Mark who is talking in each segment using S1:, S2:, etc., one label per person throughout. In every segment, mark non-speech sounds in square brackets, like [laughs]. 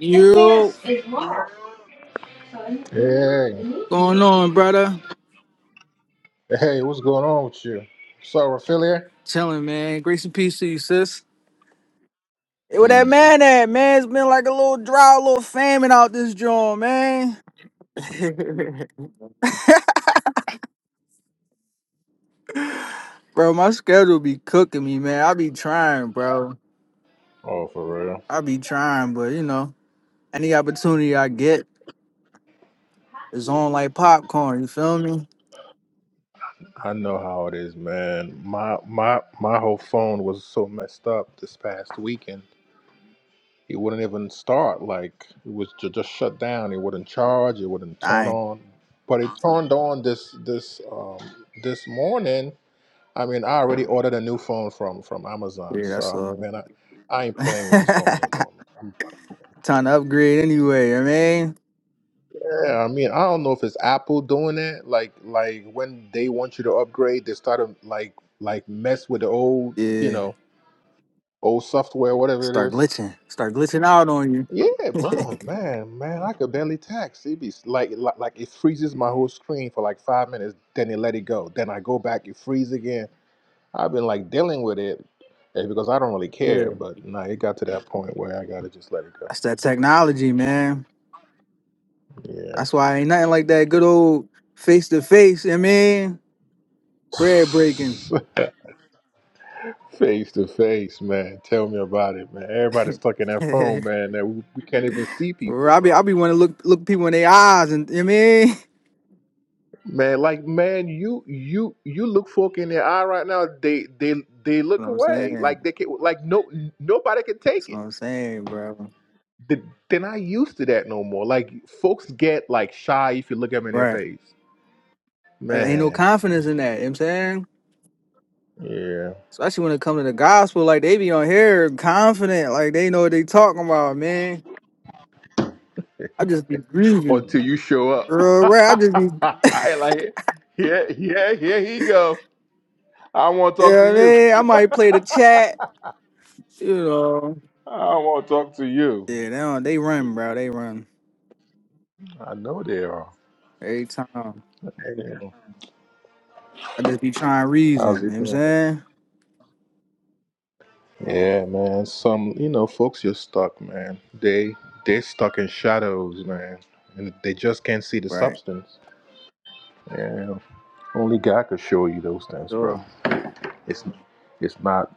S1: Yo,
S2: Hey.
S1: going on, brother?
S2: Hey, what's going on with you? Sorophilia?
S1: Chilling, man. Grace and peace to you, sis. Hey, where that
S2: Easy.
S1: man at, man? It's been like a little drought, a little famine out this joint, man. Bro, my schedule be cooking me, man. I be trying, bro.
S2: Oh, for real.
S1: I be trying, but you know, any opportunity I get is on like popcorn. You feel me?
S2: I know how it is, man. My my my whole phone was so messed up this past weekend. It wouldn't even start. Like it was ju- just shut down. It wouldn't charge. It wouldn't turn
S1: I ain't.
S2: on. But it turned on this this um this morning. I mean, I already ordered a new phone from from Amazon.
S1: Yeah,
S2: So
S1: that's
S2: um,
S1: all.
S2: man, I I ain't
S1: [laughs]
S2: playing with this phone no more. Man.
S1: Time to upgrade anyway. I mean,
S2: Yeah, I mean, I don't know if it's Apple doing that. Like, like when they want you to upgrade, they start to like, like mess with the old, you
S1: yeah.
S2: know, old software, whatever it
S1: Start
S2: is.
S1: glitching. Start glitching out on you.
S2: Yeah, bro, man, man, I could barely text. It be like, like, like it freezes my whole screen for like five minutes, then it let it go. Then I go back, it freeze again. I've been like dealing with it eh, because I don't really
S1: [laughs] yeah.
S2: care. But nah, it got to that point where I gotta just let it go.
S1: That's that technology, man.
S2: Yeah.
S1: That's why ain't nothing like that good old face to face. I mean, bread
S2: [sighs] [laughs]
S1: breaking.
S2: Face to face, man. Tell me about it, man. Everybody's stuck in that phone,
S1: [laughs]
S2: man. That we, we can't even see
S1: Or
S2: people,
S1: I be
S2: bro.
S1: I be want to look look people in their eyes, and I mean, [laughs] that's
S2: Man, like, man, you you you look folk in their eye right now. They they they
S1: what
S2: look
S1: I'm
S2: away.
S1: saying.
S2: Like they can like no nobody can
S1: That's
S2: take
S1: what
S2: it.
S1: I'm saying, bro.
S2: They- They're not used to that no more. Like folks get like shy if you look at them in their
S1: Right.
S2: face,
S1: There ain't no
S2: man.
S1: confidence in that. You know what I'm saying.
S2: Yeah.
S1: Especially when it comes to the gospel, like they be on here confident, like they know what they talking about, man. I just be
S2: Or
S1: grieving.
S2: Until you show up.
S1: Real rap, I just be, you
S2: [laughs] I like, yeah, yeah, here here he go. I want to talk to
S1: know what I
S2: you.
S1: mean? I might play the chat, you know.
S2: I want to talk to you.
S1: Yeah, they don't, they run, bro. They run
S2: I know they are.
S1: every time.
S2: Hey,
S1: I just be trying to reason.
S2: how's
S1: You know
S2: it
S1: what I'm
S2: going?
S1: saying?
S2: Yeah, man. Some, you know, folks just stuck, man. They they stuck in shadows, man, and they just can't see the
S1: Right.
S2: substance. Yeah, only God could show you those things, bro.
S1: Sure.
S2: It's it's not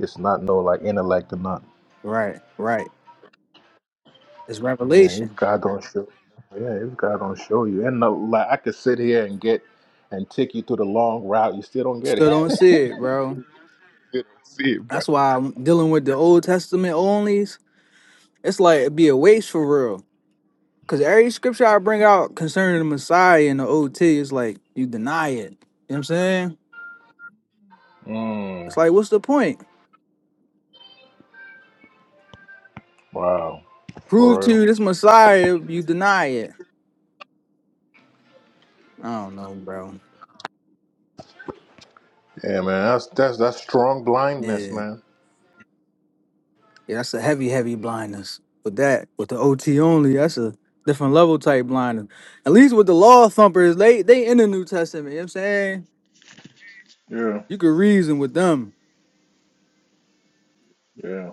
S2: it's not no like intellect or nothing.
S1: Right. Right. It's
S2: Yeah, if
S1: revelation.
S2: God don't show, yeah, if God don't show you, and no, like I could sit here and get and take you through the long route, you still don't get it.
S1: Still don't
S2: [laughs]
S1: see it, bro.
S2: you don't see it, bro.
S1: That's why I'm dealing with the Old Testament onlys. It's like it'd be a waste for real. Cause every scripture I bring out concerning the Messiah and the OT, it's like you deny it. You know what I'm saying?
S2: Mm.
S1: It's like, what's the point?
S2: Wow.
S1: Prove
S2: For
S1: to
S2: real.
S1: you this Messiah, you deny it. I don't know, bro.
S2: Yeah, man. That's that's that's strong blindness,
S1: Yeah.
S2: man.
S1: Yeah, that's a heavy, heavy blindness. With that, with the OT only, that's a different level type blindness. At least with the law thumpers, they they in the New Testament. You know what I'm saying?
S2: Yeah.
S1: You could reason with them.
S2: Yeah.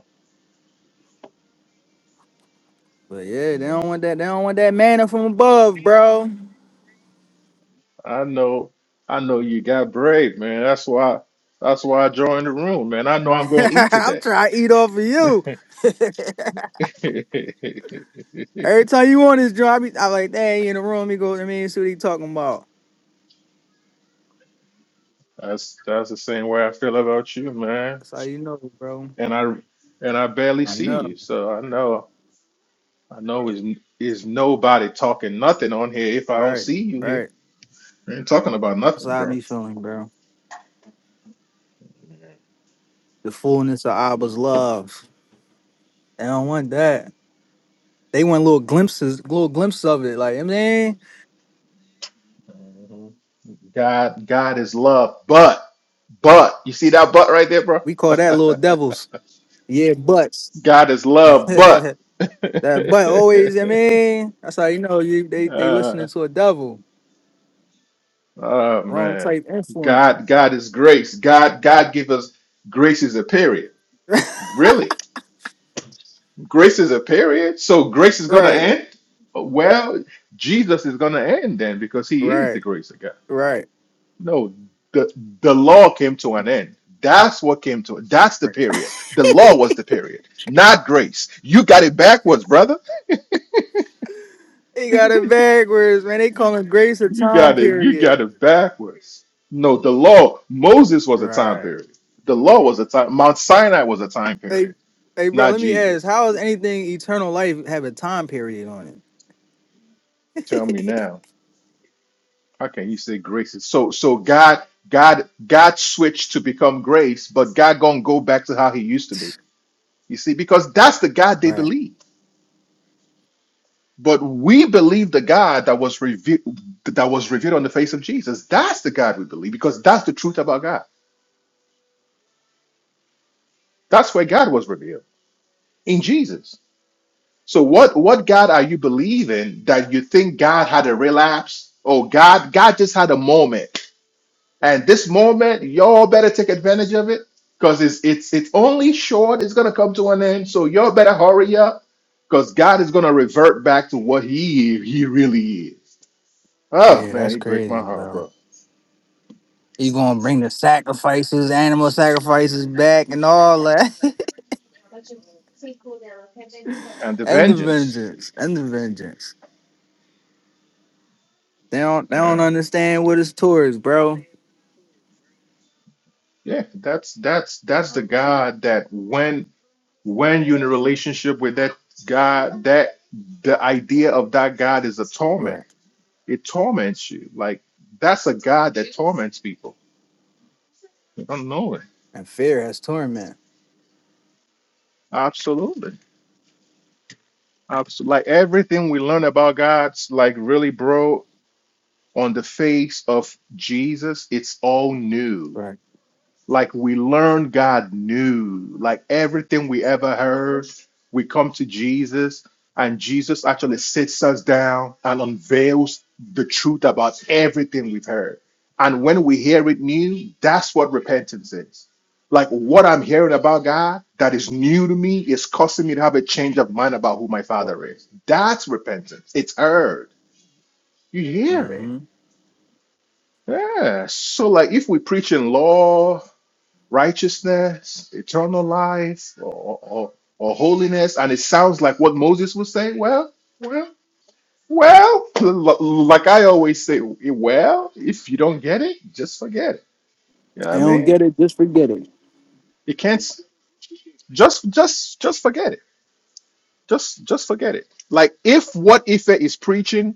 S1: But yeah, they
S2: Yeah.
S1: don't want that. They don't want that manna from above, bro.
S2: I know. I know you got brave, man. That's why. That's why I joined the room, man. I know I'm
S1: [laughs]
S2: going to eat
S1: I'm
S2: today.
S1: trying to eat off of you. [laughs]
S2: [laughs]
S1: Every time you want this job, I'm like, dang, he in the room, he go to me and see what he talking about.
S2: that's that's the same way I feel about you, man.
S1: That's how you know, bro.
S2: And I and I barely
S1: I
S2: see
S1: know.
S2: you, so I know I know is is nobody talking nothing on here if I don't
S1: Right,
S2: see you here.
S1: right.
S2: I ain't talking about
S1: That's
S2: nothing,
S1: how I
S2: bro.
S1: be feeling, bro. The fullness of Abba's love. They don't want that. They want little glimpses, little glimpses of it. Like, man,
S2: God, God is love, but, but, you see that but right there, bro?
S1: we call that little
S2: [laughs]
S1: devils. Yeah, butts.
S2: God is
S1: [laughs]
S2: love, but,
S1: that butt always, I
S2: [laughs]
S1: mean, that's how you know you they they
S2: Uh,
S1: listening to a devil.
S2: oh
S1: Wrong
S2: man,
S1: type influence.
S2: God, God is grace. God, God give us grace is a period.
S1: [laughs]
S2: Really, grace is a period. So grace is gonna
S1: Right,
S2: end. Well, Jesus is gonna end then because He is the
S1: right,
S2: grace of God.
S1: right.
S2: No, the the law came to an end. That's what came to it. That's the
S1: right.
S2: period. The law was the period, not grace. You got it backwards, brother. [laughs]
S1: He got it backwards, man. They calling grace a
S2: You
S1: time
S2: got it. You
S1: period.
S2: got it backwards. No, the law. Moses was a time
S1: Right.
S2: period. The law was a time. Mount Sinai was a time period,
S1: Hey, hey, bro.
S2: not
S1: Let me ask:
S2: Jesus.
S1: How does anything eternal life have a time period on
S2: Tell me now. How can you say grace? is- So, so God, God, God switched to become grace, but God gonna go back to how He used to be.
S1: it?
S2: You see, because that's the
S1: [sniffs]
S2: God they
S1: Right.
S2: believe. But we believe the God that was revealed that was revealed on the face of Jesus. That's the God we believe because that's the truth about God. That's where God was revealed in Jesus. So what what God are you believing that you think God had a relapse? Oh God, God just had a moment. And this moment, y'all better take advantage of it because it's it's it's only short, it's gonna come to an end. So y'all better hurry up because God is gonna revert back to what he he really is. Oh
S1: Yeah,
S2: man,
S1: that's
S2: he break my
S1: crazy,
S2: heart,
S1: bro.
S2: bro.
S1: You gonna bring the sacrifices, animal sacrifices back, and all that,
S2: and
S1: [laughs]
S2: the
S1: and the
S2: vengeance.
S1: vengeance, and the vengeance. They don't, they don't
S2: Yeah.
S1: understand what is towards, bro.
S2: Yeah. That's that's that's the God that when when you're in a relationship with that God, that the idea of that God is a torment.
S1: Right.
S2: It torments you. Like that's a God that torments people. You don't know it.
S1: And fear has torment.
S2: Absolutely. Absolutely. Like everything we learn about God's like really bro on the face of Jesus, it's all new
S1: Right.
S2: Like we learn God knew, like everything we ever heard, we come to Jesus, and Jesus actually sits us down and unveils the truth about everything we've heard. And when we hear it new, that's what repentance is. Like what I'm hearing about God that is new to me is causing me to have a change of mind about who my
S1: right.
S2: father is. That's repentance. It's heard. You hear it.
S1: Mm-hmm.
S2: Yeah. So like if we preach in law righteousness, eternal life, or, or, or holiness. And it sounds like what Moses would say. Well, well, well, l- l- like I always say, well, if you don't get it, just forget it. You know what
S1: They
S2: I
S1: don't
S2: mean?
S1: get it. Just forget it.
S2: You can't s- just just just forget it. Just just forget it. Like if what Ife is preaching,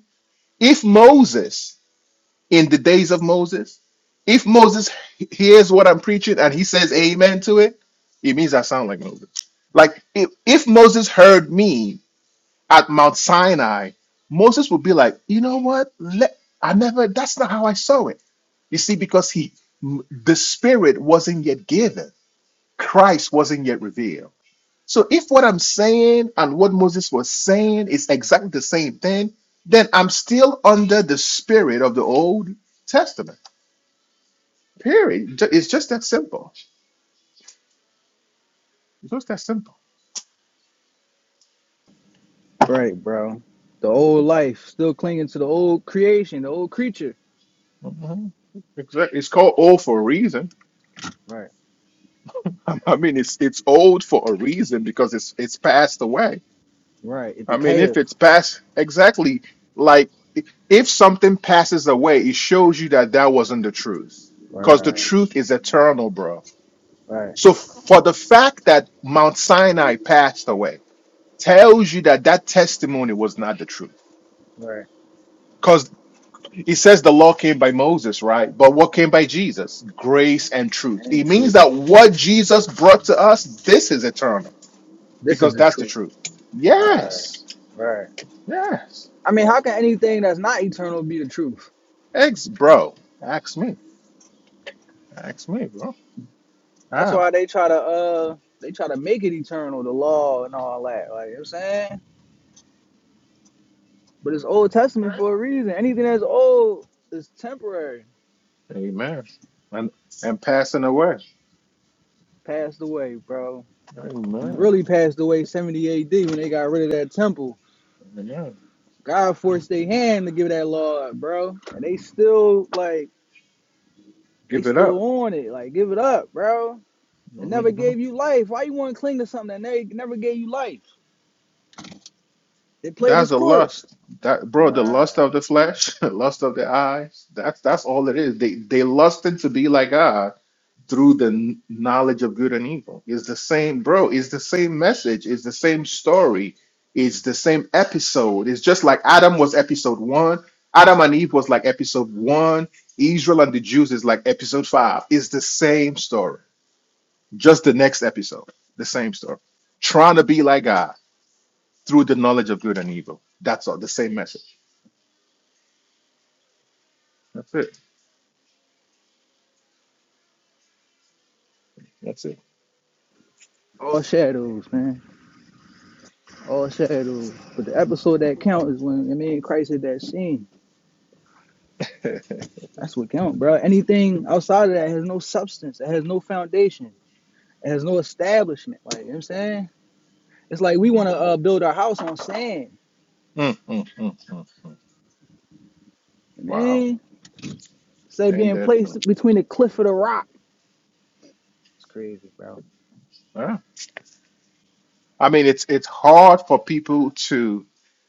S2: if Moses in the days of Moses. If Moses hears what I'm preaching and he says amen to it, it means I sound like Moses. Like if, if Moses heard me at Mount Sinai, Moses would be like, you know what? Let, I never, that's not how I saw it. You see, because he, the spirit wasn't yet given. Christ wasn't yet revealed. So if what I'm saying and what Moses was saying is exactly the same thing, then I'm still under the spirit of the Old Testament. Period. Ju- It's just that simple. It's just that simple.
S1: Right, bro. The old life, still clinging to the old creation, the old creature.
S2: Mhm. Exactly. It's called old for a reason.
S1: Right.
S2: [laughs] I mean, it's it's old for a reason because it's it's passed away.
S1: Right. It
S2: I mean,
S1: decays.
S2: if it's passed exactly like i- if something passes away, it shows you that that wasn't the truth because the
S1: Right.
S2: truth is eternal, bro.
S1: Right.
S2: So for the fact that Mount Sinai passed away tells you that that testimony was not the truth
S1: Right.
S2: He says the law came by Moses, right? But what came by Jesus? Grace and truth. It
S1: And
S2: means
S1: truth.
S2: that what Jesus brought to us, this is eternal
S1: This is
S2: because
S1: the
S2: that's the
S1: truth.
S2: truth.
S1: Right.
S2: Yes.
S1: Right.
S2: Yes.
S1: I mean, how can anything that's not eternal be the truth?
S2: Ex bro. Ask me. Ask me, bro.
S1: That's
S2: How?
S1: why they try to uh they try to make it eternal, the law and all that. Like you know what I'm saying? But it's Old Testament for a reason. Anything that's old is temporary.
S2: Amen. And and passing away.
S1: Passed away, bro. And it
S2: Amen.
S1: really passed away 70 AD when they got rid of that temple.
S2: Amen.
S1: God forced their hand to give that law, up, bro. And they still like they
S2: Give it
S1: still
S2: up.
S1: on it. Like, give it up, bro. It never
S2: Mhm.
S1: gave you life. Why you want to cling to something that they never gave you life? They played
S2: That's
S1: this
S2: the
S1: course.
S2: lust. That bro, the lust
S1: Right.
S2: of the flesh, [laughs] lust of the eyes. That's that's all it is. They they lusted to be like God through the knowledge of good and evil. It's the same, bro. It's the same message. It's the same story. It's the same episode. It's just like Adam was episode one. Adam and Eve was like episode one. Israel and the Jews is like episode five. It's the same story. Just the next episode. The same story. Trying to be like God through the knowledge of good and evil. That's all. The same message. That's it. That's it.
S1: All shadows, man. All shadows. But the episode that count is when I mean Christ hit that scene.
S2: [laughs]
S1: That's what count, bro. Anything outside of that has no substance. It has no foundation. It has no establishment. Like you know what I'm saying, it's like we want to uh,
S2: Mm,
S1: build our house on sand.
S2: mm, mm, mm, mm.
S1: I
S2: Wow.
S1: mean, instead of
S2: And
S1: being placed
S2: that.
S1: between the cliff of the rock. It's crazy, bro.
S2: I mean, it's it's hard for people to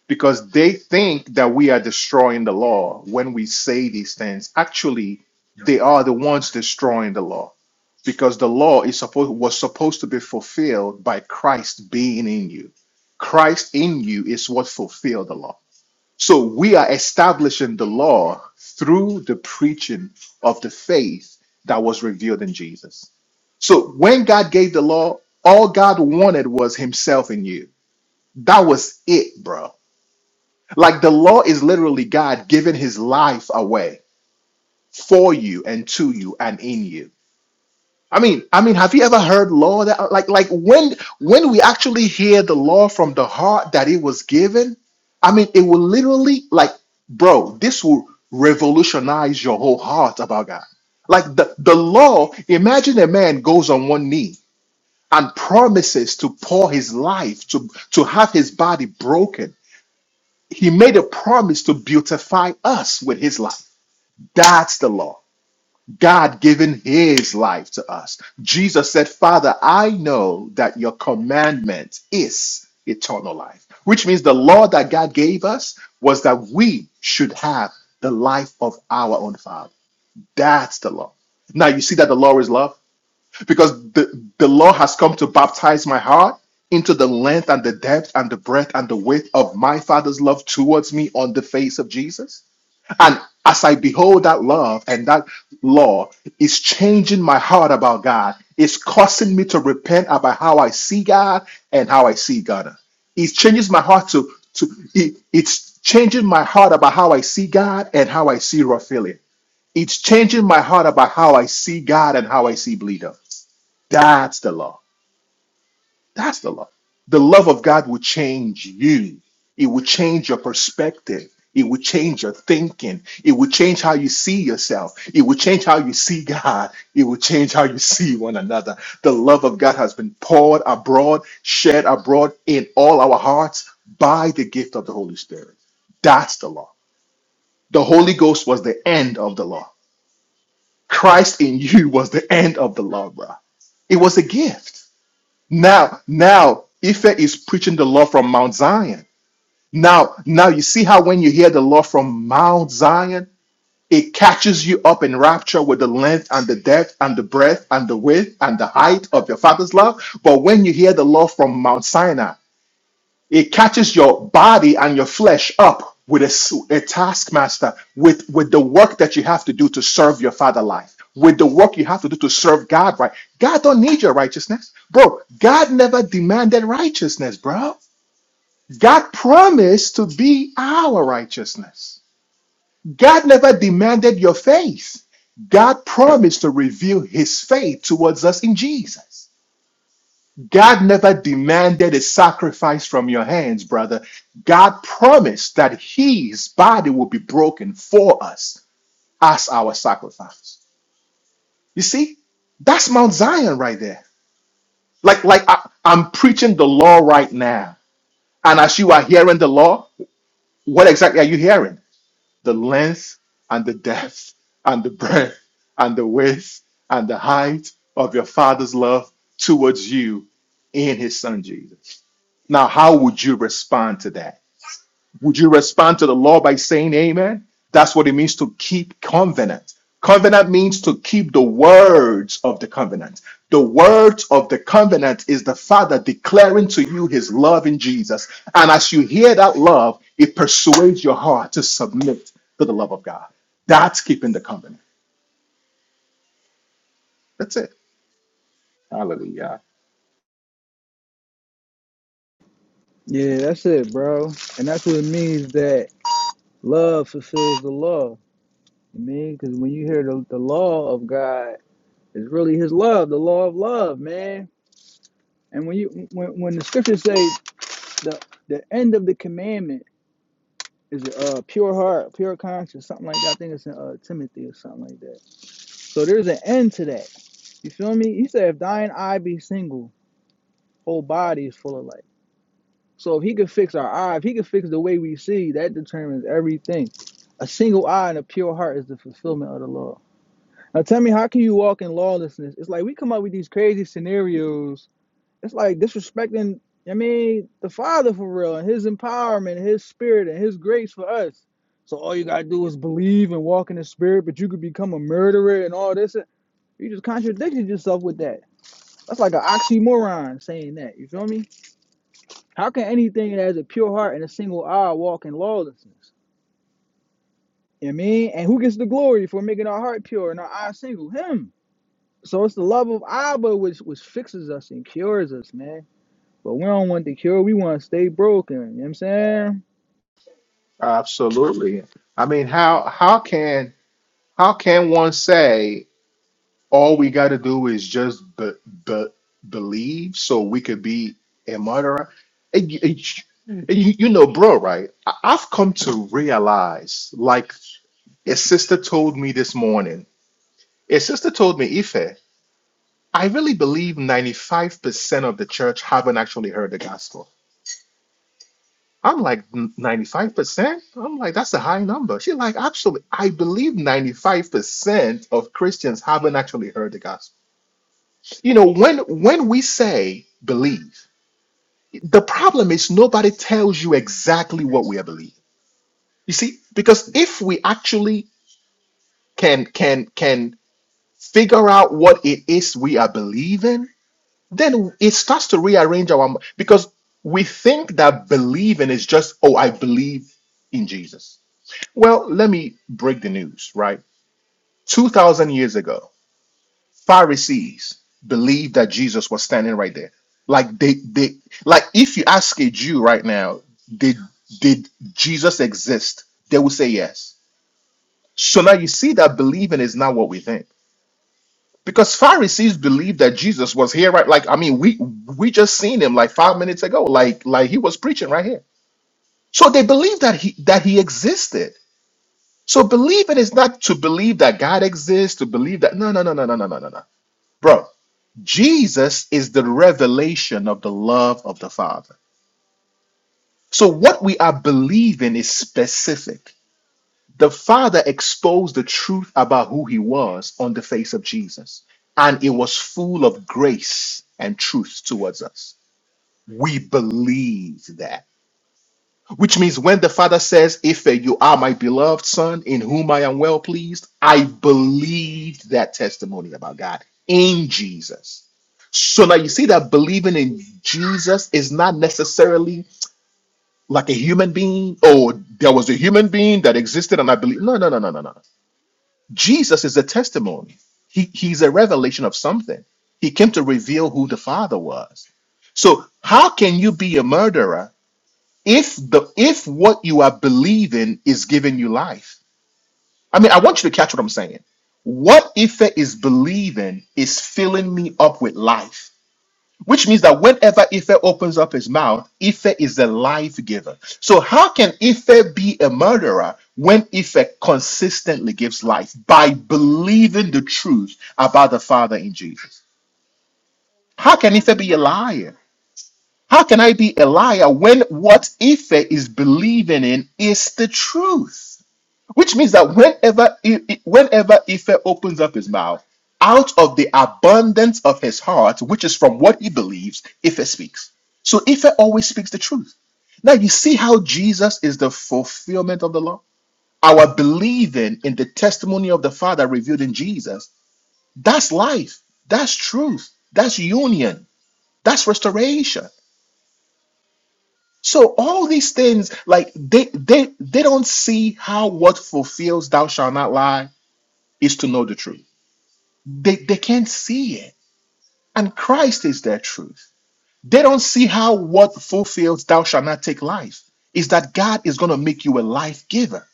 S2: because they think that we are destroying the law when we say these things. Actually, they are the ones destroying the law because the law is supposed was supposed to be fulfilled by Christ being in you. Christ in you is what fulfilled the law. So we are establishing the law through the preaching of the faith that was revealed in Jesus. So when God gave the law, all God wanted was himself in you. That was it, bro. Like the law is literally God giving his life away for you and to you and in you. I mean, I mean, have you ever heard law that like like when when we actually hear the law from the heart that it was given? I mean, it will literally like, bro, this will revolutionize your whole heart about God. Like the, the law, imagine a man goes on one knee and promises to pour his life, to, to have his body broken He made a promise to beautify us with his life. That's the law. God giving his life to us. Jesus said, Father, I know that your commandment is eternal life, which means the law that God gave us was that we should have the life of our own Father. That's the law. Now you see that the law is love? because the, the law has come to baptize my heart into the length and the depth and the breadth and the width of my father's love towards me on the face of Jesus. And as I behold that love and that law is changing my heart about God, it's causing me to repent about how I see God and how I see God. It changes my heart to to it, it's changing my heart about how I see God and how I see Raphael. It's changing my heart about how I see God and how I see Bleeder. That's the law. That's the law. The love of God will change you. It will change your perspective. It will change your thinking. It will change how you see yourself. It will change how you see God. It will change how you see one another. The love of God has been poured abroad, shared abroad in all our hearts by the gift of the Holy Spirit. That's the law. The Holy Ghost was the end of the law. Christ in you was the end of the law, bruh. It was a gift. Now, now, Ife is preaching the law from Mount Zion. Now, now you see how when you hear the law from Mount Zion, it catches you up in rapture with the length and the depth and the breadth and the width and the height of your father's love. But when you hear the law from Mount Sinai, it catches your body and your flesh up with a, s- a taskmaster, with, with the work that you have to do to serve your father life, with the work you have to do to serve God right. God don't need your righteousness. Bro, God never demanded righteousness, bro. God promised to be our righteousness. God never demanded your faith. God promised to reveal his faith towards us in Jesus. God never demanded a sacrifice from your hands, brother. God promised that his body will be broken for us as our sacrifice. You see, that's Mount Zion right there. Like, like I, I'm preaching the law right now. And as you are hearing the law, what exactly are you hearing? The length and the depth and the breadth and the width and the height of your father's love towards you in his son Jesus. Now, how would you respond to that? Would you respond to the law by saying amen? That's what it means to keep covenant. Covenant means to keep the words of the covenant. The words of the covenant is the Father declaring to you his love in Jesus. And as you hear that love, it persuades your heart to submit to the love of God. That's keeping the covenant. That's it. Hallelujah.
S1: Yeah, that's it, bro. And that's what it means that love fulfills the law. I mean? Because when you hear the, the law of God, it's really His love, the law of love, man And when you when, when the scriptures say the the end of the commandment is a uh pure heart, pure conscience, something like that. I think it's in uh, Timothy or something like that. So there's an end to that. You feel me? He said, if thine eye be single, whole body is full of light. So if he could fix our eye, if he could fix the way we see, that determines everything. A single eye and a pure heart is the fulfillment of the law. Now tell me, how can you walk in lawlessness? It's like we come up with these crazy scenarios It's like disrespecting, I mean, the Father for real and His empowerment, His Spirit, and His grace for us. So all you gotta do is believe and walk in the Spirit, but you could become a murderer and all this. You just contradicted yourself with that. That's like an oxymoron saying that. You feel me? How can anything that has a pure heart and a single eye walk in lawlessness? You know what I mean? And who gets the glory for making our heart pure and our eye single? Him. So it's the love of Abba which which fixes us and cures us, man But we don't want the cure. We want to stay broken. You know what I'm saying?
S2: Absolutely. I mean, how how can how can one say? all we got to do is just be, be, believe so we could be a murderer. And, you, and you- and you- you know, bro, right? I- I've come to realize, like a sister told me this morning, a sister told me, Ife, I really believe 95% of the church haven't actually heard the gospel. I'm like, "N- 95%? I'm like, that's a high number. She's like, actually, I believe 95% of Christians haven't actually heard the gospel. You know, when when we say believe, the problem is nobody tells you exactly what we are believing. You see, because if we actually can can can figure out what it is we are believing, then it starts to rearrange our m- because we think that believing is just oh I believe in Jesus. Well, let me break the news, right? 2000 years ago Pharisees believed that Jesus was standing right there. Like they they like if you ask a Jew right now, did did Jesus exist? They will say yes. So now you see that believing is not what we think. Because Pharisees believed that Jesus was here right like I mean we we just seen him like 5 minutes ago like like he was preaching right here. So they believed that he that he existed. So believing is not to believe that God exists, to believe that no no no no no no no no no Bro, Jesus is the revelation of the love of the Father. So what we are believing is specific. The Father exposed the truth about who he was on the face of Jesus, and it was full of grace and truth towards us. We believe that. Which means when the Father says, Ife, you are my beloved Son, in whom I am well pleased, I believed that testimony about God in Jesus. So now you see that believing in Jesus is not necessarily like a human being. Oh, there was a human being that existed and I believe. No, no, no, no, no, no. Jesus is a testimony. He, he's a revelation of something. He came to reveal who the Father was. So how can you be a murderer if the if what you are believing is giving you life i mean i want you to catch what i'm saying what ife is believing is filling me up with life which means that whenever ife opens up his mouth ife is the life giver so how can ife be a murderer when ife consistently gives life by believing the truth about the father in jesus how can ife be a liar How can I be a liar when what Ife is believing in is the truth? Which means that whenever I- I- whenever Ife opens up his mouth, out of the abundance of his heart, which is from what he believes, Ife speaks. So Ife always speaks the truth. Now you see how Jesus is the fulfillment of the law. Our believing in the testimony of the Father revealed in Jesus, that's life, that's truth, that's union, that's restoration. So all these things, like they they they don't see how what fulfills thou shalt not lie is to know the truth. They they can't see it. And Christ is their truth. They don't see how what fulfills thou shalt not take life is that God is gonna make you a life giver.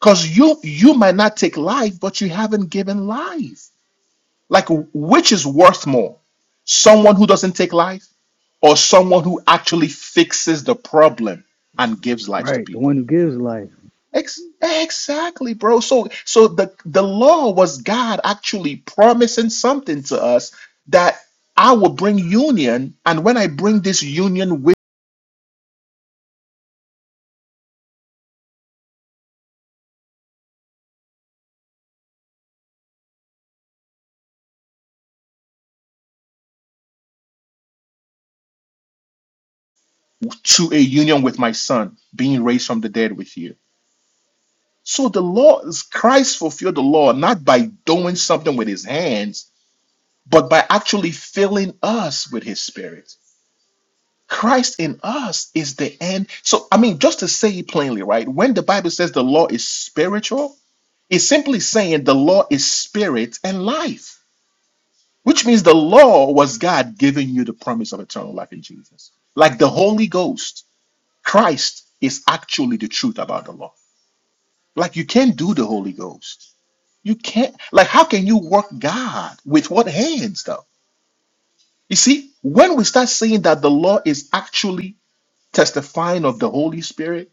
S2: Because you you might not take life, but you haven't given life. Like which is worth more? Someone who doesn't take life or someone who actually fixes the problem and gives life to
S1: Right. The
S2: people?
S1: one who gives life.
S2: Ex- exactly, bro. So so the the law was God actually promising something to us that I will bring union, and when I bring this union with to a union with my son, being raised from the dead with you. So the law is Christ fulfilled the law not by doing something with his hands, but by actually filling us with his spirit. Christ in us is the end. So I mean, just to say it plainly, right? When the Bible says the law is spiritual, It's simply saying the law is spirit and life, which means the law was God giving you the promise of eternal life in Jesus. Like the Holy Ghost, Christ is actually the truth about the law. Like you can't do the Holy Ghost. You can't, like, how can you work God with what hands, though? You see, when we start saying that the law is actually testifying of the Holy Spirit,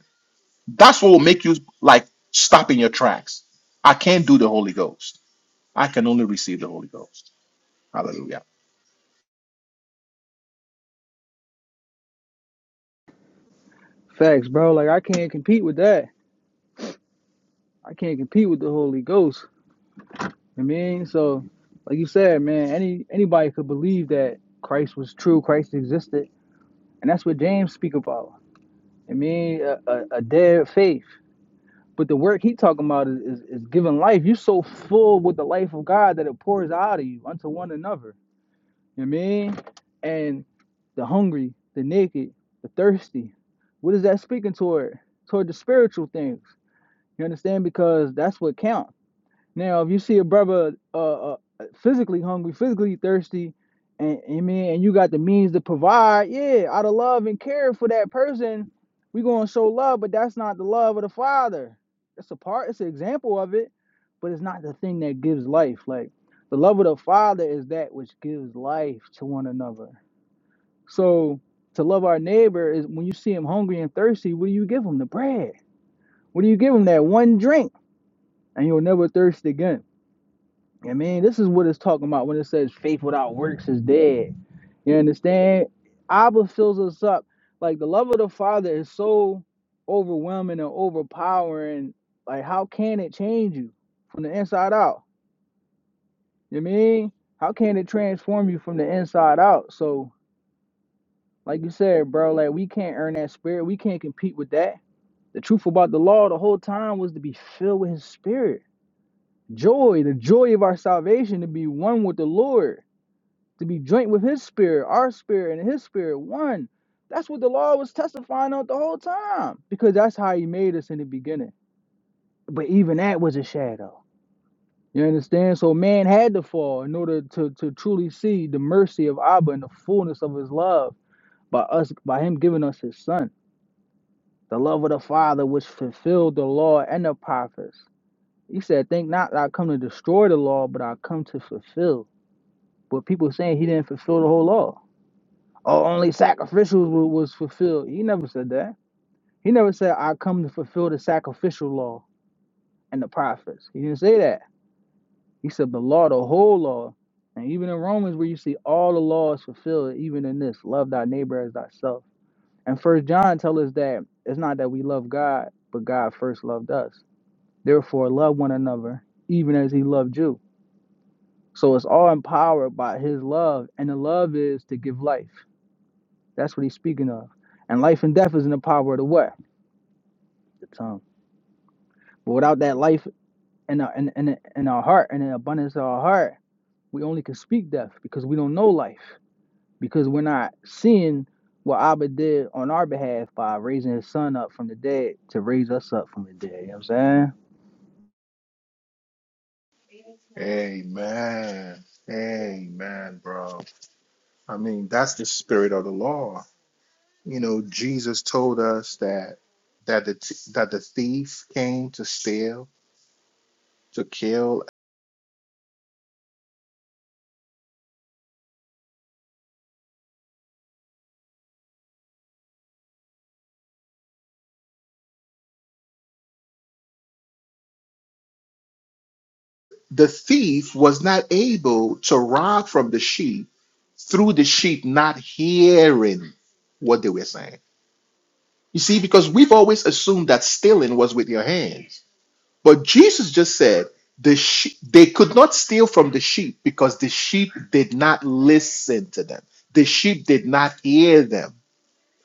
S2: that's what will make you like stop in your tracks. I can't do the Holy Ghost. I can only receive the Holy Ghost. Hallelujah.
S1: Facts, bro. Like, I can't compete with that. I can't compete with the Holy Ghost. I mean, so, like you said, man, any anybody could believe that Christ was true, Christ existed. And that's what James speak about. I mean, a, a, a dead faith. But the work he talking about is, is, is giving life. you are so full with the life of God that it pours out of you unto one another. You know what I mean? And the hungry, the naked, the thirsty. What is that speaking toward? Toward the spiritual things. You understand? Because that's what counts. Now, if you see a brother uh, uh physically hungry, physically thirsty, and, and man, and you got the means to provide, yeah, out of love and care for that person, we gonna show love, but that's not the love of the Father. It's a part, it's an example of it, but it's not the thing that gives life. Like the love of the Father is that which gives life to one another. So to love our neighbor is when you see him hungry and thirsty, what do you give him? The bread. What do you give him? That one drink, and you'll never thirst again I mean, this is what it's talking about when it says faith without works is dead. You understand? Abba fills us up. Like the love of the Father is so overwhelming and overpowering. Like, how can it change you from the inside out? You mean? How can it transform you from the inside out? So, like you said, bro, like we can't earn that spirit. We can't compete with that. The truth about the law the whole time was to be filled with his spirit. Joy, the joy of our salvation, to be one with the Lord. to be joint with his spirit, our spirit, and his spirit one. That's what the law was testifying of the whole time because that's how he made us in the beginning. But even that was a shadow. You understand? So man had to fall in order to, to truly see the mercy of Abba and the fullness of his love by us by him giving us his son. The love of the Father which fulfilled the law and the prophets. He said, Think not that I come to destroy the law, but I come to fulfill. But people saying he didn't fulfill the whole law oh, only sacrificials wa- was fulfilled. He never said that. He never said, I come to fulfill the sacrificial law and the prophets. He didn't say that. He said the law, the whole law. And even in Romans, where you see all the laws fulfilled, even in this, love thy neighbor as thyself. And First John tells us that it's not that we love God, but God first loved us. Therefore, love one another, even as He loved you. So it's all empowered by His love, and the love is to give life. That's what He's speaking of. And life and death is in the power of the what? the tongue. But without that life in our in, in, in our heart and in the abundance of our heart, we only can speak death because we don't know life. Because we're not seeing what Abba did on our behalf by raising his son up from the dead to raise us up from the dead. You know what I'm saying?
S2: Amen. Amen, bro. I mean, that's the spirit of the law. You know, Jesus told us that that the t- that the thief came to steal, to kill. The thief was not able to rob from the sheep through the sheep not hearing what they were saying. You see, because we've always assumed that stealing was with your hands. But Jesus just said the she- they could not steal from the sheep because the sheep did not listen to them. The sheep did not hear them.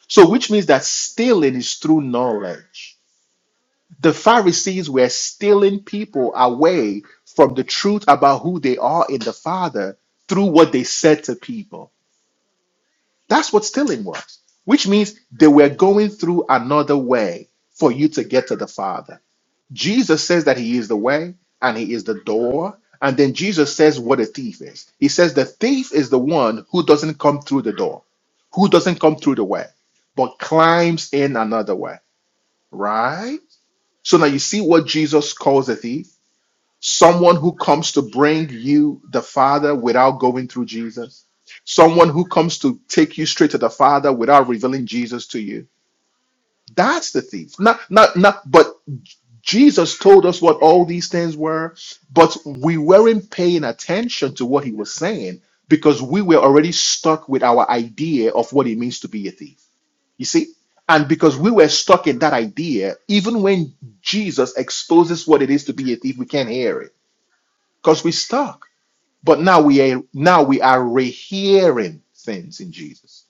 S2: So, which means that stealing is through knowledge. The Pharisees were stealing people away from the truth about who they are in the Father through what they said to people. That's what stealing was, which means they were going through another way for you to get to the Father. Jesus says that he is the way and he is the door. And then Jesus says what a thief is. He says the thief is the one who doesn't come through the door, who doesn't come through the way, but climbs in another way, right? So now you see what Jesus calls a thief someone who comes to bring you the Father without going through Jesus, someone who comes to take you straight to the Father without revealing Jesus to you that's the thief. Not not not but Jesus told us what all these things were, but we weren't paying attention to what he was saying because we were already stuck with our idea of what it means to be a thief. You see? And because we were stuck in that idea, even when Jesus exposes what it is to be a thief, we can't hear it because we're stuck. But now we are now we are rehearing things in Jesus.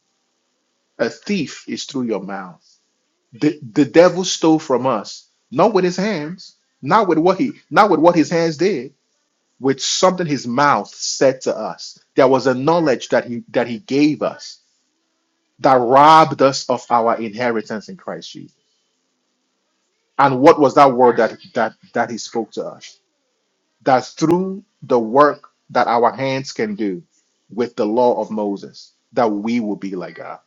S2: A thief is through your mouth. The, the devil stole from us, not with his hands, not with what he, not with what his hands did, with something his mouth said to us. There was a knowledge that he that he gave us that robbed us of our inheritance in Christ Jesus. And what was that word that that that he spoke to us? That through the work that our hands can do with the law of Moses, that we will be like God.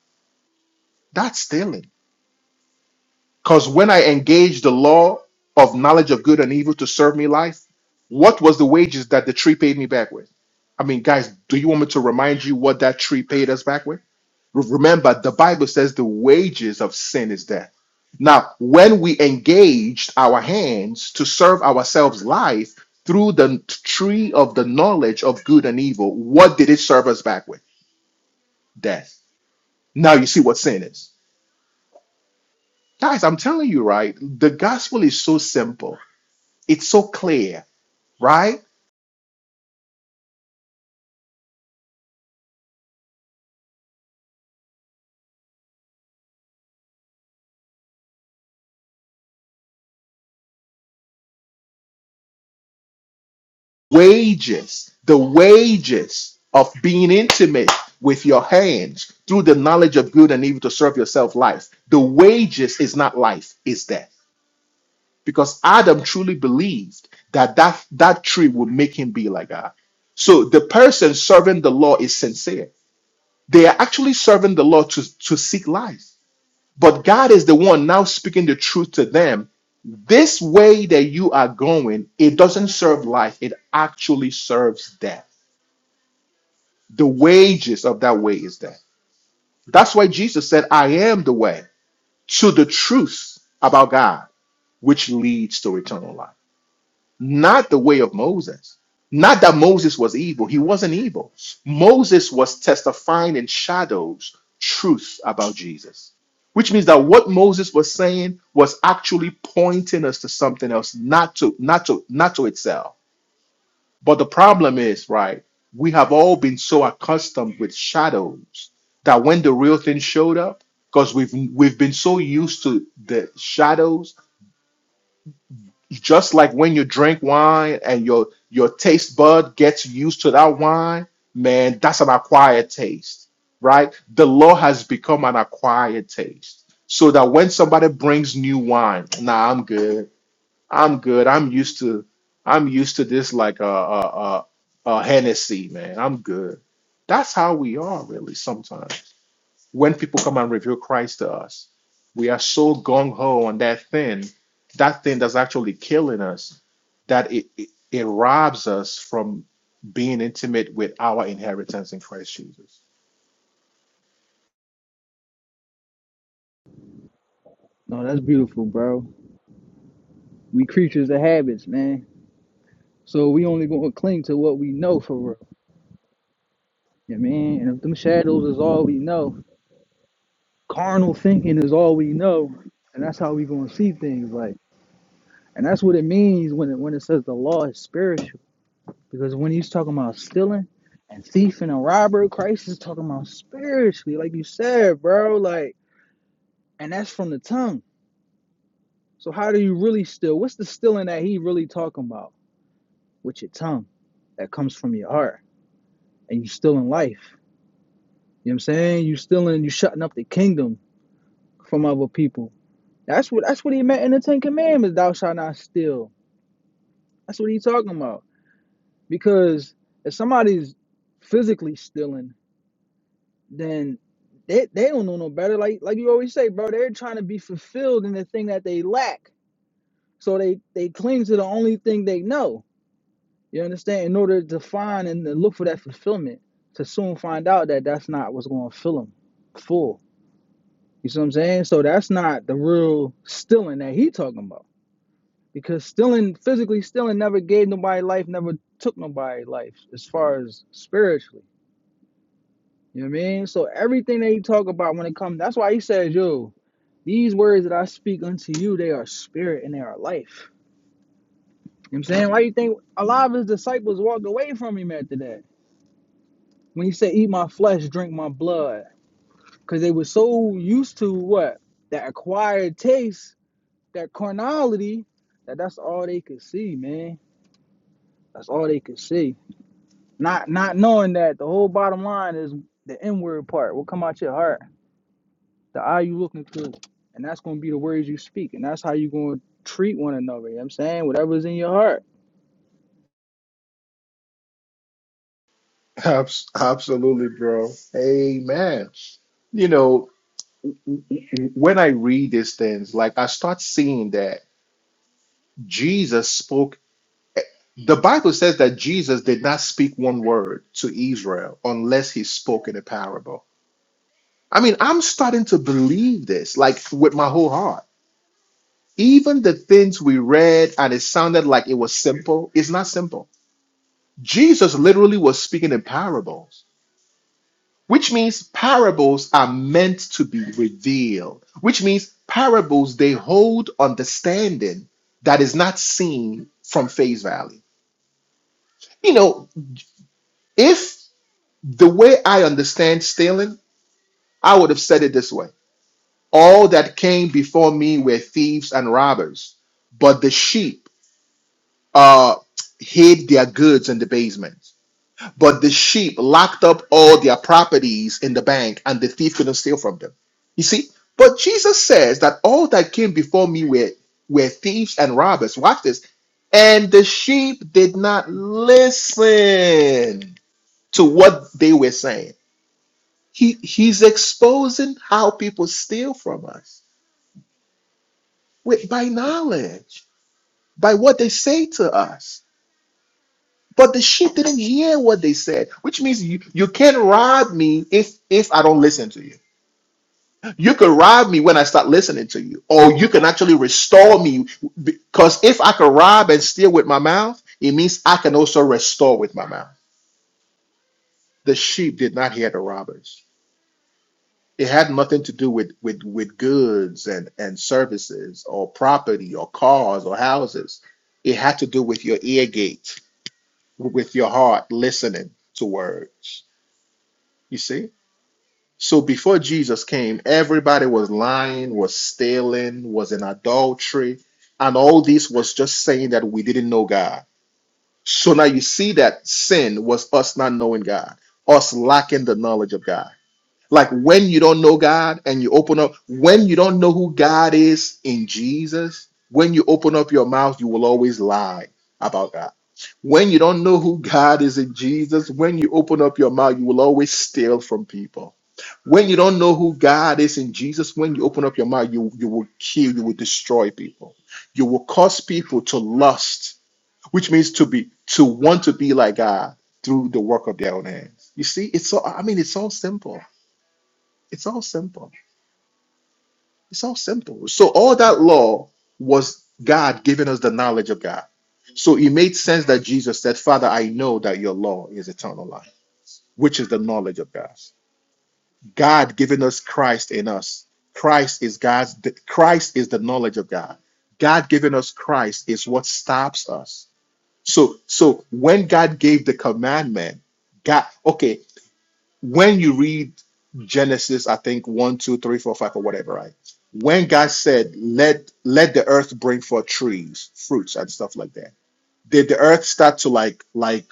S2: That's stealing Because when I engaged the law of knowledge of good and evil to serve me life, what was the wages that the tree paid me back with? I mean, guys, do you want me to remind you what that tree paid us back with? Re- Remember, the Bible says the wages of sin is death. Now, when we engaged our hands to serve ourselves life through the n- tree of the knowledge of good and evil, what did it serve us back with? Death. Now you see what sin is. Guys, I'm telling you, right? The gospel is so simple It's so clear, right? Wages, the wages of being intimate with your hands through the knowledge of good and evil to serve yourself life. The wages is not life, it's death. Because Adam truly believed that that, that tree would make him be like God. So the person serving the law is sincere. They are actually serving the law to, to seek life. But God is the one now speaking the truth to them. This way that you are going, it doesn't serve life, it actually serves death. The wages of that way is death. That's why Jesus said, I am the way to the truth about God, which leads to eternal life. not the way of Moses. Not that Moses was evil, he wasn't evil. Moses was testifying in shadows truth about Jesus, which means that what Moses was saying was actually pointing us to something else, not to not to not to itself. But the problem is, right, we have all been so accustomed with shadows that when the real thing showed up, because we've we've been so used to the shadows just like when you drink wine and your your taste bud gets used to that wine, man, that's an acquired taste, right? The law has become an acquired taste. So that when somebody brings new wine, nah, I'm good. I'm good. I'm used to I'm used to this like a a, a, a Hennessy, man. I'm good. That's how we are really sometimes when people come and reveal Christ to us, we are so gung ho on that thing, that thing that's actually killing us, that it, it it robs us from being intimate with our inheritance in Christ Jesus.
S1: No, that's beautiful, bro. We creatures of habits, man. So we only gonna cling to what we know for real. You know what I mean? And if them shadows is all we know, carnal thinking is all we know, and that's how we gonna see things like And that's what it means when it when it says the law is spiritual. Because when he's talking about stealing and thieving and robbery, Christ is talking about spiritually, like you said, bro. Like, and that's from the tongue. So how do you really steal? What's the stealing that he really talking about? With your tongue that comes from your heart. And you stealing life. You know what I'm saying? You stealing, you shutting up the kingdom from other people. That's what that's what he meant in the Ten Commandments, thou shalt not steal. That's what he's talking about. Because if somebody's physically stealing, then they, they don't know no better. Like like you always say, bro, they're trying to be fulfilled in the thing that they lack. So they they cling to the only thing they know. You understand? In order to find and to look for that fulfillment, to soon find out that that's not what's going to fill them full. You see what I'm saying? So that's not the real stealing that he talking about. Because stealing, physically stealing, never gave nobody life, never took nobody life, as far as spiritually. You know what I mean? So everything that he talk about when it comes, that's why he says, yo, These words that I speak unto you, they are spirit and they are life. You know what I'm saying? Why do you think a lot of his disciples walked away from him after that? When he said, Eat my flesh, drink my blood. Because they were so used to what? That acquired taste, that carnality, that that's all they could see, man. That's all they could see. Not not knowing that the whole bottom line is the inward part, what come out your heart, the eye you looking through. And that's gonna be the words you speak, and that's how you are gonna treat one another. You know what I'm saying? Whatever's in your heart.
S2: Abs- absolutely, bro. Amen. You know, when I read these things, like I start seeing that Jesus spoke. The Bible says that Jesus did not speak one word to Israel unless he spoke in a parable I mean, I'm starting to believe this, like with my whole heart. Even the things we read and it sounded like it was simple, it's not simple. Jesus literally was speaking in parables, which means parables are meant to be revealed, which means parables, they hold understanding that is not seen from face value. You know, if the way I understand stealing, I would have said it this way All that came before me were thieves and robbers, but the sheep uh, hid their goods in the basement. But the sheep locked up all their properties in the bank, and the thief couldn't steal from them. You see, but Jesus says that all that came before me were, were thieves and robbers. Watch this. And the sheep did not listen to what they were saying. He, he's exposing how people steal from us with by knowledge, by what they say to us. But the sheep didn't hear what they said, which means you, you can't rob me if if I don't listen to you. You could rob me when I start listening to you, or you can actually restore me because if I could rob and steal with my mouth, it means I can also restore with my mouth. The sheep did not hear the robbers. It had nothing to do with with with goods and and services or property or cars or houses. It had to do with your ear gate with your heart listening to words. You see? So before Jesus came, everybody was lying, was stealing, was in adultery, and all this was just saying that we didn't know God. So now you see that sin was us not knowing God, us lacking the knowledge of God. Like when you don't know God and you open up, when you don't know who God is in Jesus, when you open up your mouth, you will always lie about God. When you don't know who God is in Jesus, when you open up your mouth, you will always steal from people. When you don't know who God is in Jesus, when you open up your mouth, you, you will kill, you will destroy people. You will cause people to lust, which means to be to want to be like God through the work of their own hands. You see, it's so I mean it's so simple. It's all simple. It's all simple. So all that law was God giving us the knowledge of God. So it made sense that Jesus said, Father, I know that your law is eternal life, which is the knowledge of God. God giving us Christ in us. Christ is God's Christ is the knowledge of God. God giving us Christ is what stops us. So so when God gave the commandment, God okay, when you read Genesis, I think one, two, three, four, five, or whatever, right? When God said, "Let let the earth bring forth trees, fruits, and stuff like that," did the earth start to like like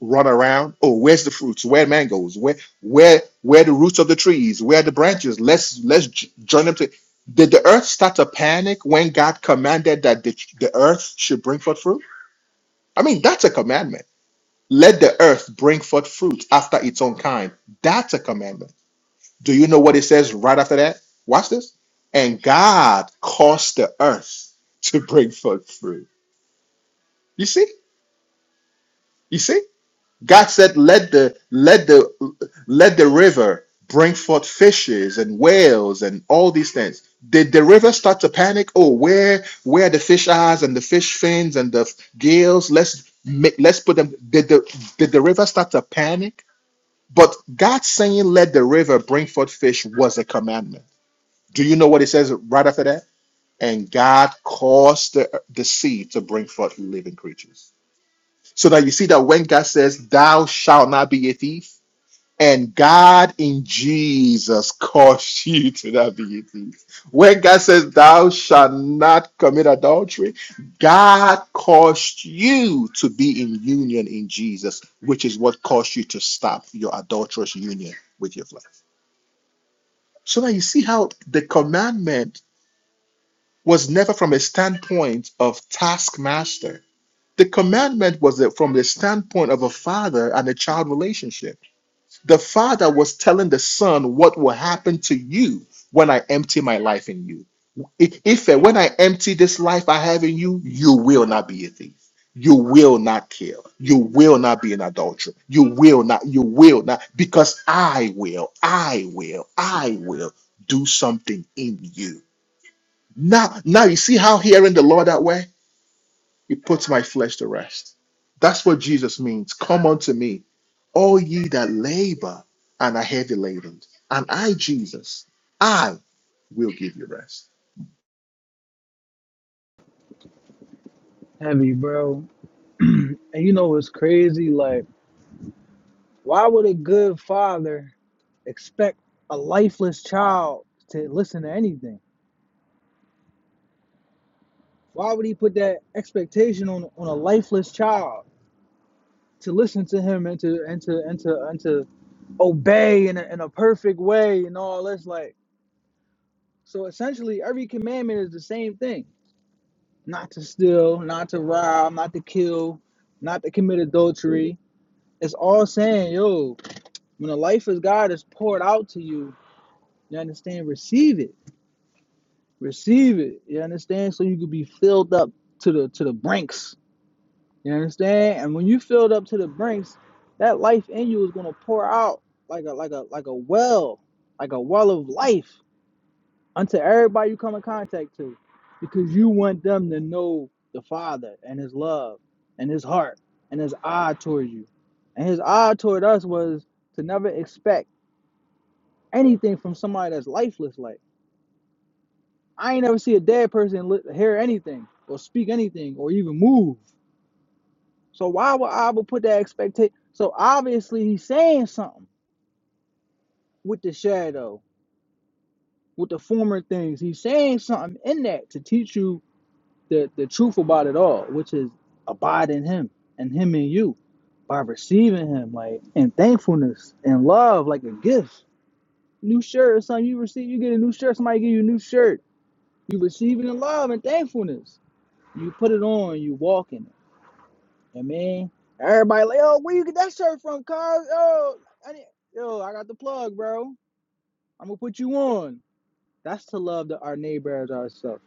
S2: run around? Oh, where's the fruits? Where mangoes? Where where where the roots of the trees? Where are the branches? Let's let's j- join them to. Did the earth start to panic when God commanded that the, the earth should bring forth fruit? I mean, that's a commandment. Let the earth bring forth fruit after its own kind. That's a commandment do you know what it says right after that? Watch this. And God caused the earth to bring forth fruit. You see? You see? God said, let the let the let the river bring forth fishes and whales and all these things. Did the river start to panic? Oh, where where are the fish eyes and the fish fins and the gills? Let's make let's put them. Did the did the river start to panic? But God saying, let the river bring forth fish was a commandment Do you know what it says right after that? And God caused the, the seed to bring forth living creatures. So that you see that when God says, Thou shalt not be a thief, and God in Jesus caused [laughs] you to not be a thief. When God says, Thou shalt not commit adultery, God caused you to be in union in Jesus, which is what caused you to stop your adulterous union with your flesh. So now you see how the commandment was never from a standpoint of taskmaster. The commandment was from the standpoint of a father and a child relationship. The father was telling the son what will happen to you when I empty my life in you. I- If when I empty this life I have in you, you will not be a thief. You will not kill. You will not be an adulterer. You will not, you will not, because I will, I will, I will do something in you now, now you see how hearing the Lord that way, it puts my flesh to rest. That's what Jesus means. Come unto me, all ye that labor and are heavy laden, and I, Jesus, I will give you rest.
S1: Heavy, bro. [clears throat] and you know what's crazy? Like, why would a good father expect a lifeless child to listen to anything? Why would he put that expectation on on a lifeless child to listen to him and to and to and to and to obey in a, in a perfect way and all this? Like, so essentially, every commandment is the same thing: not to steal, not to rob, not to kill, not to commit adultery. It's all saying, yo. When the life of God is poured out to you, you understand, receive it. Receive it. You understand? So you could be filled up to the to the brinks. You understand? And when you filled up to the brinks, that life in you is gonna pour out like a like a like a well, like a well of life unto everybody you come in contact to. Because you want them to know the Father and his love and his heart and his eye toward you. And his eye toward us was to never expect anything from somebody that's lifeless. Like I ain't ever see a dead person li- hear anything or speak anything or even move. So why would Abba put that expectation? So obviously he's saying something with the shadow, with the former things. He's saying something in that to teach you the, the truth about it all, which is abide in him and him in you by receiving him, like in thankfulness and love, like a gift. New shirt or something you receive, you get a new shirt, somebody give you a new shirt. You receive it in love and thankfulness You put it on, you walk in it. I mean, everybody like, oh, where you get that shirt from, Cause Oh, I need, yo, I got the plug, bro. I'm gonna put you on. That's to love the, our neighbor as ourselves.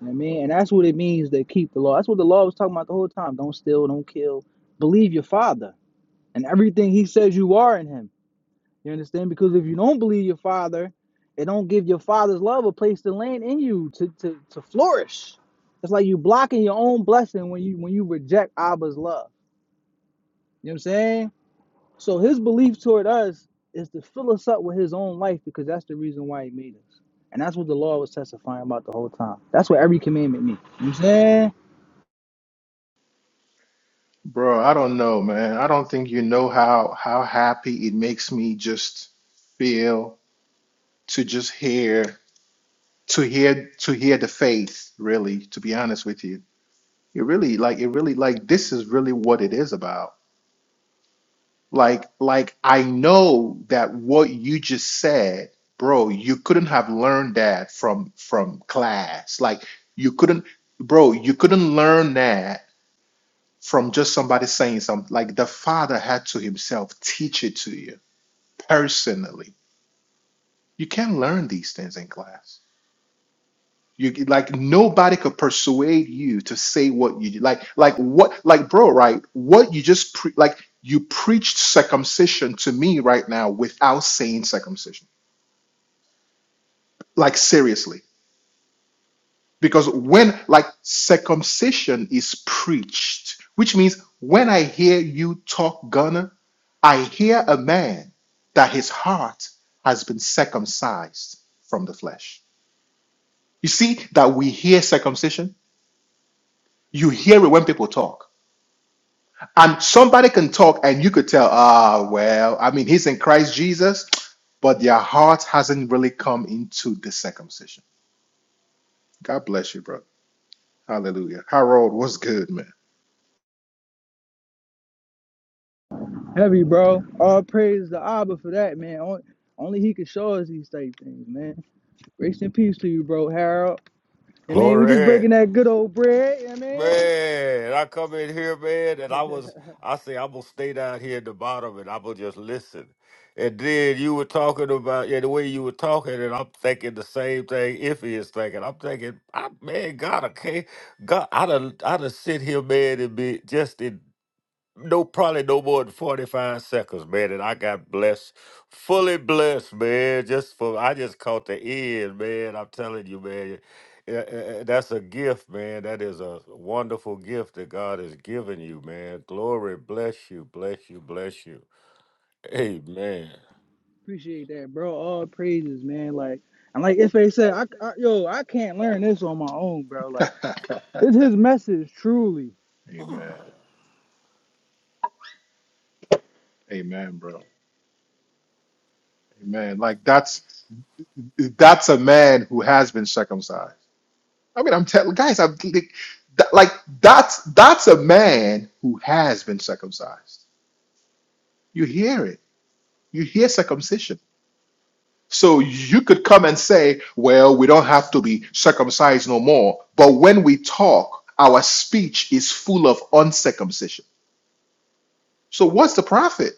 S1: You know what I mean, and that's what it means to keep the law. That's what the law was talking about the whole time. Don't steal, don't kill. Believe your father and everything he says you are in him. You understand? Because if you don't believe your father, it don't give your father's love a place to land in you to to, to flourish. It's like you blocking your own blessing when you when you reject Abba's love. You know what I'm saying? So his belief toward us is to fill us up with his own life because that's the reason why he made us. And that's what the law was testifying about the whole time. That's what every commandment means. You know what I'm saying?
S2: Bro, I don't know, man. I don't think you know how how happy it makes me just feel to just hear to hear to hear the faith, really, to be honest with you. It really like it really like this is really what it is about. Like, like I know that what you just said, bro, you couldn't have learned that from from class. Like you couldn't, bro, you couldn't learn that from just somebody saying something. Like the father had to himself teach it to you personally. You can't learn these things in class. You like nobody could persuade you to say what you like, like what, like bro, right? What you just pre- like you preached circumcision to me right now without saying circumcision. Like seriously, because when like circumcision is preached, which means when I hear you talk Ghana, I hear a man that his heart has been circumcised from the flesh. You see that we hear circumcision. You hear it when people talk and somebody can talk and you could tell ah well i mean he's in christ jesus but their heart hasn't really come into the circumcision god bless you bro hallelujah harold what's good man
S1: Heavy, bro. All praise to Abba for that, man. On- Only he can show us these type things, man. Grace and peace to you, bro, Harold. I mean, we just
S3: Glory.
S1: breaking that good old bread. you know what
S3: Man, I come in here, man,
S1: I
S3: and I
S1: mean,
S3: was, I say, I'm going to stay down here at the bottom and I'm going to just listen. And then you were talking about, yeah, the way you were talking, and I'm thinking the same thing Iffy is thinking. I'm thinking, I, man, God, okay, God, i done, i done sit here, man, and be just in no, probably no more than 45 seconds, man. And I got blessed, fully blessed, man. Just for, I just caught the end, man. I'm telling you, man. Yeah, eh, eh, That's a gift, man. That is a wonderful gift that God has given you, man. Glory, bless you, bless you, bless you. Amen.
S1: [laughs] appreciate that, bro. All praises, man. Like, and like if they said, I, I, yo, I can't learn this on my own, bro. Like, it's his message, truly.
S2: [laughs] amen amen bro amen like that's that's a man who has been circumcised i mean i'm telling guys i'm like that- like, that's that's a man who has been circumcised you hear it you hear circumcision So you could come and say, well, we don't have to be circumcised no more. But when we talk, our speech is full of uncircumcision. So what's the profit?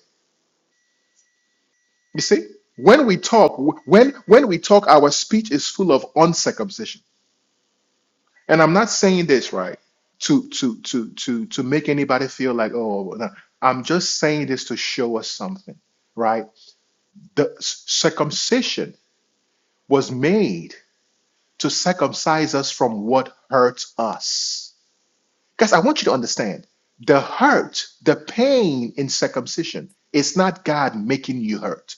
S2: You see, when we talk, when when we talk, our speech is full of uncircumcision. And I'm not saying this right to to to to to make anybody feel like, oh, well, no. I'm just saying this to show us something, right? The circumcision was made to circumcise us from what hurts us. Guys, I want you to understand the hurt, the pain in circumcision is not God making you hurt.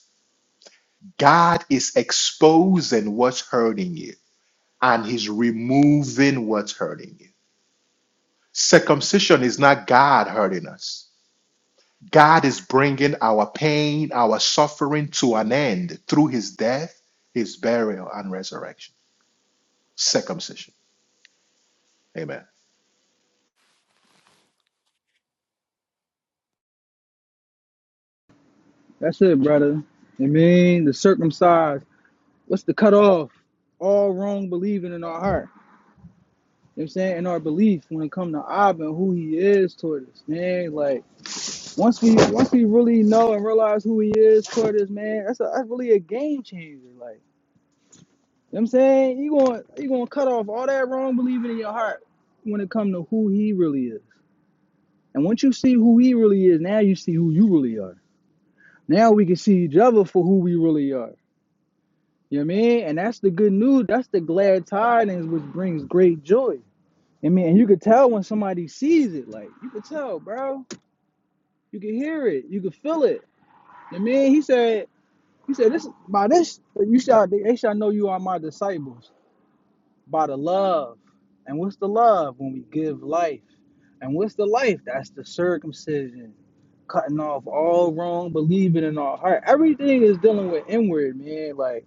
S2: God is exposing what's hurting you and He's removing what's hurting you. Circumcision is not God hurting us. God is bringing our pain, our suffering to an end through His death, His burial, and resurrection. Circumcision. Amen.
S1: That's it, brother. I mean, the circumcised. What's the cutoff? All wrong believing in our heart. You know what I'm saying? In our belief when it comes to Ab and who he is toward us, man. Like once we once we really know and realize who he is toward us, man, that's a that's really a game changer. Like You know what I'm saying? You going you going to cut off all that wrong believing in your heart when it come to who he really is. And once you see who he really is, now you see who you really are. Now we can see each other for who we really are. You know what I mean? And that's the good news. That's the glad tidings which brings great joy. I mean, and you could tell when somebody sees it. Like you could tell, bro. You could hear it. You could feel it. You know what I mean, he said, he said, this by this you shall they shall know you are my disciples. by the love. And what's the love when we give life? And what's the life? That's the circumcision, cutting off all wrong, believing in our heart. Everything is dealing with inward, man. Like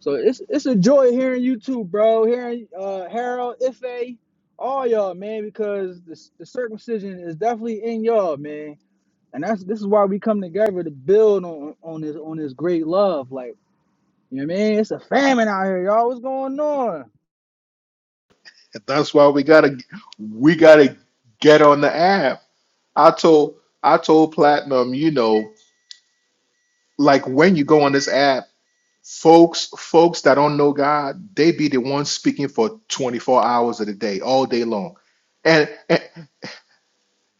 S1: so, it's it's a joy hearing you too, bro. Hearing uh, Harold, Ife, all y'all, man, because the, the circumcision is definitely in y'all, man. And that's this is why we come together to build on on this on this great love. Like you know, what I mean, it's a famine out here, y'all. What's going on?
S2: And That's why we gotta we gotta get on the app. I told I told Platinum, you know, like when you go on this app, folks folks that don't know God, they be the ones speaking for 24 hours of the day, all day long. And and,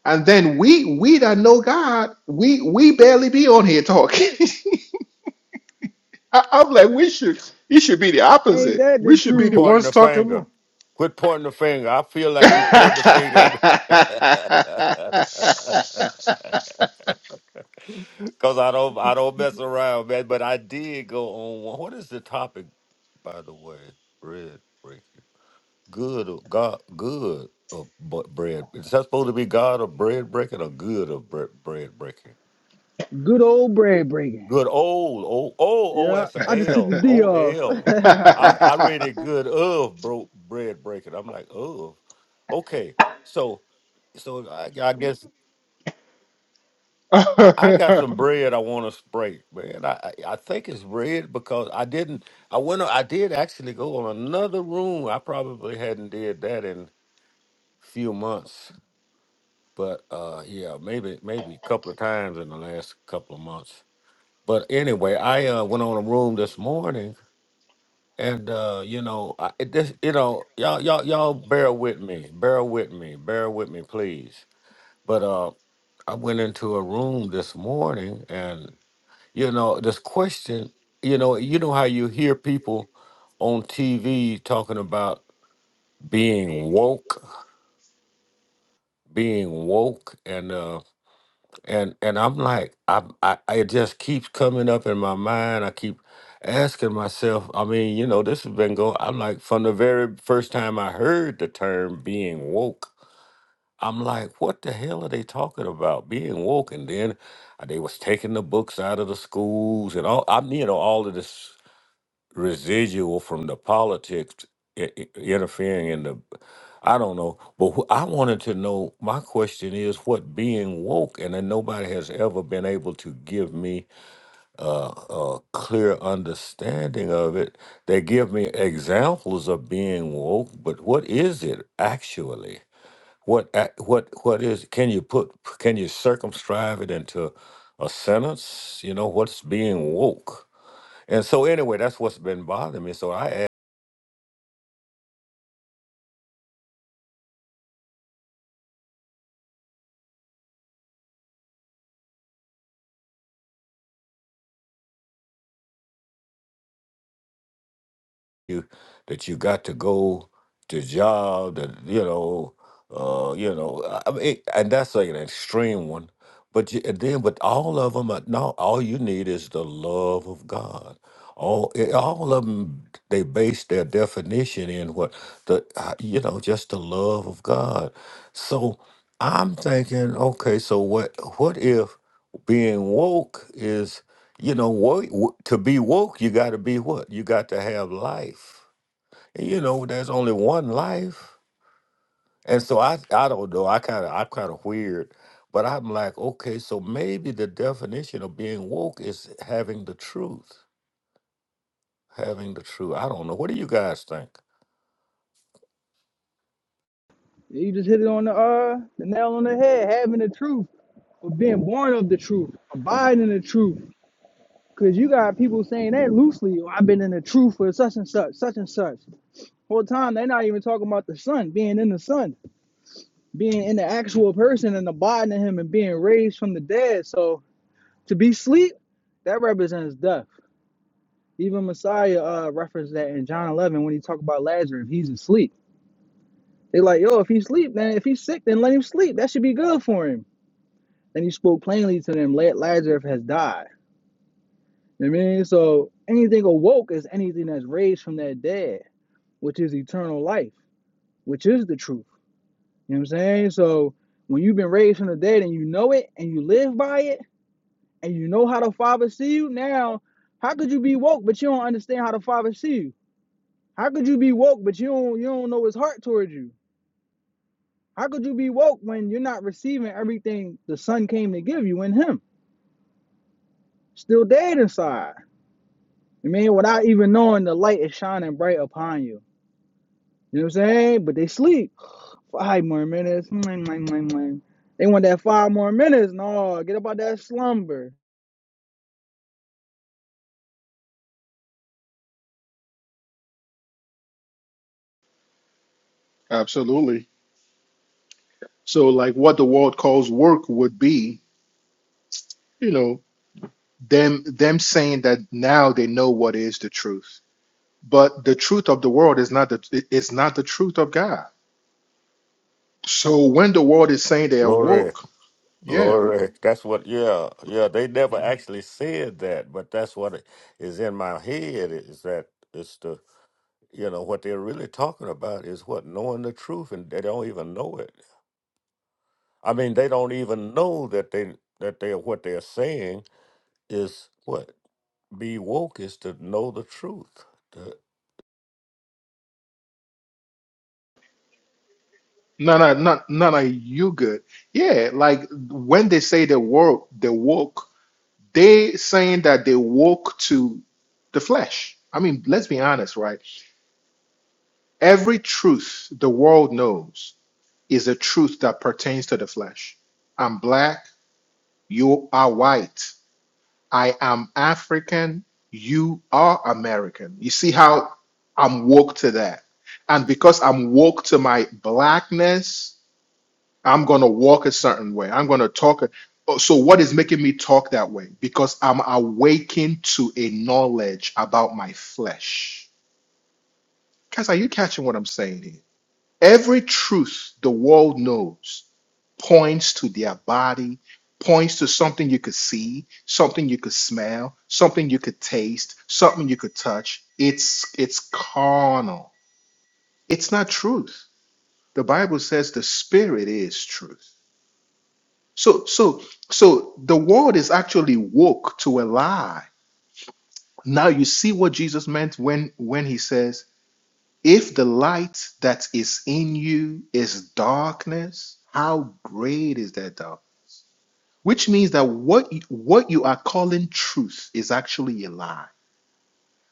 S2: and then we we that know God, we we barely be on here talking. [laughs] I, I'm like, we should it should be the
S1: Ain't
S2: opposite.
S1: that
S2: We
S1: the
S2: should be
S1: truth?
S2: the
S3: Pointing
S2: ones
S3: the
S2: talking
S3: finger.
S2: more.
S3: Quit pointing the finger. I feel like you pointed the finger. [laughs]
S2: [laughs]
S3: Cause I don't I don't mess around, man. But I did go on one. What is the topic, by the way? Bread breaking. Good or God good of bu- bread. Is that supposed to be God of bread breaking or good of bre- bread breaking?
S1: Good old bread breaking.
S3: Good old oh oh oh
S1: Yeah,
S3: that's
S1: I
S3: a
S1: just took the
S3: L.
S1: D
S3: O
S1: off.
S3: L.
S2: [laughs]
S3: I
S1: [laughs]
S3: I read it good of bro bread breaking. I'm like, of. Okay. So so I, I guess I, I got some bread I want to break, man. I, I I think it's bread because I didn't. I went. I did actually go on another room. I probably hadn't did that in few months, but uh, yeah, maybe maybe a couple of times in the last couple of months. But anyway, I uh, went on a room this morning, and uh, you know, I, it this you know, y'all y'all y'all bear with me, bear with me, bear with me, please. But uh, I went into a room this morning, and. You know, this question, you know, you know how you hear people on TV talking about being woke, being woke, and uh, and and I'm like, I, I it just keeps coming up in my mind. I keep asking myself. I mean, you know, this has been going. I'm like, from the very first time I heard the term being woke, I'm like, what the hell are they talking about being woke? And then uh, they was taking the books out of the schools and all. I'm, you know, all of this residual from the politics i- i- interfering in the I don't know, but wh- I wanted to know. My question is, what being woke, and then nobody has ever been able to give me uh, a clear understanding of it. They give me examples of being woke, but what is it actually? What ac- what what is? Can you put? Can you circumscribe it into a sentence? You know, what's being woke? And so anyway, that's what's been bothering me. So I ask you that you got to go to job that you know, uh, you know, I I mean, it, and that's like an extreme one. But you, and then, but all of them, no, all you need is the love of God. All, it, all of them, they base their definition in what the, uh, you know, just the love of God. So I'm thinking, okay, so what, what if being woke is You know, woke, w- to be woke, you got to be what? You got to have life. And you know, there's only one life. And so I, I don't know. I kind of, I'm kind of weird, but I'm like, okay, so maybe the definition of being woke is having the truth, having the truth. I don't know. What do you guys think?
S1: you just hit it on the uh the nail on the head, having the truth, or being born of the truth, abiding in the truth. Cause you got people saying that loosely. "Oh, I've been in the truth for such and such, such and such. Whole time they're not even talking about the son, being in the son, being in the actual person and abiding in him and being raised from the dead. So to be asleep, that represents death. Even Messiah uh referenced that in John 11 when he talked about Lazarus, he's asleep They like, yo, if he sleep, then if he's sick, then let him sleep. That should be good for him. And he spoke plainly to them, Lazarus has died. You know what I mean? So anything awoke is anything that's raised from that dead, which is eternal life, which is the truth. You know what I'm saying? So when you've been raised from the dead and you know it and you live by it and you know how the Father see you, now how could you be woke but you don't understand how the Father see you? How could you be woke but you don't you don't know his heart towards you? How could you be woke when you're not receiving everything the sun came to give you in him? Still dead inside. I mean, without even knowing the light is shining bright upon you. You know what I'm saying? But they sleep. [sighs] Five more minutes. They want that five more minutes. No, get up out that slumber.
S2: Absolutely. So, like what the world calls work would be, you know, them them saying that now they know what is the truth. But the truth of the world is not the it- it's not the truth of God. So when the world is saying they are
S3: Glory,
S2: woke, yeah, no,
S3: glory. That's what. Yeah, yeah. They never actually said that, but that's what it is in my head. Is that it's the you know what they're really talking about is what knowing the truth and they don't even know it i mean they don't even know that they that they what they're saying is what be woke is to know the truth To-
S2: no, no, no, no, you good. Yeah, like when they say they woke, they woke, they saying that they woke to the flesh. I mean, let's be honest, right? Every truth the world knows is a truth that pertains to the flesh. I'm black, you are white. I am African, you are American. You see how I'm woke to that. And because I'm woke to my blackness, I'm going to walk a certain way. I'm going to talk. a- Oh, So, what is making me talk that way? Because I'm awakened to a knowledge about my flesh. Guys, are you catching what I'm saying here? Every truth the world knows points to their body, points to something you could see, something you could smell, something you could taste, something you could touch. It's it's carnal. It's not truth. The Bible says the spirit is truth. So so so the world is actually woke to a lie. Now you see what Jesus meant when when he says If the light that is in you is darkness, how great is that dark? Which means that what you, what you are calling truth is actually a lie.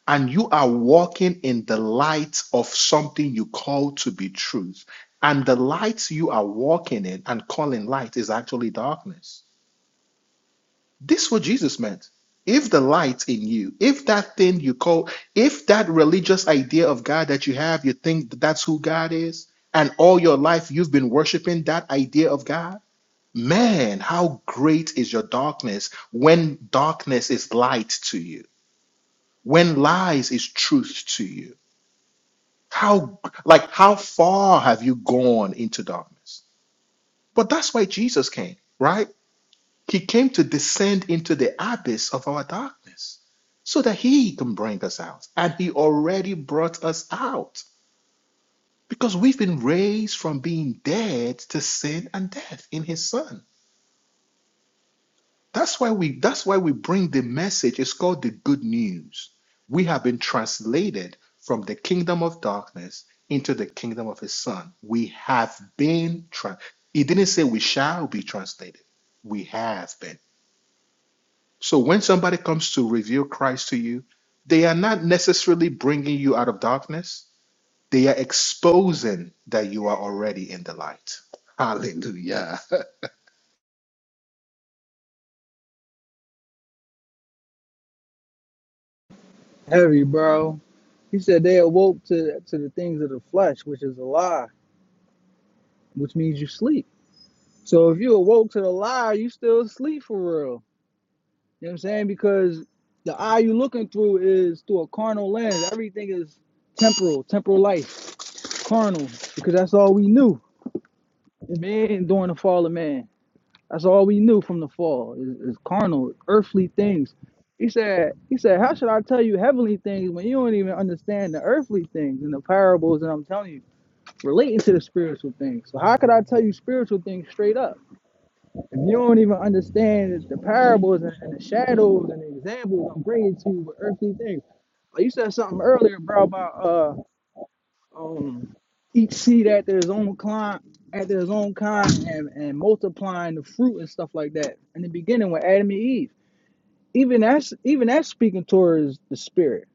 S2: And you are walking in the light of something you call to be truth. And the light you are walking in and calling light is actually darkness. This is what Jesus meant. If the light in you, if that thing you call, if that religious idea of God that you have, you think that that's who God is, and all your life you've been worshiping that idea of God, man, how great is your darkness when darkness is light to you, when lies is truth to you. How, like, how far have you gone into darkness? But that's why Jesus came, right? He came to descend into the abyss of our darkness so that He can bring us out. And He already brought us out because we've been raised from being dead to sin and death in His Son. That's why we that's why we bring the message. It's called the good news. We have been translated from the kingdom of darkness into the kingdom of His Son. We have been tra- He didn't say we shall be translated. We have been. So when somebody comes to reveal Christ to you, they are not necessarily bringing you out of darkness. They are exposing that you are already in the light. Hallelujah.
S1: Heavy, bro. He said they awoke to, to the things of the flesh, which is a lie, which means you sleep. So if you awoke to the lie, you still sleep for real. You know what I'm saying? Because the eye you are looking through is through a carnal lens. Everything is temporal, temporal life, carnal, because that's all we knew. Man, during the fall of man, that's all we knew from the fall is, is carnal, earthly things. He said, he said, how should I tell you heavenly things when you don't even understand the earthly things and the parables that I'm telling you relating to the spiritual things? So how could I tell you spiritual things straight up? If you don't even understand the parables and, and the shadows and the examples I'm bringing to you with earthly things, like you said something earlier, bro, about uh um each seed after his own kind, after his own kind, and and multiplying the fruit and stuff like that. In the beginning with Adam and Eve, even that's even that's speaking towards the spirit.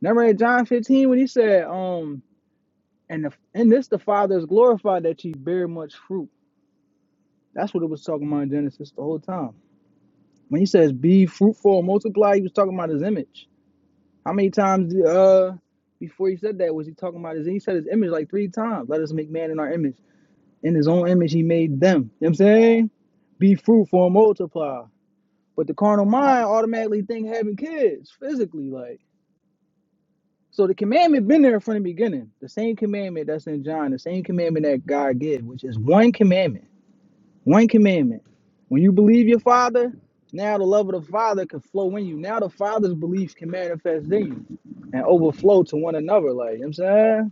S1: Remember in John 15 when he said, um, and the, and this the Father is glorified that ye bear much fruit. That's what it was talking about in Genesis the whole time When he says be fruitful multiply, he was talking about his image. How many times uh before he said that was he talking about his image? he said his image like three times. Let us make man in our image. In his own image he made them. You know what I'm saying? Be fruitful and multiply. But the carnal mind automatically think having kids physically, like so the commandment been there from the beginning. The same commandment that's in John, the same commandment that God gave, which is one commandment One commandment. When you believe your father, now the love of the father can flow in you. Now the father's beliefs can manifest in you and overflow to one another. Like, you know what I'm saying?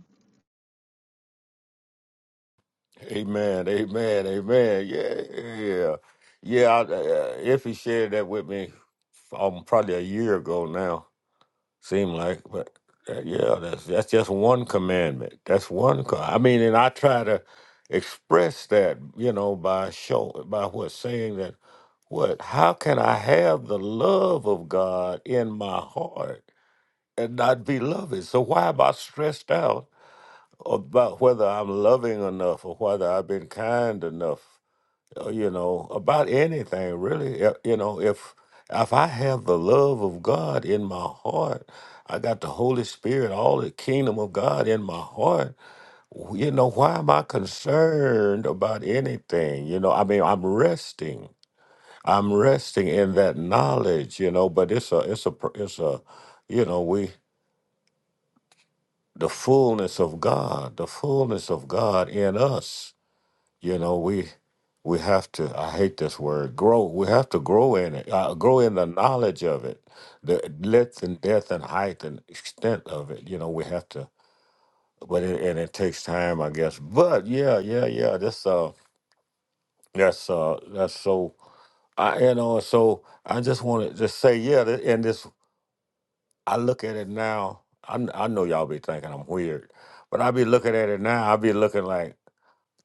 S3: amen amen amen yeah yeah yeah I, uh, if he shared that with me um, probably a year ago now Seem like, but uh, yeah, that's that's just one commandment. That's one. co- I mean, and I try to express that, you know, by show by what saying that what how can I have the love of God in my heart and not be loving? So why am I stressed out about whether I'm loving enough or whether I've been kind enough uh, you know, about anything really. Uh, You know, if if I have the love of God in my heart, I got the Holy Spirit, all the kingdom of God in my heart. w- You know, why am I concerned about anything? You know, I mean, I'm resting. I'm resting in that knowledge. You know, but it's a, it's a, pr- it's a, you know, we the fullness of God, the fullness of God in us. You know, we we have to. I hate this word, grow. We have to grow in it. Uh, grow in the knowledge of it, the length and depth and height and extent of it. You know, we have to. But it, and it takes time, I guess. But yeah, yeah, yeah. That's uh, that's uh, that's so. I you know, so I just want to just say yeah. th- And this, I look at it now. I kn- I know y'all be thinking I'm weird, but I be looking at it now. I be looking like.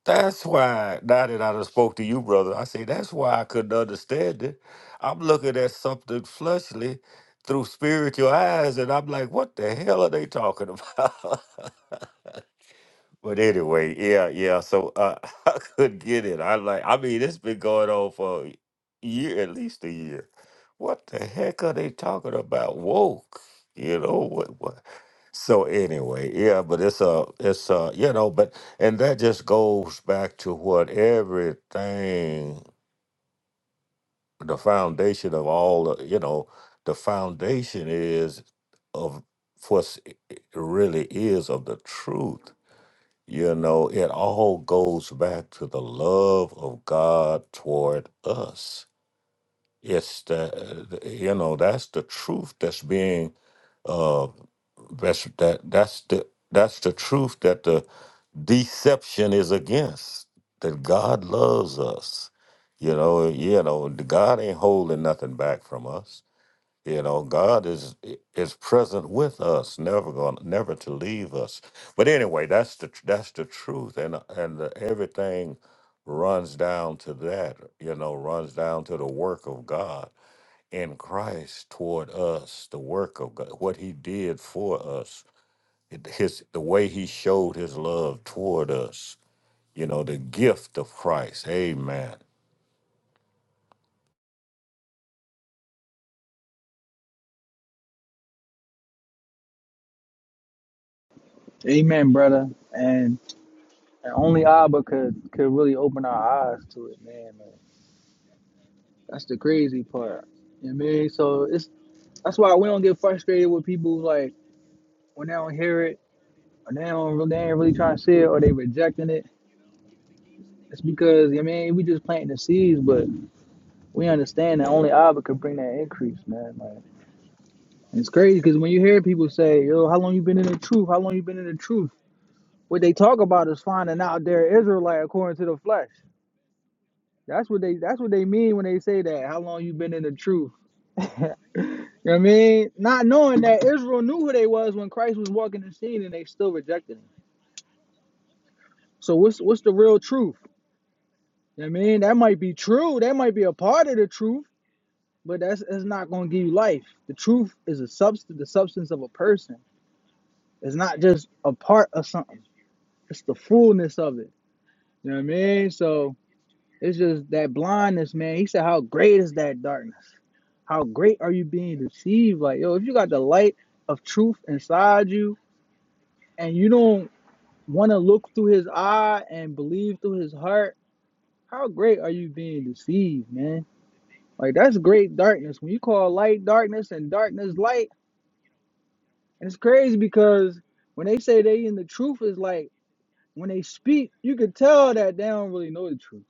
S3: That's why now that I done spoke to you, brother, I say that's why I couldn't understand it. I'm looking at something fleshly through spiritual eyes, and I'm like, what the hell are they talking about? [laughs] But anyway, yeah, yeah. So uh, [laughs] I couldn't get it. I like. I mean, it's been going on for a year, at least a year. What the heck are they talking about? Woke, you know what? What? So anyway, yeah. But it's a, it's a, you know. But and that just goes back to what everything, the foundation of all, the, you know, the foundation is of what's really is of the truth you know, it all goes back to the love of God toward us. It's the, you know, that's the truth that's being, uh, that's, that, that's the, that's the truth that the deception is against, that God loves us. You know, you know, God ain't holding nothing back from us you know, God is is present with us, never going, to never to leave us. But anyway, that's the that's the truth, and and the, everything runs down to that. You know, runs down to the work of God in Christ toward us, the work of God, what He did for us, it- His the way He showed His love toward us. You know, the gift of Christ. Amen.
S1: Amen, brother. And, and only Abba could, could really open our eyes to it, man, man. That's the crazy part. You know what I mean? So it's that's why we don't get frustrated with people like when they don't hear it or they don't really, they ain't really trying to see it or they rejecting it. It's because you know what I mean we just planting the seeds, but we understand that only Abba could bring that increase, man. Like it's crazy because when you hear people say, "Yo, how long you been in the truth? How long you been in the truth?" What they talk about is finding out they're Israelite according to the flesh. That's what they that's what they mean when they say that. How long you been in the truth? [laughs] you know what I mean? Not knowing that Israel knew who they was when Christ was walking the scene and they still rejected him. So what's what's the real truth? You know what I mean, that might be true. That might be a part of the truth. but that's it's not going to give you life. The truth is a substance, the substance of a person. It's not just a part of something. It's the fullness of it. You know what I mean? So it's just that blindness, man. He said, "How great is that darkness? How great are you being deceived? Like, yo, if you got the light of truth inside you, and you don't want to look through his eye and believe through his heart, how great are you being deceived, man? Like, that's great darkness. When you call light darkness and darkness light." And it's crazy because when they say they in the truth is like when they speak, you could tell that they don't really know the truth.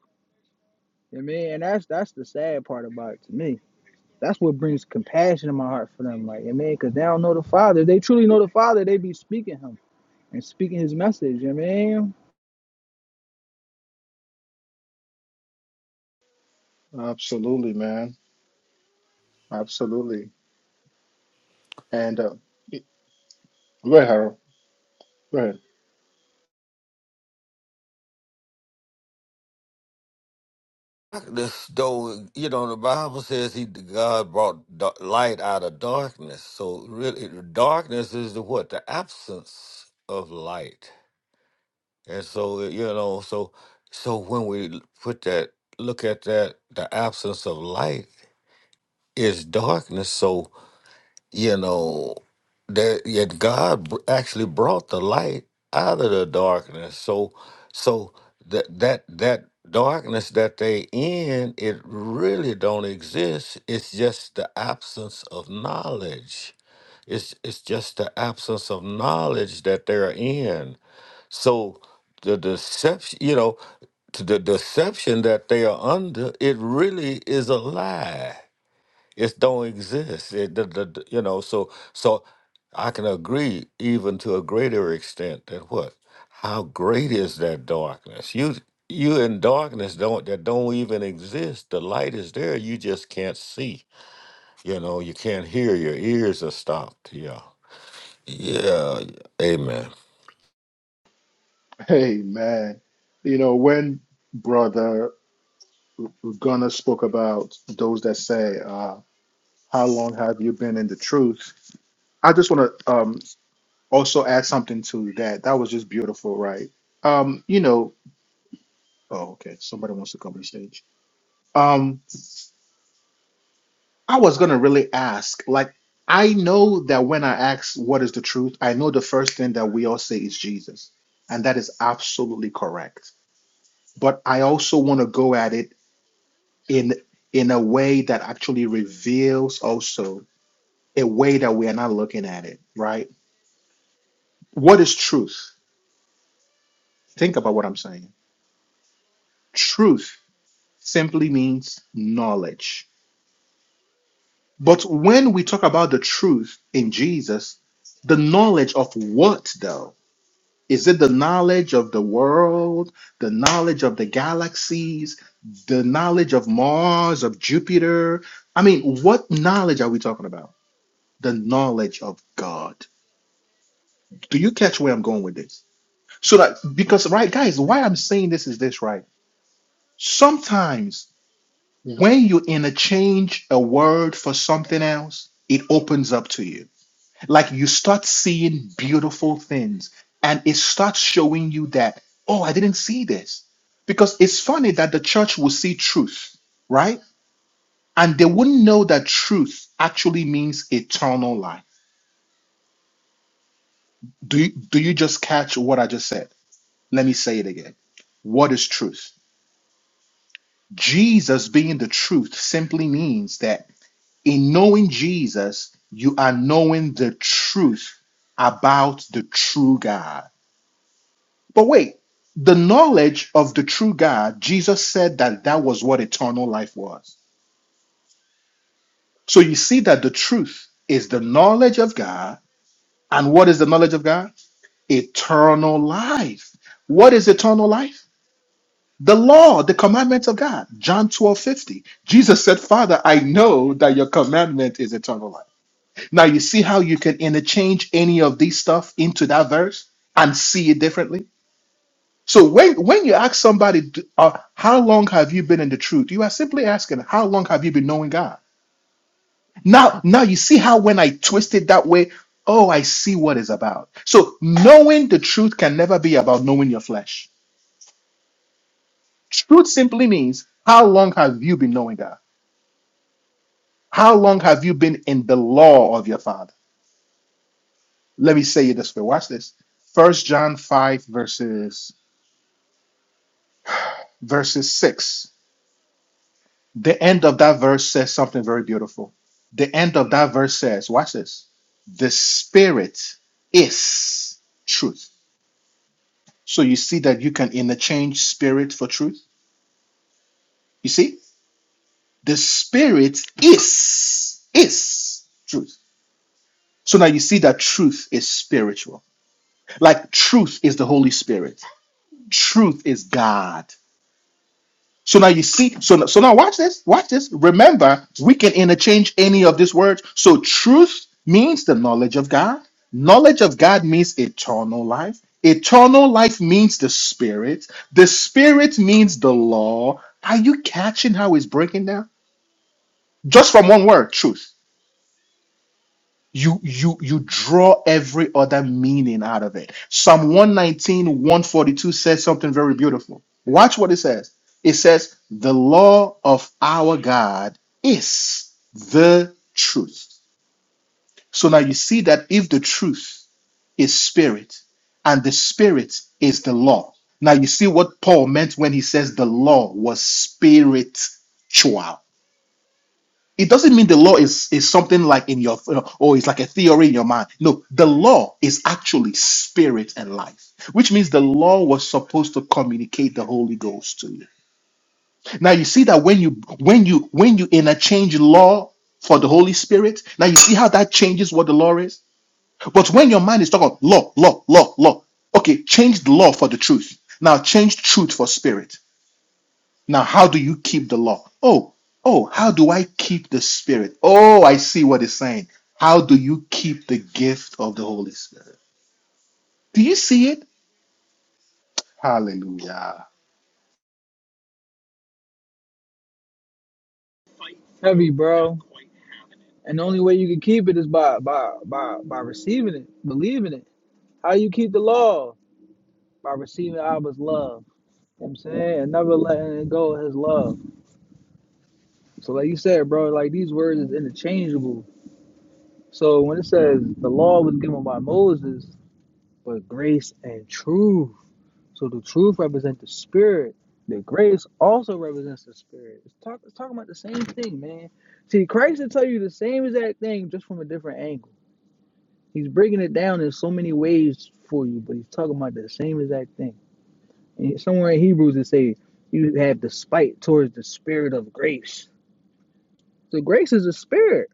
S1: You know what I mean, and that's that's the sad part about it to me. That's what brings compassion in my heart for them, like you know what I mean, because they don't know the Father. If they truly know the Father, they be speaking Him and speaking His message. You know what I mean,
S2: [laughs] Absolutely, man. Absolutely. And uh, go ahead, Harold. Go ahead.
S3: darkness, though, you know, the Bible says he God brought da- light out of darkness. So really, darkness is the what the absence of light. And so you know, so so when we put that look at that, the absence of light is darkness. So you know that yet God br- actually brought the light out of the darkness. So so that that that darkness that they in it really don't exist. It's just the absence of knowledge. It's it's just the absence of knowledge that they're in. So the deception, you know, to the deception that they are under, it really is a lie it don't exist. It, the, the, the- you know, so so I can agree even to a greater extent that what? How great is that darkness? You you in darkness don't that don't even exist. The light is there. You just can't see. You know, you can't hear. Your ears are stopped. Yeah. Yeah. yeah. Amen.
S2: Hey, man. You know, when Brother Gunnar spoke about those that say, uh, How long have you been in the truth? I just want to um, also add something to that. That was just beautiful, right? Um, you know, Oh, okay. Somebody wants to come on stage. Um, I was gonna really ask, like, I know that when I ask what is the truth, I know the first thing that we all say is Jesus, and that is absolutely correct. But I also want to go at it in in a way that actually reveals also a way that we are not looking at it, right? What is truth? Think about what I'm saying. Truth simply means knowledge But when we talk about the truth in Jesus, the knowledge of what though? Is it the knowledge of the world, the knowledge of the galaxies, the knowledge of Mars, of Jupiter? I mean, what knowledge are we talking about? The knowledge of God. Do you catch where I'm going with this? So that, because, right, guys, why I'm saying this is this, right? Sometimes when you interchange a word for something else, it opens up to you like you start seeing beautiful things and it starts showing you that oh i didn't see this because it's funny that the church will see truth right and they wouldn't know that truth actually means eternal life do you, do you just catch what i just said let me say it again what is truth jesus being the truth simply means that in knowing jesus you are knowing the truth about the true god But wait, the knowledge of the true God, Jesus said that that was what eternal life was. So you see that the truth is the knowledge of God. And what is the knowledge of God? Eternal life. What is eternal life? The law, the commandments of God. John 12 50. Jesus said, Father, I know that your commandment is eternal life. Now you see how you can interchange any of these stuff into that verse and see it differently? So when when you ask somebody, d- uh, how long have you been in the truth? You are simply asking, how long have you been knowing God? Now, now you see how when I twist it that way, oh, I see what it's about. So knowing the truth can never be about knowing your flesh. Truth simply means how long have you been knowing God? How long have you been in the law of your father? Let me say it this way. Watch this. First John 5 verses verses 6. The end of that verse says something very beautiful. The end of that verse says, watch this, the spirit is truth. So you see that you can interchange spirit for truth. You see? The spirit is is truth. So now you see that truth is spiritual. Like truth is the Holy Spirit. Truth is God. So now you see, so so now watch this, watch this. Remember, we can interchange any of these words. So truth means the knowledge of God. Knowledge of God means eternal life. Eternal life means the spirit. The spirit means the law. Are you catching how it's breaking down? Just from one word, truth you you you draw every other meaning out of it psalm one nineteen one forty two says something very beautiful watch what it says it says the law of our god is the truth so now you see that if the truth is spirit and the spirit is the law now you see what paul meant when he says the law was spiritual it doesn't mean the law is is something like in your you know, or it's like a theory in your mind no the law is actually spirit and life which means the law was supposed to communicate the holy ghost to you now you see that when you when you when you interchange law for the holy spirit now you see how that changes what the law is but when your mind is talking about law law law law okay change the law for the truth now change truth for spirit now, how do you keep the law? Oh, oh, how do I keep the Spirit? Oh, I see what it's saying. How do you keep the gift of the Holy Spirit? Do you see it? Hallelujah.
S1: heavy, bro. And the only way you can keep it is by by by by receiving it, believing it. How you keep the law by receiving Abba's love. You know what I'm saying, and never letting it go of His love. So like you said, bro, like these words is interchangeable. So when it says the law was given by Moses, but grace and truth. So the truth represents the spirit. The grace also represents the spirit. It's, talk, it's talking about the same thing, man. See, Christ will tell you the same exact thing just from a different angle. He's breaking it down in so many ways for you, but he's talking about the same exact thing. And somewhere in Hebrews it says you have despite towards the spirit of grace. So grace is a spirit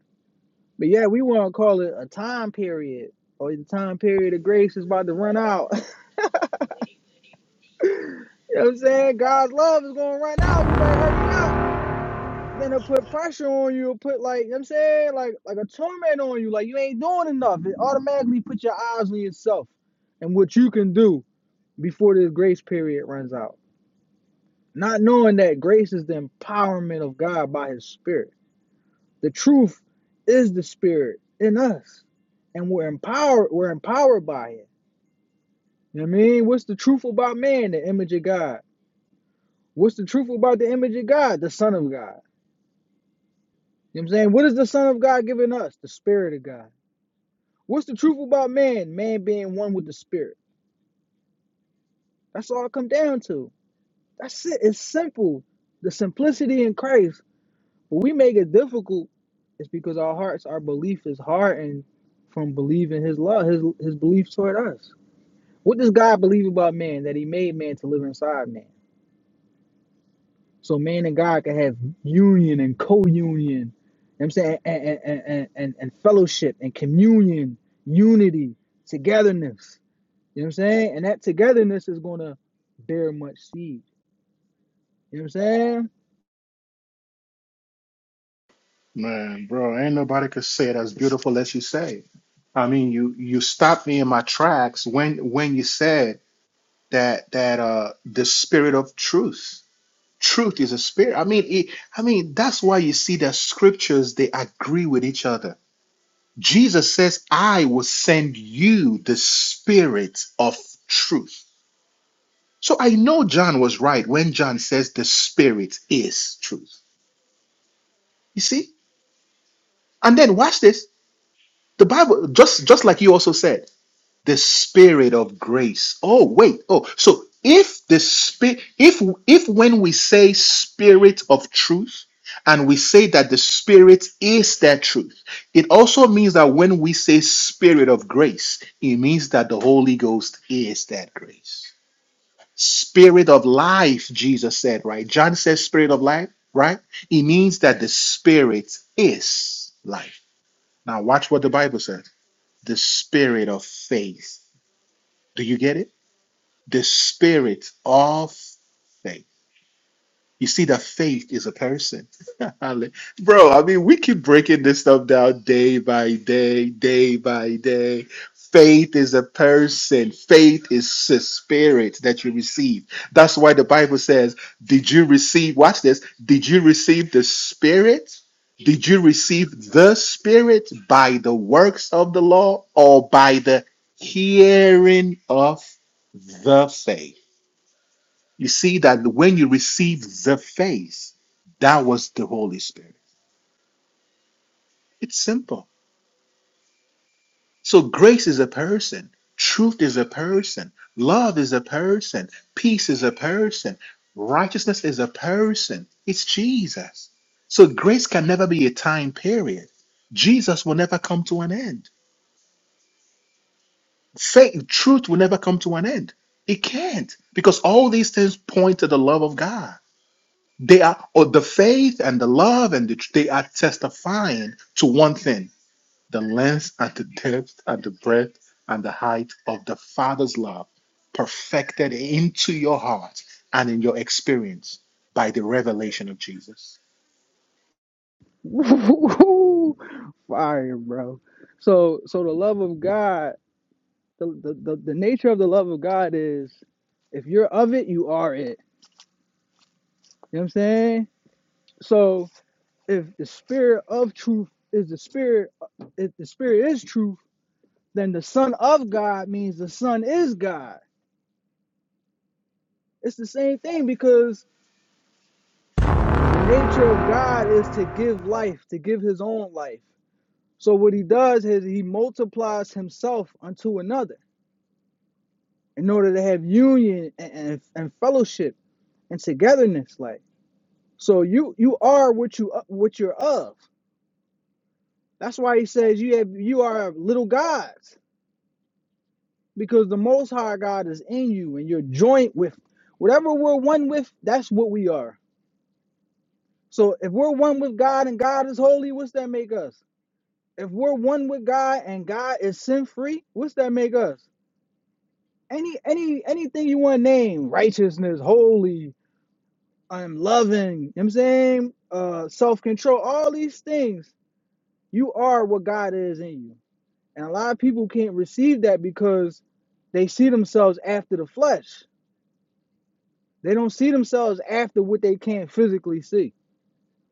S1: But yeah, we want to call it a time period or the time period of grace is about to run out. [laughs] you know what I'm saying? God's love is going to run out. You better hurry up. And then they'll put pressure on you, It'll put like, you know what I'm saying? Like like a torment on you. Like you ain't doing enough. It automatically put your eyes on yourself and what you can do before this grace period runs out. Not knowing that grace is the empowerment of God by his spirit. The truth is the spirit in us. And we're empowered, we're empowered by it You know what I mean, what's the truth about man? The image of God. What's the truth about the image of God? The Son of God. You know what I'm saying? What is the Son of God giving us? The Spirit of God. What's the truth about man? Man being one with the Spirit. That's all it come down to. That's it. It's simple. The simplicity in Christ. But we make it difficult. It's because our hearts, our belief is hardened from believing his love, his his belief toward us. What does God believe about man? That he made man to live inside man. So man and God can have union and co-union. You know what I'm saying and and, and, and, and and fellowship and communion, unity, togetherness. You know what I'm saying? And that togetherness is gonna bear much seed. You know what I'm saying?
S2: Man, bro, ain't nobody could say it as beautiful as you say. I mean, you you stopped me in my tracks when when you said that that uh the spirit of truth. Truth is a spirit. I mean, it, I mean that's why you see that scriptures they agree with each other Jesus says, I will send you the spirit of truth. So I know John was right when John says the spirit is truth. You see? And then watch this. The Bible, just just like you also said, the spirit of grace oh wait oh so if the spirit if if when we say spirit of truth and we say that the spirit is that truth it also means that when we say spirit of grace it means that the holy ghost is that grace spirit of life jesus said right john says spirit of life right it means that the spirit is life now watch what the bible says the spirit of faith do you get it the spirit of faith. You see, that faith is a person. [laughs] Bro, I mean, we keep breaking this stuff down day by day, day by day. Faith is a person. Faith is a spirit that you receive. That's why the Bible says, Did you receive, watch this, did you receive the spirit? Did you receive the spirit by the works of the law or by the hearing of the faith? You see that when you receive the faith, that was the Holy Spirit. It's simple. So grace is a person, truth is a person, love is a person, peace is a person, righteousness is a person. It's Jesus. So grace can never be a time period. Jesus will never come to an end. Faith, truth will never come to an end. It can't because all these things point to the love of God. They are, or the faith and the love and the, tr- they are testifying to one thing: the length and the depth and the breadth and the height of the Father's love, perfected into your heart and in your experience by the revelation of Jesus.
S1: [laughs] woo Fire, bro. So so the love of God, the, the, the, the nature of the love of God is if you're of it, you are it. You know what I'm saying? So. if the spirit of truth is the spirit if the spirit is truth then the son of god means the son is god it's the same thing because the nature of god is to give life to give his own life so what he does is he multiplies himself unto another in order to have union and, and, and fellowship and togetherness like so you you are what you what you're of that's why he says you have you are little gods because the Most High God is in you, and you're joint with whatever we're one with. That's what we are. So if we're one with God and God is holy, what's that make us? If we're one with God and God is sin free, what's that make us? Any any anything you want to name, righteousness, holy, I'm loving. You know what I'm saying uh, self control, all these things. You are what God is in you, and a lot of people can't receive that because they see themselves after the flesh They don't see themselves after what they can't physically see,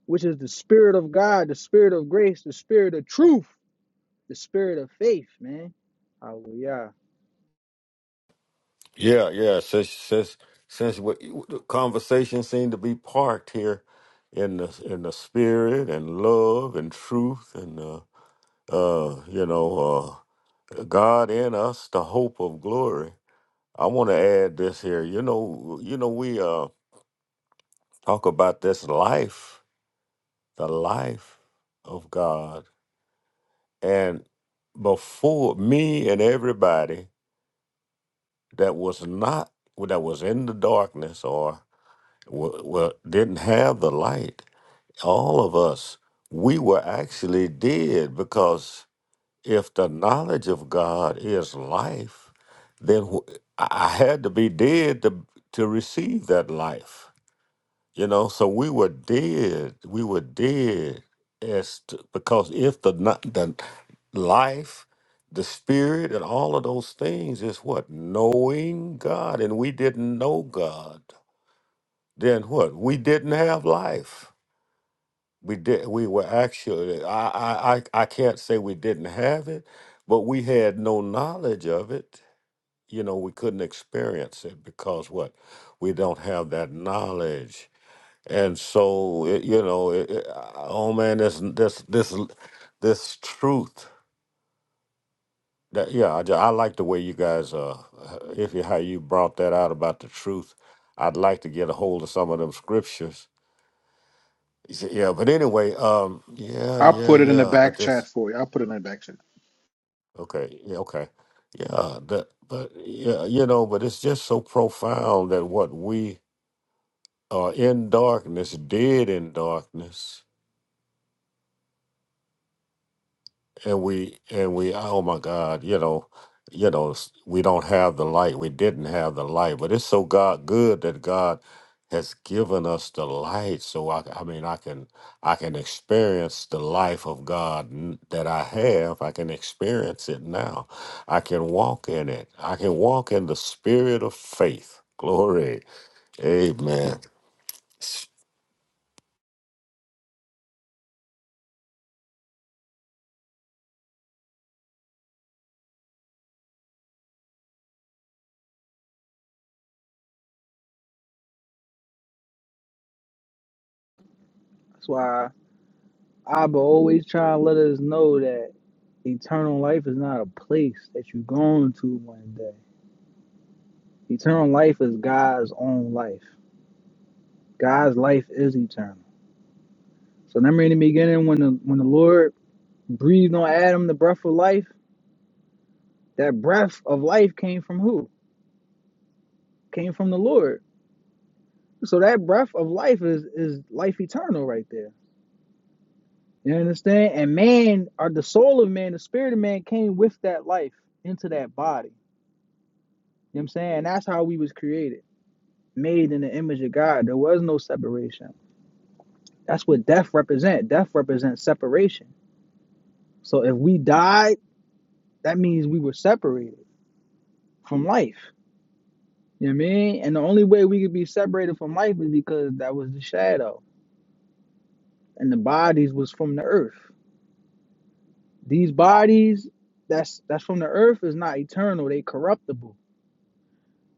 S1: which is the spirit of God, the spirit of grace, the spirit of truth, the spirit of faith, man. Hallelujah.
S3: Yeah. Yeah. Since since since we, the conversation seemed to be parked here in the in the spirit and love and truth and. Uh, uh, you know, uh, God in us, the hope of glory. I want to add this here. You know, you know, we uh, talk about this life, the life of God, and before me and everybody that was not that was in the darkness or wa- wa- didn't have the light, all of us, we were actually dead because if the knowledge of God is life, then wh- I I had to be dead to to receive that life. You know, so we were dead. We were dead as to, because if the kno- the life, the spirit, and all of those things is what knowing God, and we didn't know God, then what we didn't have life. We did. We were actually. I. I. I I can't say we didn't have it, but we had no knowledge of it. You know, we couldn't experience it because what? We don't have that knowledge, and so it, you know. It, it, oh man, this this this l- this truth. That yeah, I, ju- I like the way you guys uh, uh, if you how you brought that out about the truth. I'd like to get a hold of some of them scriptures. Yeah, but anyway, um, yeah,
S2: I'll
S3: yeah,
S2: put it in the
S3: yeah. But
S2: back
S3: this.
S2: chat for you. I'll put it in the back chat.
S3: Okay. Yeah, okay. Yeah. That, but yeah, you know, but it's just so profound that what we are in darkness, dead in darkness. and we and we oh my god you know you know s- we don't have the light we didn't have the light but it's so god good that god has given us the light so i i mean i can i can experience the life of god n- that i have i can experience it now i can walk in it i can walk in the spirit of faith glory amen so
S1: That's why Abba always try to let us know that eternal life is not a place that you're going to one day. Eternal life is God's own life. God's life is eternal. So remember in the beginning when the when the Lord breathed on Adam the breath of life, that breath of life came from who? Came from the Lord. So that breath of life is is life eternal right there. You understand? And man, or the soul of man, the spirit of man came with that life into that body. You know what I'm saying? That's how we was created, made in the image of God. There was no separation. That's what death represent. Death represents separation. So if we died, that means we were separated from life. You know what I mean? And the only way we could be separated from life is because that was the shadow. And the bodies was from the earth. These bodies that's that's from the earth is not eternal, they corruptible.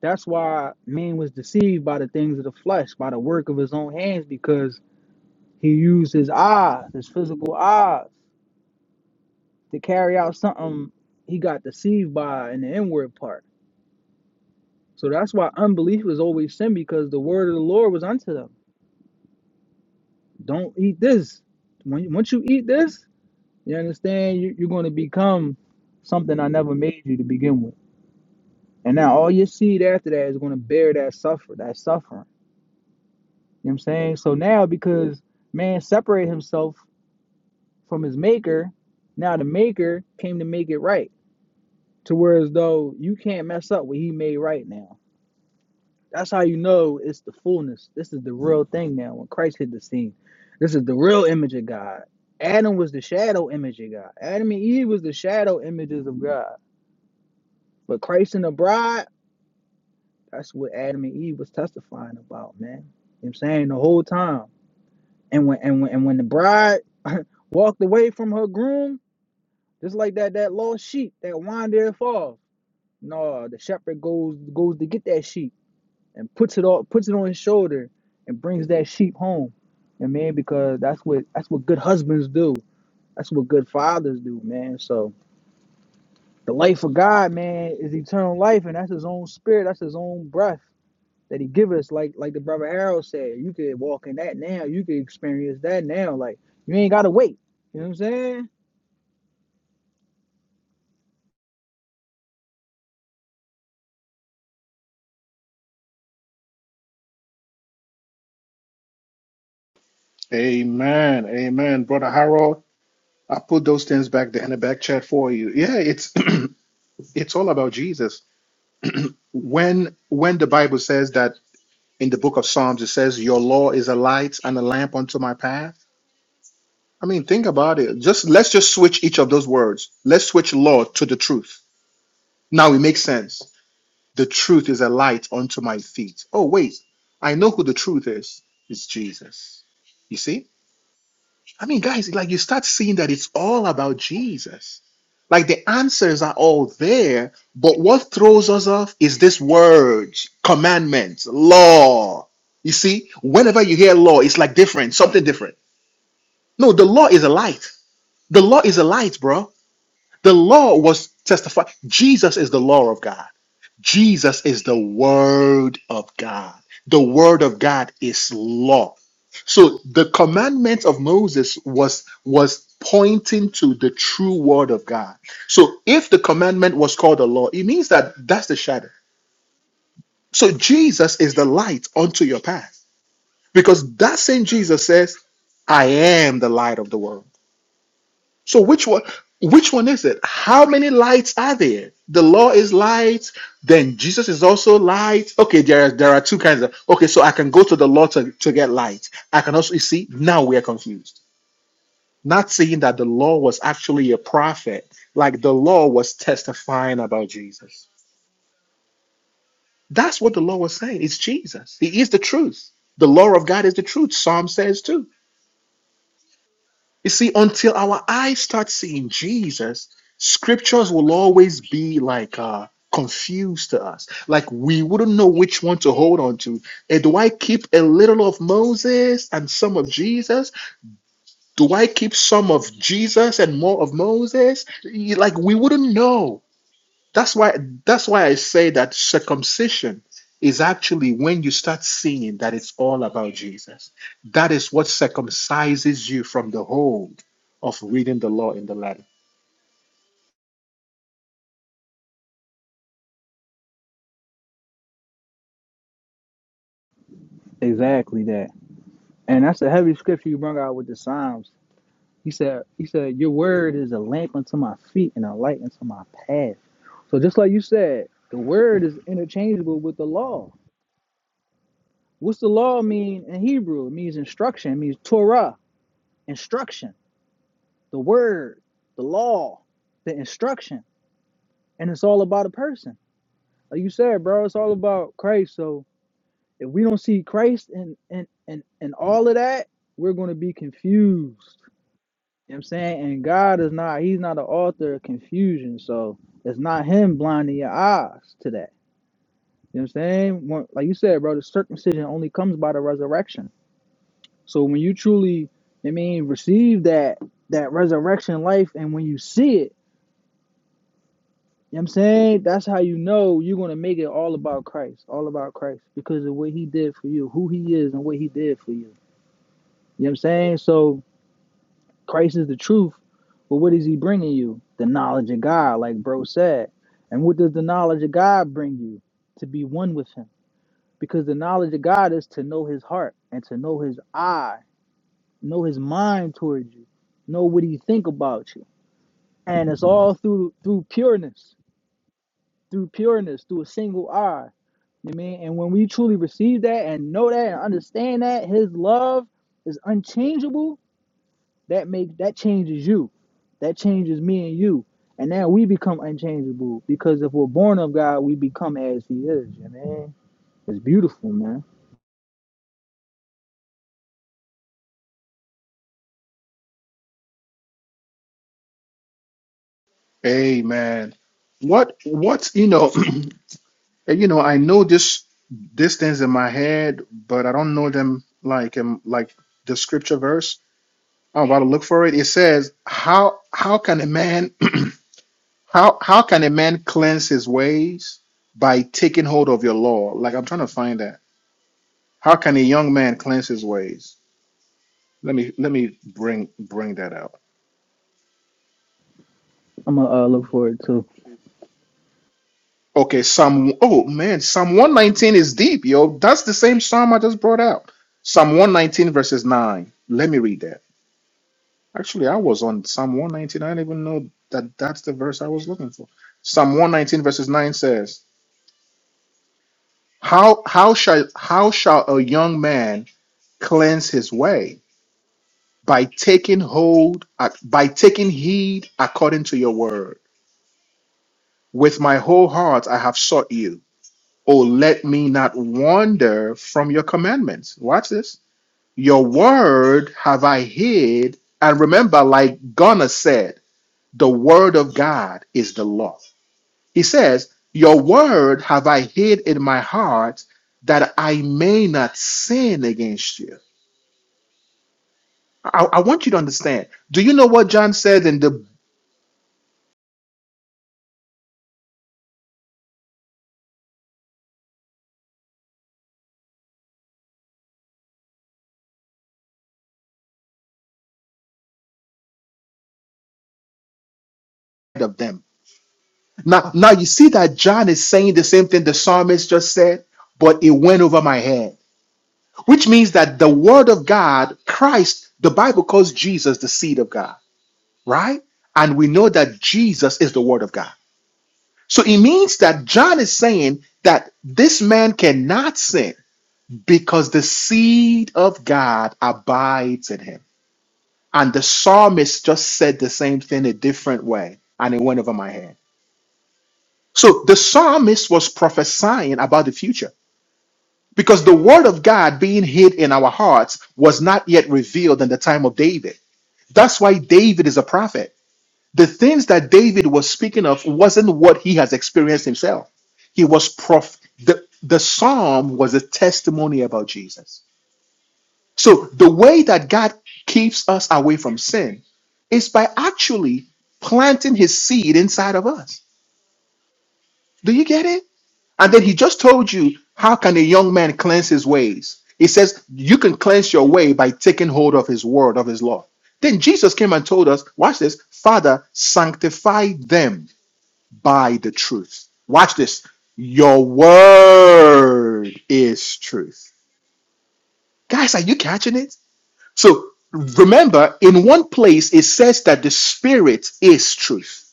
S1: That's why man was deceived by the things of the flesh, by the work of his own hands, because he used his eyes, his physical eyes, to carry out something he got deceived by in the inward part. So that's why unbelief is always sin, because the word of the Lord was unto them. Don't eat this. When once you eat this, you understand you, you're going to become something I never made you to begin with. And now all your seed after that is going to bear that suffer, that suffering. You know what I'm saying? So now because man separated himself from his maker, now the maker came to make it right. To whereas though you can't mess up what he made right now. That's how you know it's the fullness. This is the real thing now when Christ hit the scene. This is the real image of God. Adam was the shadow image of God. Adam and Eve was the shadow images of God. But Christ and the bride That's what Adam and Eve was testifying about, man. You know what I'm saying the whole time. And when and when and when the bride [laughs] walked away from her groom, just like that that lost sheep that wandered off. No, the shepherd goes goes to get that sheep and puts it all puts it on his shoulder and brings that sheep home. And man, because that's what that's what good husbands do. That's what good fathers do, man. So the life of God, man, is eternal life, and that's his own spirit, that's his own breath. that he give us like like the brother Harold said you could walk in that now you could experience that now like you ain't gotta wait you know what I'm saying
S2: Amen. Amen. Brother Harold, I put those things back there in the back chat for you. Yeah, it's [clears throat] it's all about Jesus. When when the Bible says that. in the book of Psalms, it says, Your law is a light and a lamp unto my path. I mean, think about it. Just let's just switch each of those words. Let's switch law to the truth. Now it makes sense. The truth is a light unto my feet. Oh, wait. I know who the truth is. It's Jesus. You see? I mean, guys, like you start seeing that it's all about Jesus. Like the answers are all there, but what throws us off is this word, commandments, law. You see, whenever you hear law, it's like different, something different. No, the law is a light. The law is a light, bro. The law was testified. Jesus is the law of God. Jesus is the Word of God. The Word of God is law. So the commandment of Moses was was pointing to the true Word of God. So if the commandment was called a law, it means that that's the shadow. So Jesus is the light unto your path because that same Jesus says, "I am the light of the world." So which one which one is it? How many lights are there? The law is light, then Jesus is also light. Okay, there are there are two kinds of okay, so I can go to the law to, to get light. I can also you see now we are confused. Not seeing that the law was actually a prophet, like the law was testifying about Jesus. That's what the law was saying. It's Jesus. He is the truth. The law of God is the truth. Psalm says too. You see, until our eyes start seeing Jesus, scriptures will always be like uh, confused to us. Like we wouldn't know which one to hold on to. Eh, do I keep a little of Moses and some of Jesus? Do I keep some of Jesus and more of Moses? Y- Like we wouldn't know. That's why that's why I say that circumcision is actually when you start seeing that it's all about Jesus. That is what circumcises you from the hold of reading the law in the letter.
S1: exactly that and that's the heavy scripture you bring out with the Psalms he said he said your word is a lamp unto my feet and a light unto my path so just like you said the word is interchangeable with the law what's the law mean in Hebrew it means instruction it means Torah instruction the word the law the instruction and it's all about a person like you said, bro, it's all about Christ. So if we don't see Christ and and and and all of that, we're gonna be confused. You know what I'm saying? And God is not, He's not the author of confusion. So it's not Him blinding your eyes to that. You know what I'm saying? When- Like you said, bro, the circumcision only comes by the resurrection. So when you truly, I mean, receive that that resurrection life and when you see it You know what I'm saying? That's how you know you're gonna make it all about Christ, all about Christ, because of what he did for you, who he is and what he did for you. You know what I'm saying? So Christ is the truth, but what is he bringing you? The knowledge of God, like bro said. And what does the knowledge of God bring you? To be one with him. Because the knowledge of God is to know his heart and to know his eye, know his mind towards you, know what he think about you. And it's all through through pureness, through pureness, through a single eye. You know what I mean, and when we truly receive that and know that and understand that His love is unchangeable, that make that changes you, that changes me and you, and now we become unchangeable because if we're born of God, we become as He is. You know, what I mean? it's beautiful, man.
S2: Amen. What what you know, [clears throat] you know, I know this these things in my head, but I don't know them like um like the scripture verse. I'm about to look for it. It says, How how can a man [clears throat] How how can a man cleanse his ways by taking hold of your law? Like I'm trying to find that. How can a young man cleanse his ways? Let me let me bring bring that out.
S1: I'm gonna uh, look forward to
S2: Okay, Psalm oh man, Psalm 119 is deep, yo. That's the same psalm I just brought out. Psalm 119 verses 9. Let me read that. Actually, I was on Psalm 119. I didn't even know that that's the verse I was looking for. Psalm 119 verses 9 says, "How how shall how shall a young man cleanse his way?" by taking hold ac- by taking heed according to your word with my whole heart i have sought you oh let me not wander from your commandments watch this your word have i hid and remember like gunnar said the word of god is the law he says your word have i hid in my heart that i may not sin against you i, I want you to understand do you know what john said in the of them Now, now you see that John is saying the same thing the psalmist just said, but it went over my head, which means that the word of God, Christ, the Bible calls Jesus the seed of God, right? And we know that Jesus is the word of God. So it means that John is saying that this man cannot sin because the seed of God abides in him. And the psalmist just said the same thing a different way, and it went over my head. So the psalmist was prophesying about the future Because the word of God being hid in our hearts was not yet revealed in the time of David. That's why David is a prophet. The things that David was speaking of wasn't what he has experienced himself. He was prof the, the psalm was a testimony about Jesus. So the way that God keeps us away from sin is by actually planting his seed inside of us. Do you get it? And then he just told you, how can a young man cleanse his ways? He says, you can cleanse your way by taking hold of his word, of his law. Then Jesus came and told us, watch this, Father, sanctify them by the truth. Watch this. Your word is truth. Guys, are you catching it? So remember, in one place, it says that the spirit is truth.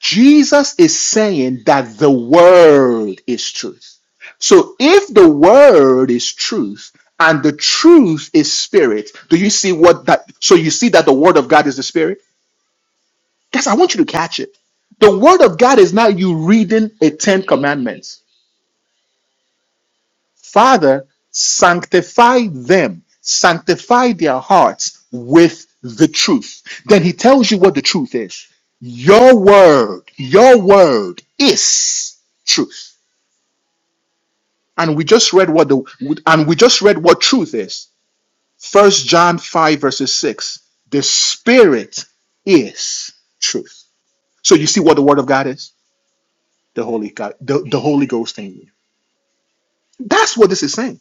S2: Jesus is saying that the word is truth. So if the word is truth and the truth is spirit, do you see what that? So you see that the word of God is the spirit? Guys, I want you to catch it. The word of God is not you reading a 10 commandments. Father, sanctify them, sanctify their hearts with the truth. Then he tells you what the truth is. Your word, your word is truth. and we just read what the and we just read what truth is first john 5 verses 6 the spirit is truth so you see what the word of god is the holy god the, the holy ghost in you that's what this is saying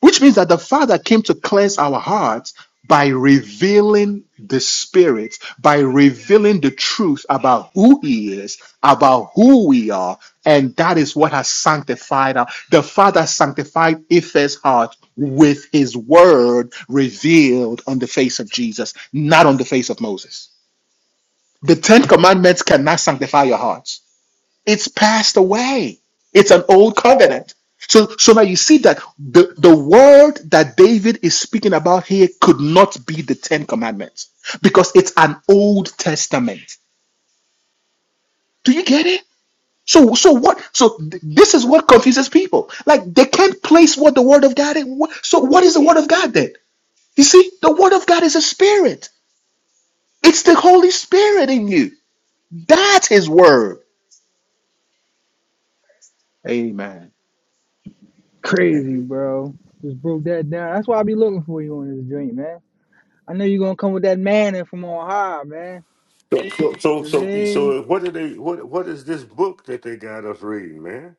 S2: Which means that the Father came to cleanse our hearts by revealing the Spirit, by revealing the truth about who He is, about who we are. And that is what has sanctified us. The Father sanctified Ephes' heart with His word revealed on the face of Jesus, not on the face of Moses. The Ten Commandments cannot sanctify your heart. It's passed away. It's an old covenant. So, so now you see that the, the word that David is speaking about here could not be the Ten Commandments because it's an Old Testament. Do you get it? So, so what? So th- this is what confuses people. Like they can't place what the Word of God is. Wha- So what is the Word of God then? You see, the Word of God is a spirit. It's the Holy Spirit in you. That's His Word. Amen.
S1: crazy, bro. Just broke that down. That's why I be looking for you on this drink, man. I know you're gonna come with that manna from on high, man.
S3: so so
S1: You know what I
S3: so,
S1: mean?
S3: so what are they what what is this book that they got us reading man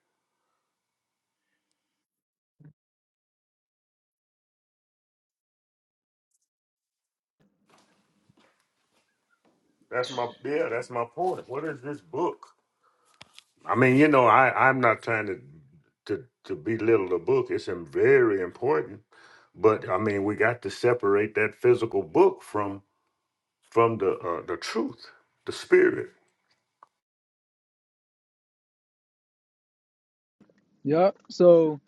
S3: That's my yeah. That's my point. What is this book? I mean, you know, I I'm not trying to to to belittle the book. It's im- very important, but I mean, we got to separate that physical book from from the uh, the truth, the spirit.
S1: Yup. So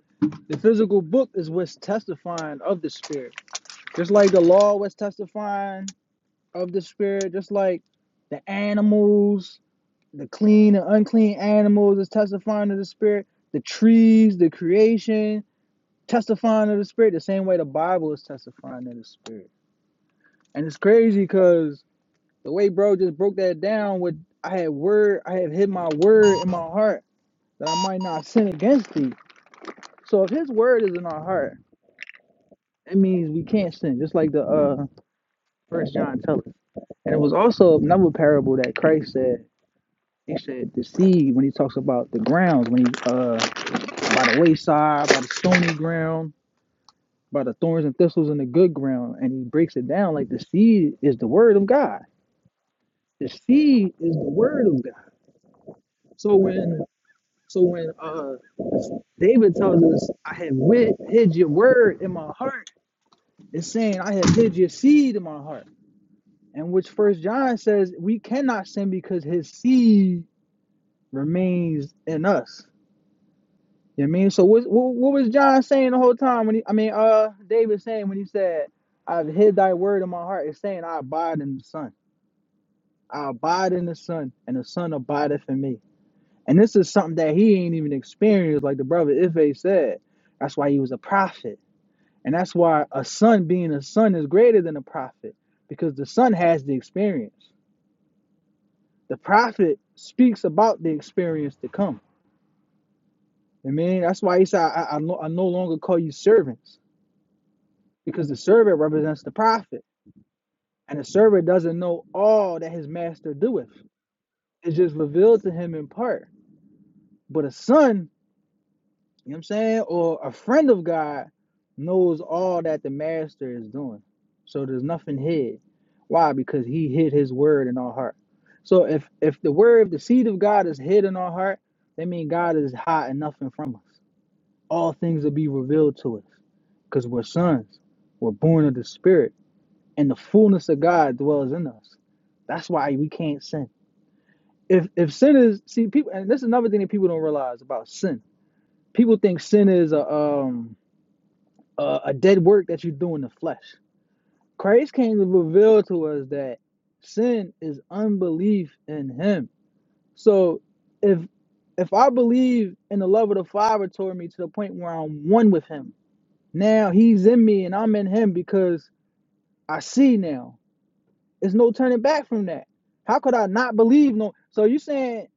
S1: the physical book is what's testifying of the spirit. Just like the law was testifying of the spirit, just like the animals, the clean and unclean animals is testifying of the spirit, the trees, the creation testifying of the spirit, the same way the Bible is testifying of the spirit. And it's crazy because the way bro just broke that down with I had word, I had hid my word in my heart that I might not sin against thee. So if his word is in our heart, it means we can't sin. Just like the uh first John tells us. And it was also another parable that Christ said. He said the seed when he talks about the grounds, when he uh by the wayside, by the stony ground, by the thorns and thistles and the good ground, and he breaks it down like the seed is the word of God. The seed is the word of God. So when so when uh David tells us, I have wit, hid your word in my heart, it's saying I have hid your seed in my heart. And which first John says we cannot sin because his seed remains in us. You know what I mean? So what, what, what was John saying the whole time when he, I mean, uh, David saying when he said, I've hid thy word in my heart, it's saying I abide in the son. I abide in the son and the son abideth in me. And this is something that he ain't even experienced, like the brother Ife said. That's why he was a prophet. And that's why a son being a son is greater than a prophet because the son has the experience. The prophet speaks about the experience to come. Amen. That's why he said, I, I, no, I no longer call you servants, because the servant represents the prophet, and the servant doesn't know all that his master doeth. It's just revealed to him in part. But a son, you know what I'm saying, or a friend of God knows all that the master is doing. So there's nothing hid. Why? Because he hid his word in our heart. So if if the word, the seed of God is hid in our heart, that means God is hiding nothing from us. all things will be revealed to us because we're sons. We're born of the Spirit, and the fullness of God dwells in us. That's why we can't sin. If if sin is see people, and this is another thing that people don't realize about sin. People think sin is a um a, a dead work that you do in the flesh. Christ came to reveal to us that sin is unbelief in Him. So if if I believe in the love of the Father toward me to the point where I'm one with Him, Now he's in me and I'm in him because I see now. There's no turning back from that. How could I not believe no? So you saying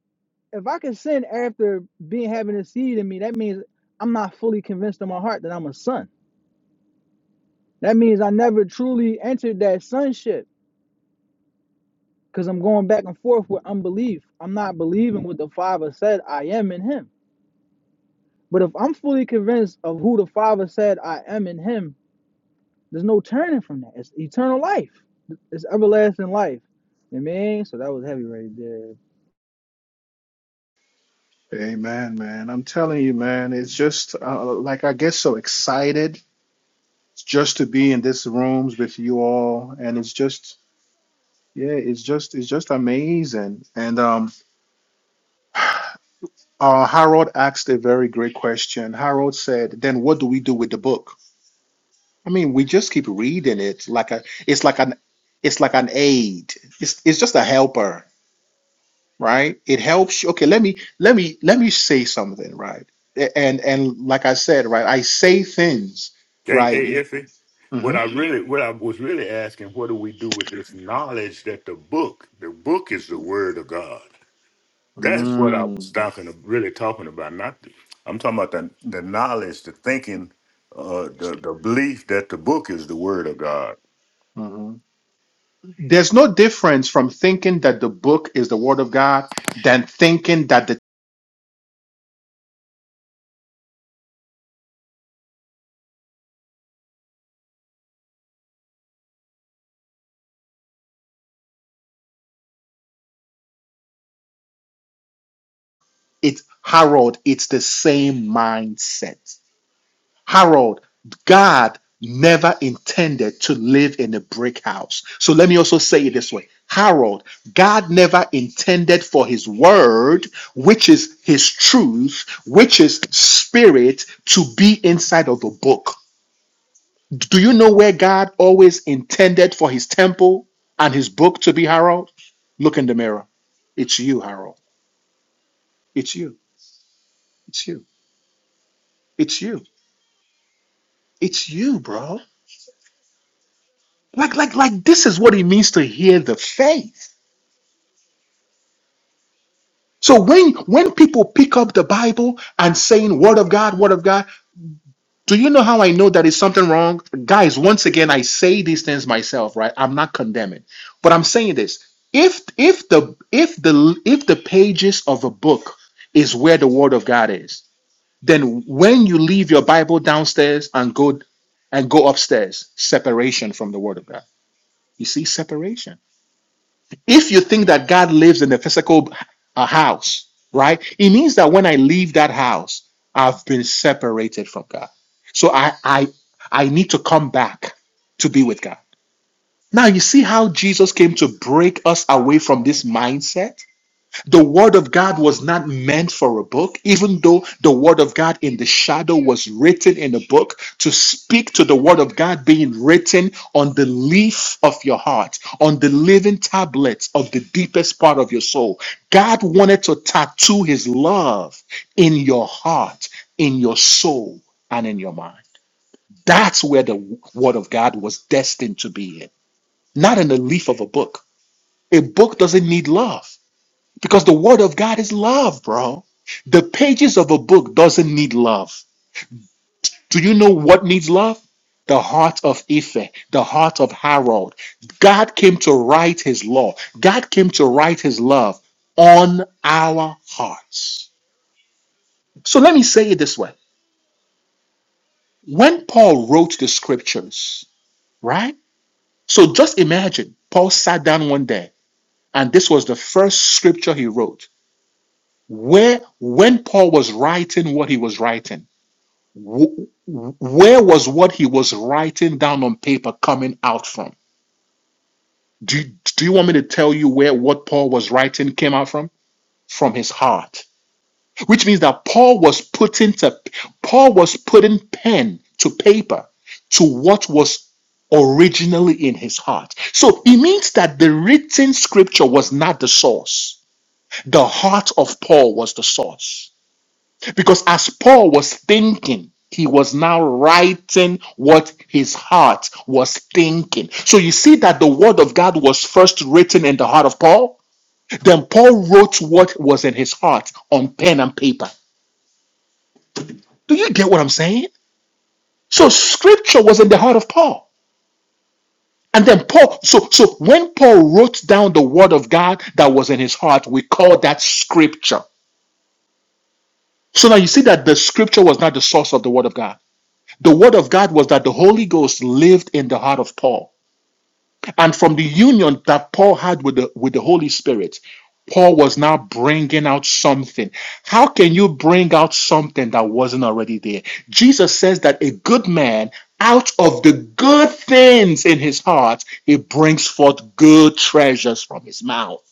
S1: if I can sin after being having a seed in me, that means I'm not fully convinced in my heart that I'm a son. That means I never truly entered that sonship because I'm going back and forth with unbelief. I'm not believing what the Father said I am in him. But if I'm fully convinced of who the Father said I am in him, There's no turning from that. It's eternal life. It's everlasting life. You know what I mean? So that was heavy right there.
S2: Amen, man. I'm telling you, man, it's just uh, like I get so excited just to be in this rooms with you all, and it's just yeah, it's just it's just amazing. And um, uh, Harold asked a very great question. Harold said, "Then what do we do with the book?" I mean, we just keep reading it like a it's like an it's like an aid. It's it's just a helper. right it helps you okay let me let me let me say something right A- and and like i said right i say things
S3: Hey,
S2: right
S3: hey, Iffy. What
S2: Mhm.
S3: I really, what I was really asking, what do we do with this knowledge that the book, the book is the word of God? That's what I
S2: Mm,
S3: was talking, really talking about. Not, the, I'm talking about the the knowledge, the thinking, uh, the the belief that the book is the word of God.
S2: mhm. there's no difference from thinking that the book is the word of god than thinking that the it's harold it's the same mindset Harold, God never intended to live in a brick house. So let me also say it this way Harold, God never intended for his word, which is his truth, which is spirit, to be inside of the book. Do you know where God always intended for his temple and his book to be, Harold? Look in the mirror. It's you, Harold. It's you. It's you. It's you. It's you, bro. Like, like, like this is what it means to hear the faith. So when when people pick up the Bible and saying word of God, word of God, do you know how I know that is something wrong? Guys, once again, I say these things myself, right? I'm not condemning, but I'm saying this. If if the if the if the pages of a book is where the word of God is, then when you leave your Bible downstairs and go and go upstairs, separation from the word of God. You see, separation. if you think that God lives in a physical uh, house, right, it means that when I leave that house, I've been separated from God. So I I I need to come back to be with God. Now you see how Jesus came to break us away from this mindset? The Word of God was not meant for a book, even though the Word of God in the shadow was written in a book to speak to the Word of God being written on the leaf of your heart, on the living tablets of the deepest part of your soul. God wanted to tattoo His love in your heart, in your soul, and in your mind. That's where the Word of God was destined to be in, not in the leaf of a book. A book doesn't need love. Because the word of God is love, bro. The pages of a book doesn't need love. Do you know what needs love? The heart of Ife, the heart of Harold. God came to write his law. God came to write his love on our hearts. So let me say it this way. When Paul wrote the scriptures, right? So just imagine Paul sat down one day and this was the first scripture he wrote. Where when Paul was writing what he was writing, Wh- Where was what he was writing down on paper coming out from? Do you, do you want me to tell you where what Paul was writing came out from? From his heart, which means that Paul was putting to Paul was putting pen to paper to what was originally in his heart. So it means that the written scripture was not the source. The heart of Paul was the source. Because as Paul was thinking, he was now writing what his heart was thinking. So you see that the word of God was first written in the heart of Paul. Then Paul wrote what was in his heart on pen and paper. Do you get what I'm saying? So scripture was in the heart of Paul. And then Paul, so so when Paul wrote down the word of God that was in his heart, we call that scripture. So now you see that the scripture was not the source of the word of God. The word of God was that the Holy Ghost lived in the heart of Paul. And from the union that Paul had with the, with the Holy Spirit, Paul was now bringing out something. How can you bring out something that wasn't already there? Jesus says that a good man, out of the good things in his heart, he brings forth good treasures from his mouth.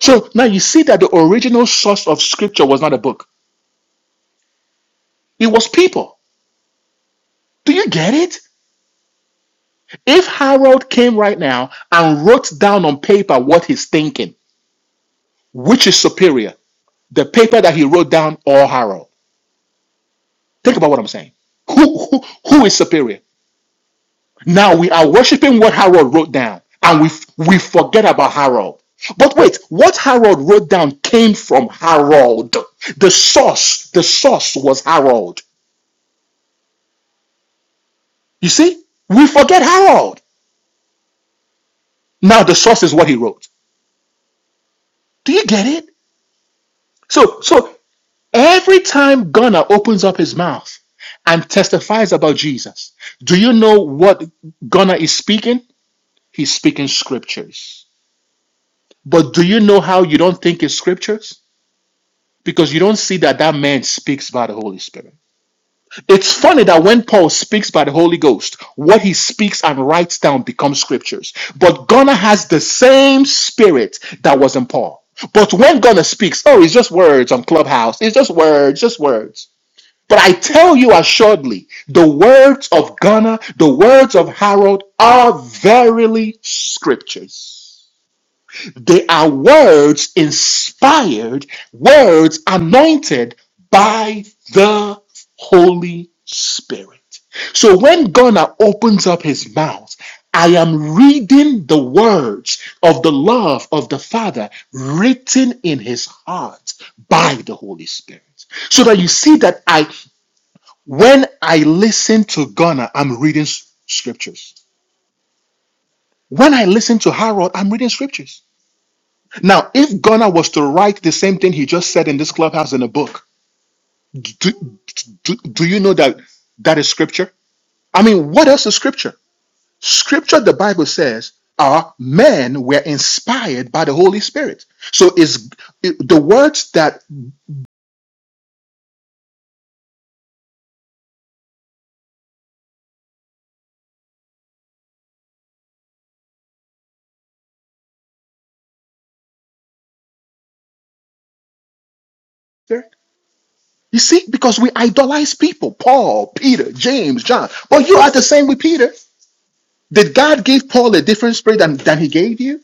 S2: So now you see that the original source of scripture was not a book, it was people. Do you get it? If Harold came right now and wrote down on paper what he's thinking, which is superior, the paper that he wrote down or Harold? Think about what I'm saying. Who, who, who is superior? Now we are worshiping what Harold wrote down and we, we forget about Harold. But wait, what Harold wrote down came from Harold. The source, the source was Harold. You see? We forget Harold. Now the source is what he wrote. Do you get it? So, so Every time Gunnar opens up his mouth and testifies about Jesus, do you know what Gunnar is speaking? He's speaking scriptures. But do you know how you don't think it's scriptures? Because you don't see that that man speaks by the Holy Spirit. It's funny that when Paul speaks by the Holy Ghost, what he speaks and writes down becomes scriptures. But Gunnar has the same spirit that was in Paul. But when Gunnar speaks, oh, it's just words on Clubhouse. It's just words, just words. But I tell you assuredly, the words of Gunnar, the words of Harold are verily scriptures. They are words inspired, words anointed by the Holy Spirit. So when Gunnar opens up his mouth, I am reading the words of the love of the Father written in his heart by the Holy Spirit. So that you see that I when I listen to Ghana, I'm reading s- scriptures. When I listen to Harold, I'm reading scriptures. Now, if Ghana was to write the same thing he just said in this clubhouse in a book, do, do, do you know that that is scripture? I mean, what else is scripture? Scripture, the Bible says, are men were inspired by the Holy Spirit. So is the words that you see, because we idolize people, Paul, Peter, James, John. But you are the same with Peter. Did God give Paul a different spirit than, than he gave you?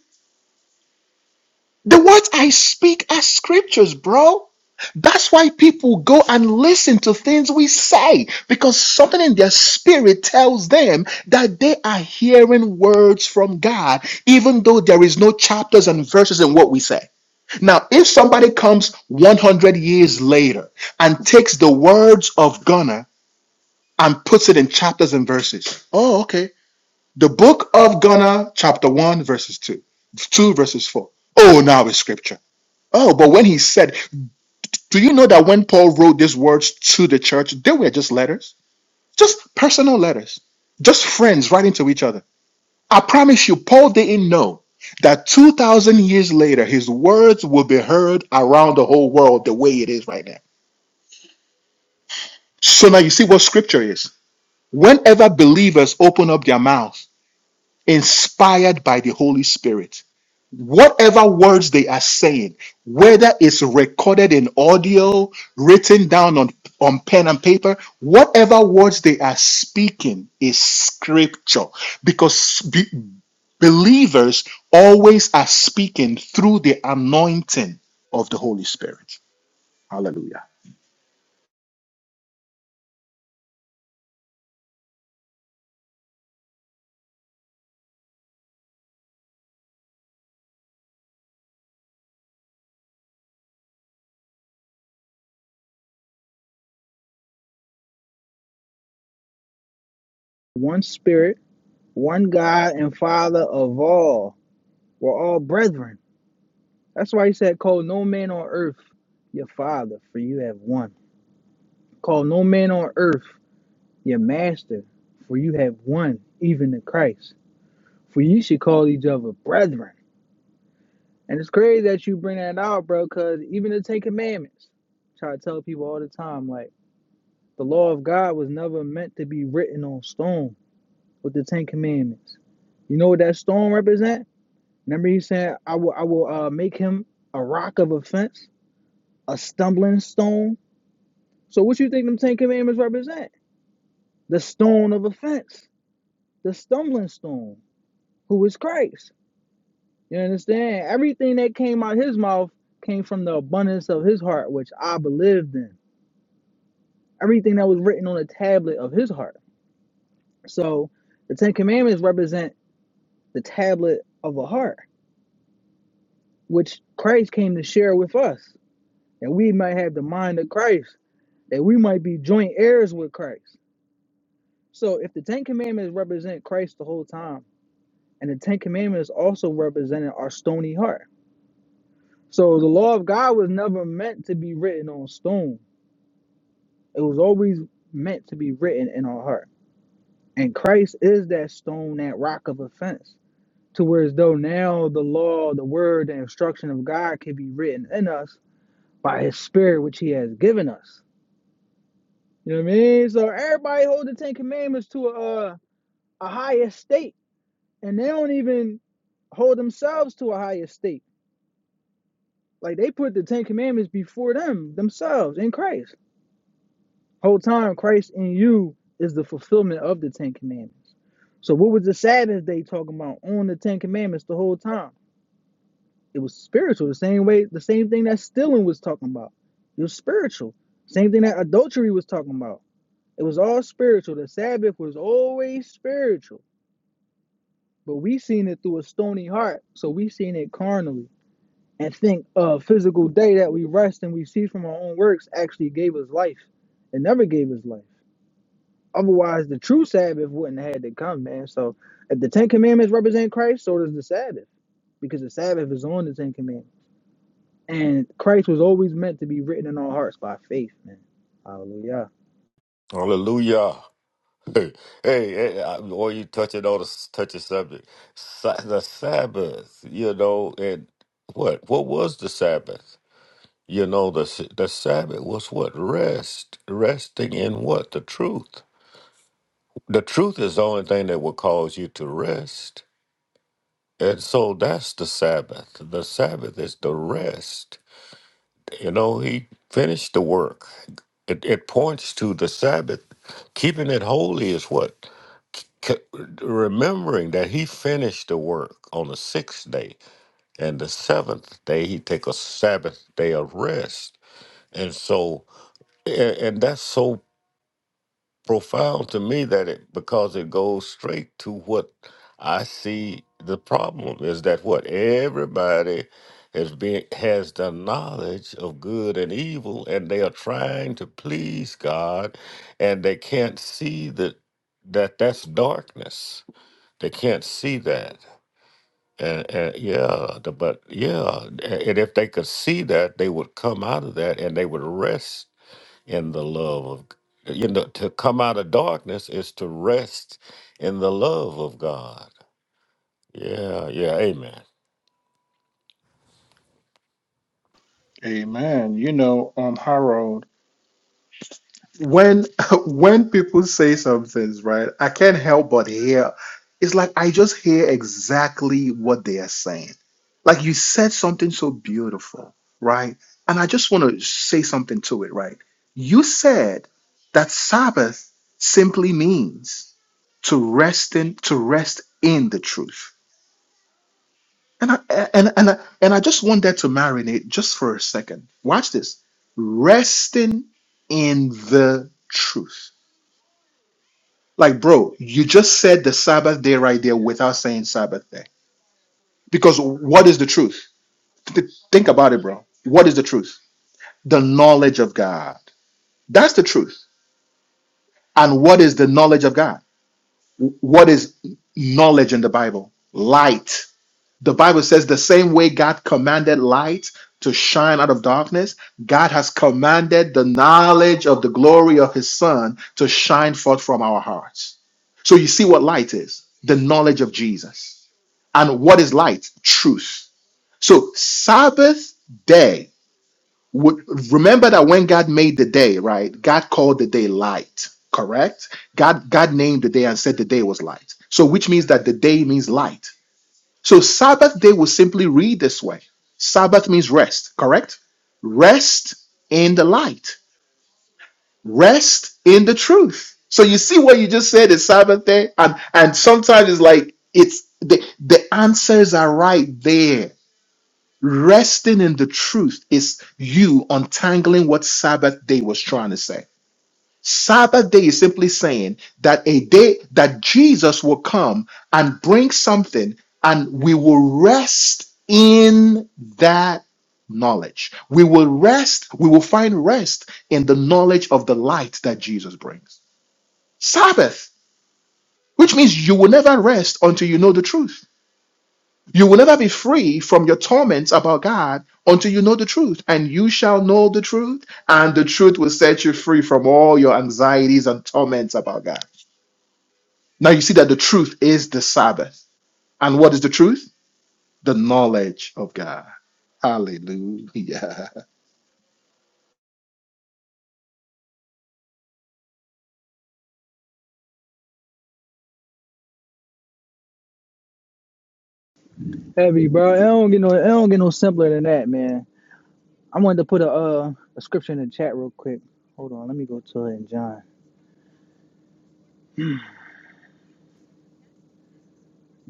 S2: The words I speak are scriptures, bro. That's why people go and listen to things we say because something in their spirit tells them that they are hearing words from God, even though there is no chapters and verses in what we say. Now, if somebody comes 100 years later and takes the words of Gunnar and puts it in chapters and verses, oh, okay The book of Ghana, chapter 1, verses 2, 2 verses 4. Oh, now is scripture. Oh, but when he said, do you know that when Paul wrote these words to the church, they were just letters, just personal letters, just friends writing to each other. I promise you, Paul didn't know that 2,000 years later, his words will be heard around the whole world the way it is right now. So now you see what scripture is. Whenever believers open up their mouths, inspired by the Holy Spirit, whatever words they are saying, whether it's recorded in audio, written down on, on pen and paper, whatever words they are speaking is scripture because be- believers always are speaking through the anointing of the Holy Spirit. Hallelujah.
S1: One spirit, one God and Father of all. We're all brethren. That's why he said, Call no man on earth your father, for you have one. Call no man on earth your master, for you have one, even the Christ. For you should call each other brethren. And it's crazy that you bring that out, bro, because even the Ten Commandments, I try to tell people all the time, like, The law of God was never meant to be written on stone with the Ten Commandments. You know what that stone represent? Remember he said, I will I will uh, make him a rock of offense, a stumbling stone. So what you think them Ten Commandments represent? The stone of offense, the stumbling stone, who is Christ. You understand? Everything that came out his mouth came from the abundance of his heart, which I believed in. Everything that was written on the tablet of his heart. So the Ten Commandments represent the tablet of a heart, which Christ came to share with us, that we might have the mind of Christ, that we might be joint heirs with Christ. So if the Ten Commandments represent Christ the whole time, and the Ten Commandments also represented our stony heart. So the law of God was never meant to be written on stone. It was always meant to be written in our heart. And Christ is that stone, that rock of offense. To where as though now the law, the word, the instruction of God can be written in us by his spirit which he has given us. You know what I mean? So everybody hold the Ten Commandments to a a high estate, and they don't even hold themselves to a high estate. Like they put the Ten Commandments before them themselves in Christ. Whole time Christ in you is the fulfillment of the Ten Commandments. So what was the Sabbath day talking about on the Ten Commandments the whole time? It was spiritual, the same way, the same thing that stealing was talking about. It was spiritual. Same thing that adultery was talking about It was all spiritual. The Sabbath was always spiritual, but we seen it through a stony heart, so we seen it carnally and think a physical day that we rest and we see from our own works actually gave us life. It never gave us life. Otherwise, the true Sabbath wouldn't have had to come, man. So, if the Ten Commandments represent Christ, so does the Sabbath, because the Sabbath is on the Ten Commandments, and Christ was always meant to be written in our hearts by faith, man. Hallelujah.
S3: Hallelujah. [laughs] Hey, hey, I- or you touch it on a s- touch a subject. Sa- the Sabbath, you know, and what? What was the Sabbath? You know, the s- the Sabbath was what? Rest, resting in what? The truth. The truth is the only thing that will cause you to rest. And so that's the Sabbath. The Sabbath is the rest. You know, he finished the work. It, it points to the Sabbath. Keeping it holy is what? C- Remembering that he finished the work on the sixth day, and the seventh day he take a Sabbath day of rest, and so, a- and that's so profound to me that it because it goes straight to what I see the problem is that what everybody is being has the knowledge of good and evil and they are trying to please God and they can't see that that that's darkness. They can't see that. And, and yeah, the- but yeah, and if they could see that, they would come out of that and they would rest in the love of you know to come out of darkness is to rest in the love of god yeah yeah amen
S2: Amen. You know, um, Harold. when [laughs] when people say some things, right, I can't help but hear. It's like I just hear exactly what they are saying. Like you said something so beautiful, right? And I just want to say something to it, right? You said that Sabbath simply means to rest in to rest in the truth. And I and and I, and I just want that to marinate just for a second. Watch this. Resting in the truth Like, bro, you just said the Sabbath day right there without saying Sabbath day. Because what is the truth? Th- th- Think about it, bro. What is the truth? The knowledge of God. That's the truth. And what is the knowledge of God? What is knowledge in the Bible? Light. The Bible says the same way God commanded light to shine out of darkness, God has commanded the knowledge of the glory of his Son to shine forth from our hearts. So you see what light is the knowledge of Jesus And what is light? Truth. So Sabbath day would remember that when God made the day, right? God called the day light, correct? God God named the day and said the day was light. So which means that the day means light. So Sabbath day will simply read this way. Sabbath means rest, correct? Rest in the light. Rest in the truth. So you see what you just said is Sabbath day and and sometimes it's like it's the the answers are right there Resting in the truth is you untangling what Sabbath day was trying to say. Sabbath day is simply saying that a day that Jesus will come and bring something, and we will rest in that knowledge. We will rest, we will find rest in the knowledge of the light that Jesus brings. Sabbath, which means you will never rest until you know the truth. You will never be free from your torments about God until you know the truth. And you shall know the truth, and the truth will set you free from all your anxieties and torments about God. Now you see that the truth is the Sabbath. And what is the truth? The knowledge of God. Hallelujah.
S1: Heavy, bro. It don't get no, it don't get no simpler than that, man. I wanted to put a uh a scripture in the chat real quick. Hold on, let me go to it in John.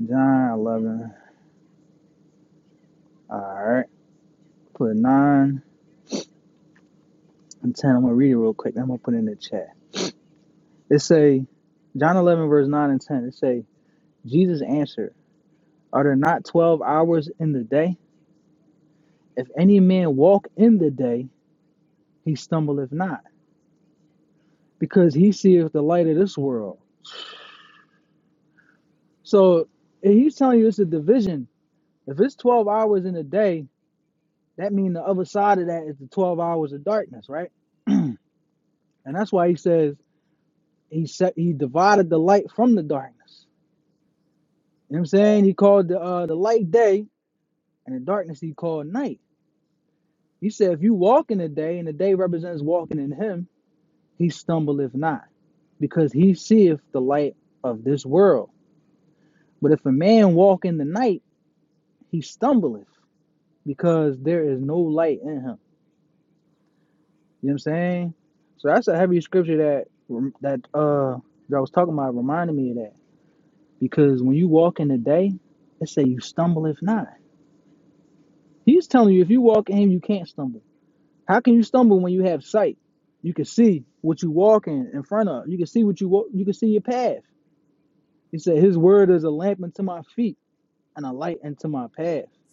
S1: John eleven. Alright. Put nine and ten. I'm gonna read it real quick, then I'm gonna put it in the chat. It say John eleven verse nine and ten. It say, Jesus answered, Are there not twelve hours in the day? If any man walk in the day, he stumbleth not, because he seeth the light of this world. So if he's telling you it's a division. If it's twelve hours in a day, That means the other side of that is the 12 hours of darkness, right? [clears throat] and that's why he says he set he divided the light from the darkness. You know what I'm saying? He called the uh, the light day and the darkness he called night. He said if you walk in the day and the day represents walking in him, he stumbleth not, because he seeth the light of this world. But if a man walk in the night, he stumbleth, because there is no light in him. You know what I'm saying? So that's a heavy scripture that that uh that I was talking about reminded me of that because when you walk in the day, it say you stumble if not. He's telling you if you walk in him, you can't stumble. How can you stumble when you have sight? You can see what you walk in in front of. You can see what you walk. You can see your path. He said his word is a lamp unto my feet and a light unto my path. You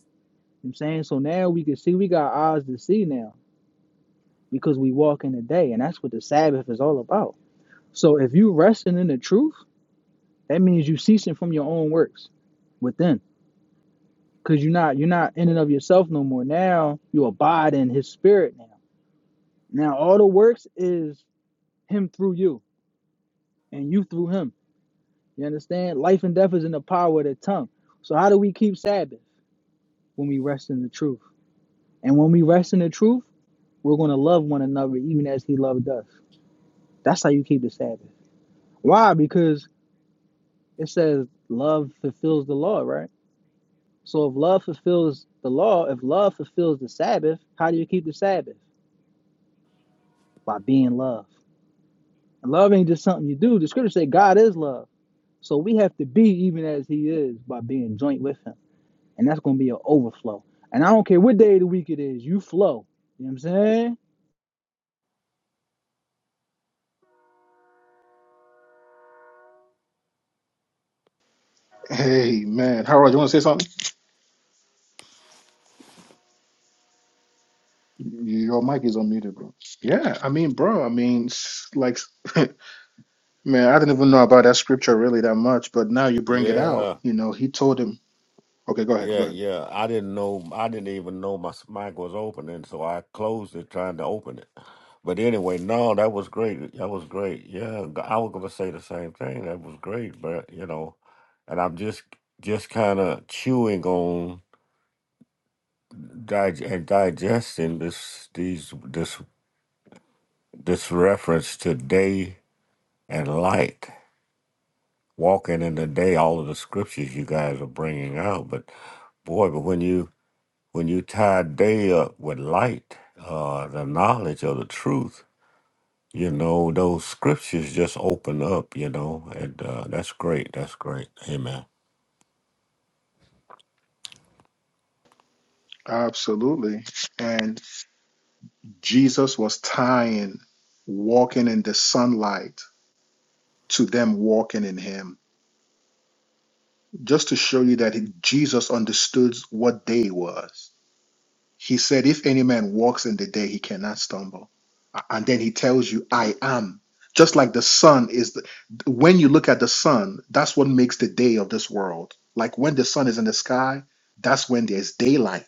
S1: know what I'm saying so now we can see. We got eyes to see now because we walk in the day, and that's what the Sabbath is all about. So if you resting in the truth That means you ceasing from your own works within, because you're not you're not in and of yourself no more. Now you abide in His Spirit. Now, now all the works is Him through you, and you through Him. You understand? Life and death is in the power of the tongue. So how do we keep Sabbath when we rest in the truth? And when we rest in the truth, we're going to love one another even as He loved us. That's how you keep the Sabbath. Why? Because it says love fulfills the law, right? So if love fulfills the law, if love fulfills the Sabbath, how do you keep the Sabbath? By being love. And love ain't just something you do. The scriptures say God is love. So we have to be even as he is by being joint with him. And that's gonna be an overflow. And I don't care what day of the week it is, you flow. You know what I'm saying?
S2: [laughs] Amen. Harold, you want to say something? Your mic is unmuted, bro. Yeah, I mean, bro, I mean, s- like, [laughs] man, I didn't even know about that scripture really that much, but now you bring it out.
S3: yeah
S2: You know, he told him. Okay, go ahead. Go
S3: yeah
S2: ahead.
S3: yeah i didn't know i didn't even know my mic was opening so i closed it trying to open it but anyway no that was great that was great yeah g- i was going to say the same thing that was great but you know and i'm just just kind of chewing on dig- and digesting this these this this reference today and light, walking in the day, all of the scriptures you guys are bringing out. But boy, but when you when you tie day up with light, uh, the knowledge of the truth, you know, those scriptures just open up, you know, and uh, that's great. That's great. Amen.
S2: Absolutely. And Jesus was tying walking in the sunlight to them walking in him, just to show you that he- Jesus understood what day was. He said, If any man walks in the day, he cannot stumble. A- And then he tells you, I am. Just like the sun is, the, when you look at the sun, that's what makes the day of this world. Like when the sun is in the sky, that's when there's daylight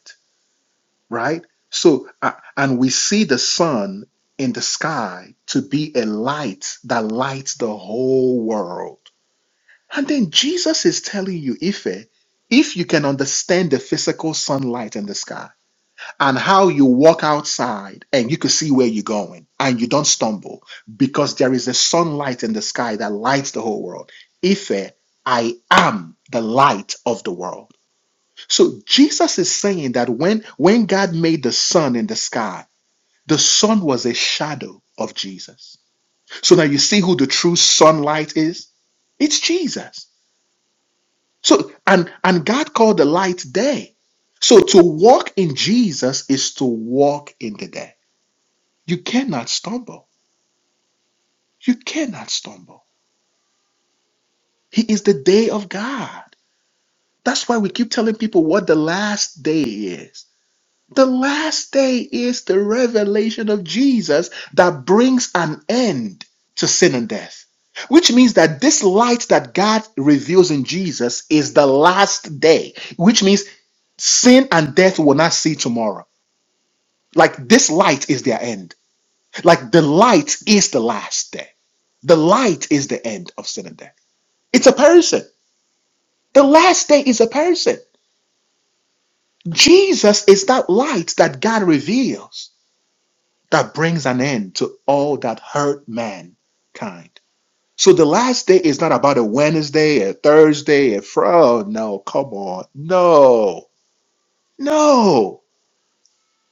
S2: right? So, uh, and we see the sun in the sky to be a light that lights the whole world. And then Jesus is telling you, Ife, if you can understand the physical sunlight in the sky and how you walk outside and you can see where you're going and you don't stumble because there is a sunlight in the sky that lights the whole world. Ife, I am the light of the world. So Jesus is saying that when when God made the sun in the sky, the sun was a shadow of Jesus. So now you see who the true sunlight is? It's Jesus. So and and God called the light day. So to walk in Jesus is to walk in the day. You cannot stumble. You cannot stumble. He is the day of God. That's why we keep telling people what the last day is. The last day is the revelation of Jesus that brings an end to sin and death, which means that this light that God reveals in Jesus is the last day, which means sin and death will not see tomorrow. Like this light is their end. Like the light is the last day. The light is the end of sin and death. It's a person. The last day is a person. Jesus is that light that God reveals. that brings an end to all that hurt mankind. So the last day is not about a Wednesday, a Thursday, a Friday. Oh, no, come on. No, no.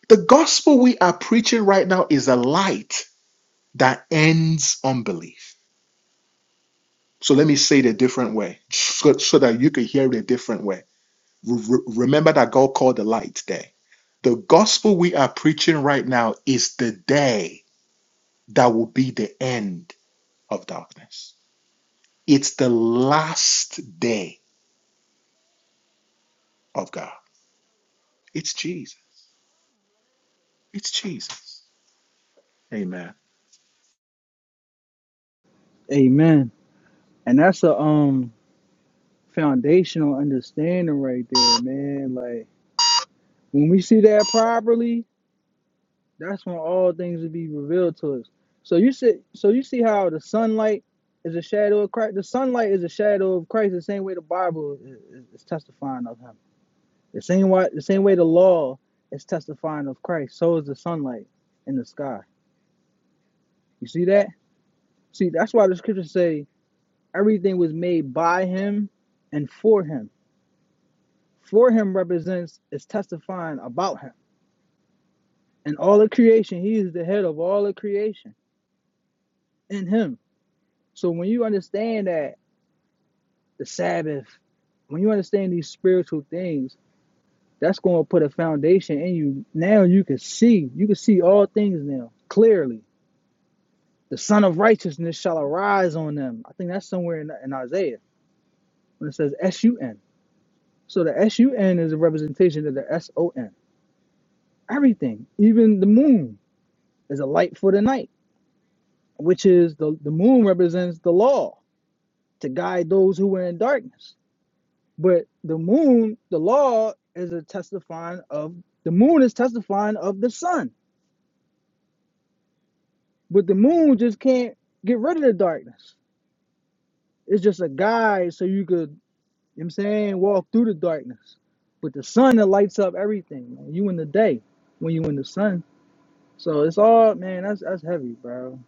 S2: The gospel we are preaching right now is a light that ends unbelief. So let me say it a different way so, so that you can hear it a different way. Re- remember that God called the light day. The gospel we are preaching right now is the day that will be the end of darkness. It's the last day of God. It's Jesus. It's Jesus. Amen.
S1: Amen. And that's a um foundational understanding right there, man. Like when we see that properly, That's when all things will be revealed to us. So you see, so you see how the sunlight is a shadow of Christ. The sunlight is a shadow of Christ. The same way the Bible is, is testifying of Him. The same way, the same way the law is testifying of Christ. So is the sunlight in the sky. You see that? See, that's why the scriptures say everything was made by Him and for Him. For Him represents is testifying about Him and all of creation. He is the head of all of creation in Him. So when you understand that the Sabbath. When you understand these spiritual things, that's going to put a foundation in you. Now you can see, you can see all things now clearly. The Son of Righteousness shall arise on them. I think that's somewhere in, in Isaiah when it says S U N. So the S U N is a representation of the S O N. Everything, even the moon, is a light for the night, which is the, the moon represents the law to guide those who were in darkness. But the moon, the law is a testifying of the moon is testifying of the sun. But the moon just can't get rid of the darkness. It's just a guide so you could, you know what I'm saying, walk through the darkness. But the sun that lights up everything, man. You in the day when you in the sun. So it's all man, that's that's heavy, bro.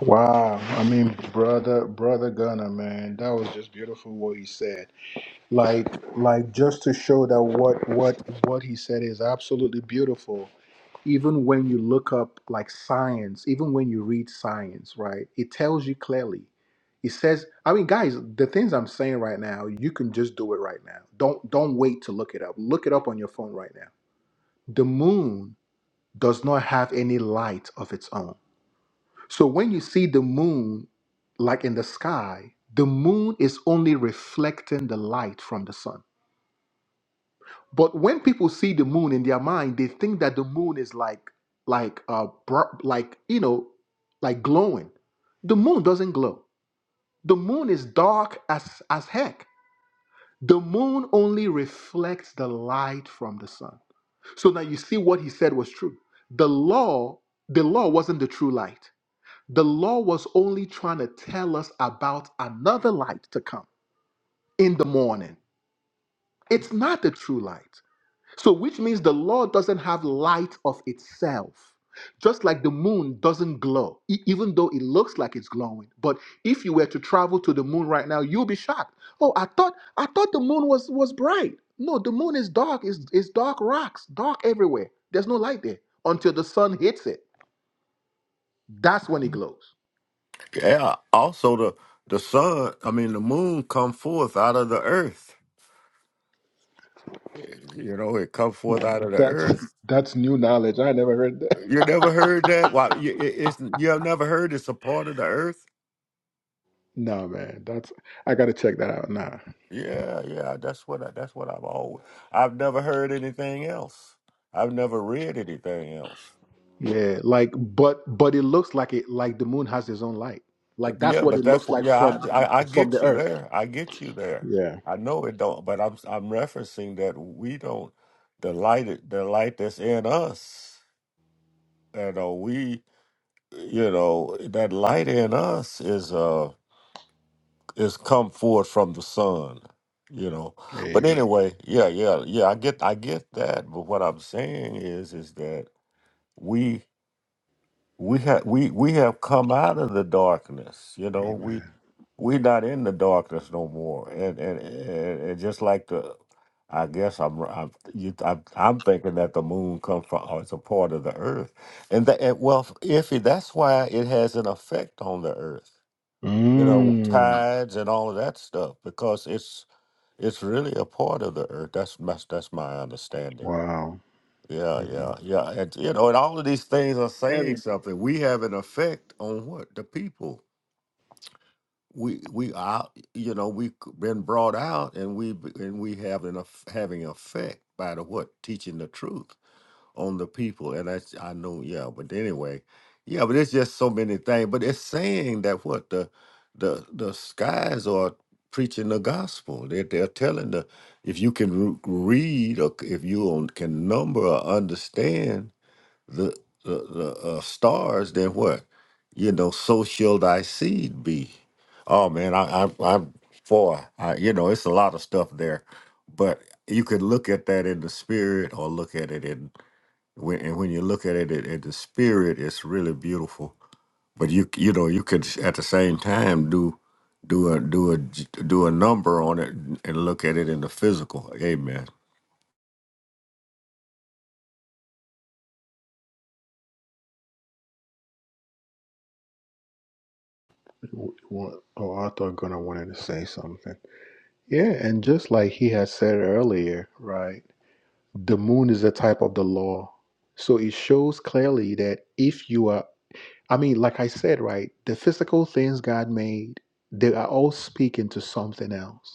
S2: Wow. I mean, brother, brother Gunner, man, that was just beautiful what he said. Like, like just to show that what what what he said is absolutely beautiful. Even when you look up like science, even when you read science, right? It tells you clearly. It says, I mean, guys, the things I'm saying right now, you can just do it right now. Don't don't wait to look it up. Look it up on your phone right now. the moon does not have any light of its own. So when you see the moon, like in the sky, the moon is only reflecting the light from the sun. But when people see the moon in their mind, they think that the moon is like, like, uh, br- like you know, like glowing. The moon doesn't glow. The moon is dark as as heck The moon only reflects the light from the sun. So now you see what he said was true. The law, the law wasn't the true light. The law was only trying to tell us about another light to come in the morning. It's not the true light. So, which means the law doesn't have light of itself. Just like the moon doesn't glow, e- even though it looks like it's glowing. But if you were to travel to the moon right now, you'll be shocked. Oh, I thought I thought the moon was was bright. No, the moon is dark. It's, it's dark rocks, dark everywhere. There's no light there until the sun hits it. That's when it glows.
S3: Yeah. Also, the the sun, I mean, the moon, come forth out of the earth. You know, it come forth out of the
S2: That's
S3: earth.
S2: that's new knowledge. I never heard that. [laughs]
S3: You never heard that? Why? You, it- it's you have never heard it's a part of the earth.
S2: No, man. That's I gotta check that out. Nah.
S3: Yeah, yeah, that's what I, that's what I've always. I've never heard anything else. I've never read anything else.
S2: Yeah, like but but it looks like it like the moon has its own light.
S3: Th-
S2: Like that's
S3: yeah,
S2: what
S3: but
S2: it
S3: that's
S2: looks
S3: what.
S2: like
S3: Yeah,
S2: from
S3: I, I I
S2: from the
S3: get you
S2: earth.
S3: there. I get you there.
S2: Yeah.
S3: I know it don't, but I'm I'm referencing that we don't the light it- the light that's in us. You know, we you know that light in us is uh is come forth from the sun. You know, but
S2: Amen.
S3: anyway, yeah, yeah, yeah. I get I get that, but what I'm saying is is that we we have we we have come out of the darkness you know we we're not in the darkness no more and and, and, and just like the i guess i'm i'm you, I'm, I'm thinking that the moon comes from or it's a part of the earth and that and, well if that's why it has an effect on the earth you know
S2: Mm,
S3: tides and all of that stuff because it's it's really a part of the earth that's my that's my understanding
S2: wow.
S3: yeah,
S2: Mm.
S3: yeah, yeah. And you know, and all of these things are saying
S1: Heavy.
S3: something. We have an effect on what the people. We we are you know we've been brought out and we b- and we have an eff- having effect by the what teaching the truth on the people. And that's I know yeah. But anyway, yeah. But it's just so many things. But it's saying that what the the the skies are preaching the gospel. They they're telling the if you can re- read or c- if you on- can number or understand the the, the uh, stars, then what? You know, so shall thy seed be. Oh man, I, I I'm for I, you know, it's a lot of stuff there, but you can look at that in the spirit or look at it in when and when you look at it in, in the spirit, it's really beautiful. But you you know you could at the same time do do a do a j- do a number on it and look at it in the physical. Amen.
S2: W- Wa- Oh, I thought gonna wanted to say something. Yeah, and just like he had said earlier, right? The moon is a type of the law. So it shows clearly that if you are I mean, like I said, right, the physical things God made, they are all speaking to something else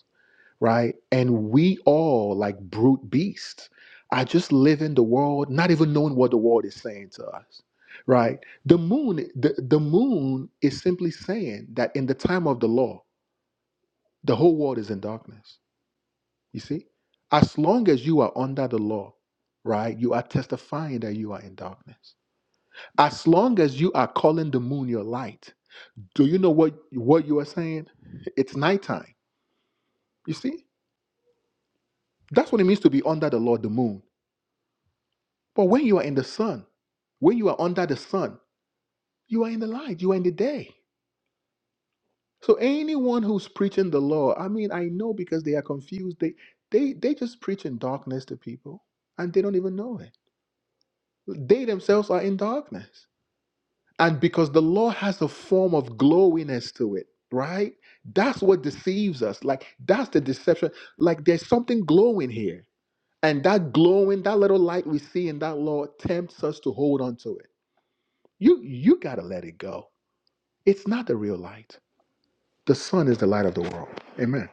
S2: right? And we all like brute beasts are just living the world, not even knowing what the world is saying to us, right? The moon, the, the moon is simply saying that in the time of the law, the whole world is in darkness. You see? As long as you are under the law, right, you are testifying that you are in darkness. As long as you are calling the moon your light, do you know what, what you are saying? It's nighttime. You see? That's what it means to be under the law, the moon But when you are in the sun, when you are under the sun, you are in the light, you are in the day. So anyone who's preaching the law, I mean, I know because they are confused. They they they just preach in darkness to people and they don't even know it. They themselves are in darkness. And because the law has a form of glowiness to it, right? That's what deceives us. Like that's the deception. Like there's something glowing here. And that glowing, that little light we see in that law tempts us to hold on to it. You you gotta let it go It's not the real light. The sun is the light of the world. Amen.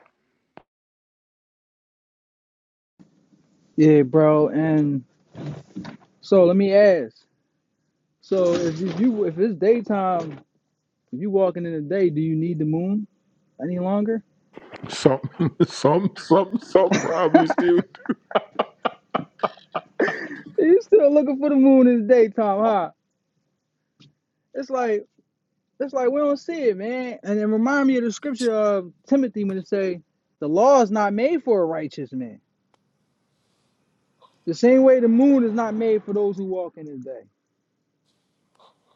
S1: Yeah, bro. And so let me ask. So if you you- if it's daytime, if you walking in the day, do you need the moon any longer?
S2: Some, [laughs] some, some, some
S1: [laughs]
S2: probably still. do.
S1: You still looking for the moon in the daytime, huh? It's like it's like we don't see it, man. And it remind me of the scripture of Timothy when it say, "The law is not made for a righteous man. The same way the moon is not made for those who walk in His day."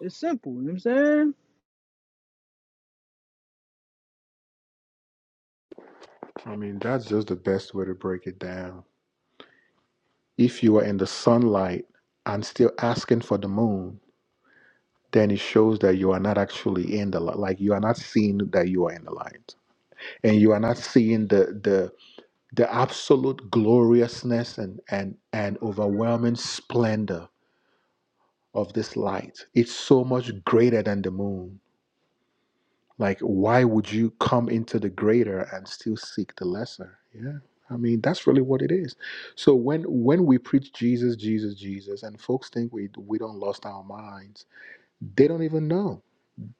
S1: It's simple. You know what I'm saying?
S2: I mean, that's just the best way to break it down. If you are in the sunlight and still asking for the moon, then it shows that you are not actually in the light. Like you are not seeing that you are in the light, and you are not seeing the the the absolute gloriousness and and and overwhelming splendor of this light. It's so much greater than the moon. Like, why would you come into the greater and still seek the lesser? Yeah. I mean, that's really what it is. So when when we preach Jesus, Jesus, Jesus, and folks think we we don't lost our minds, they don't even know.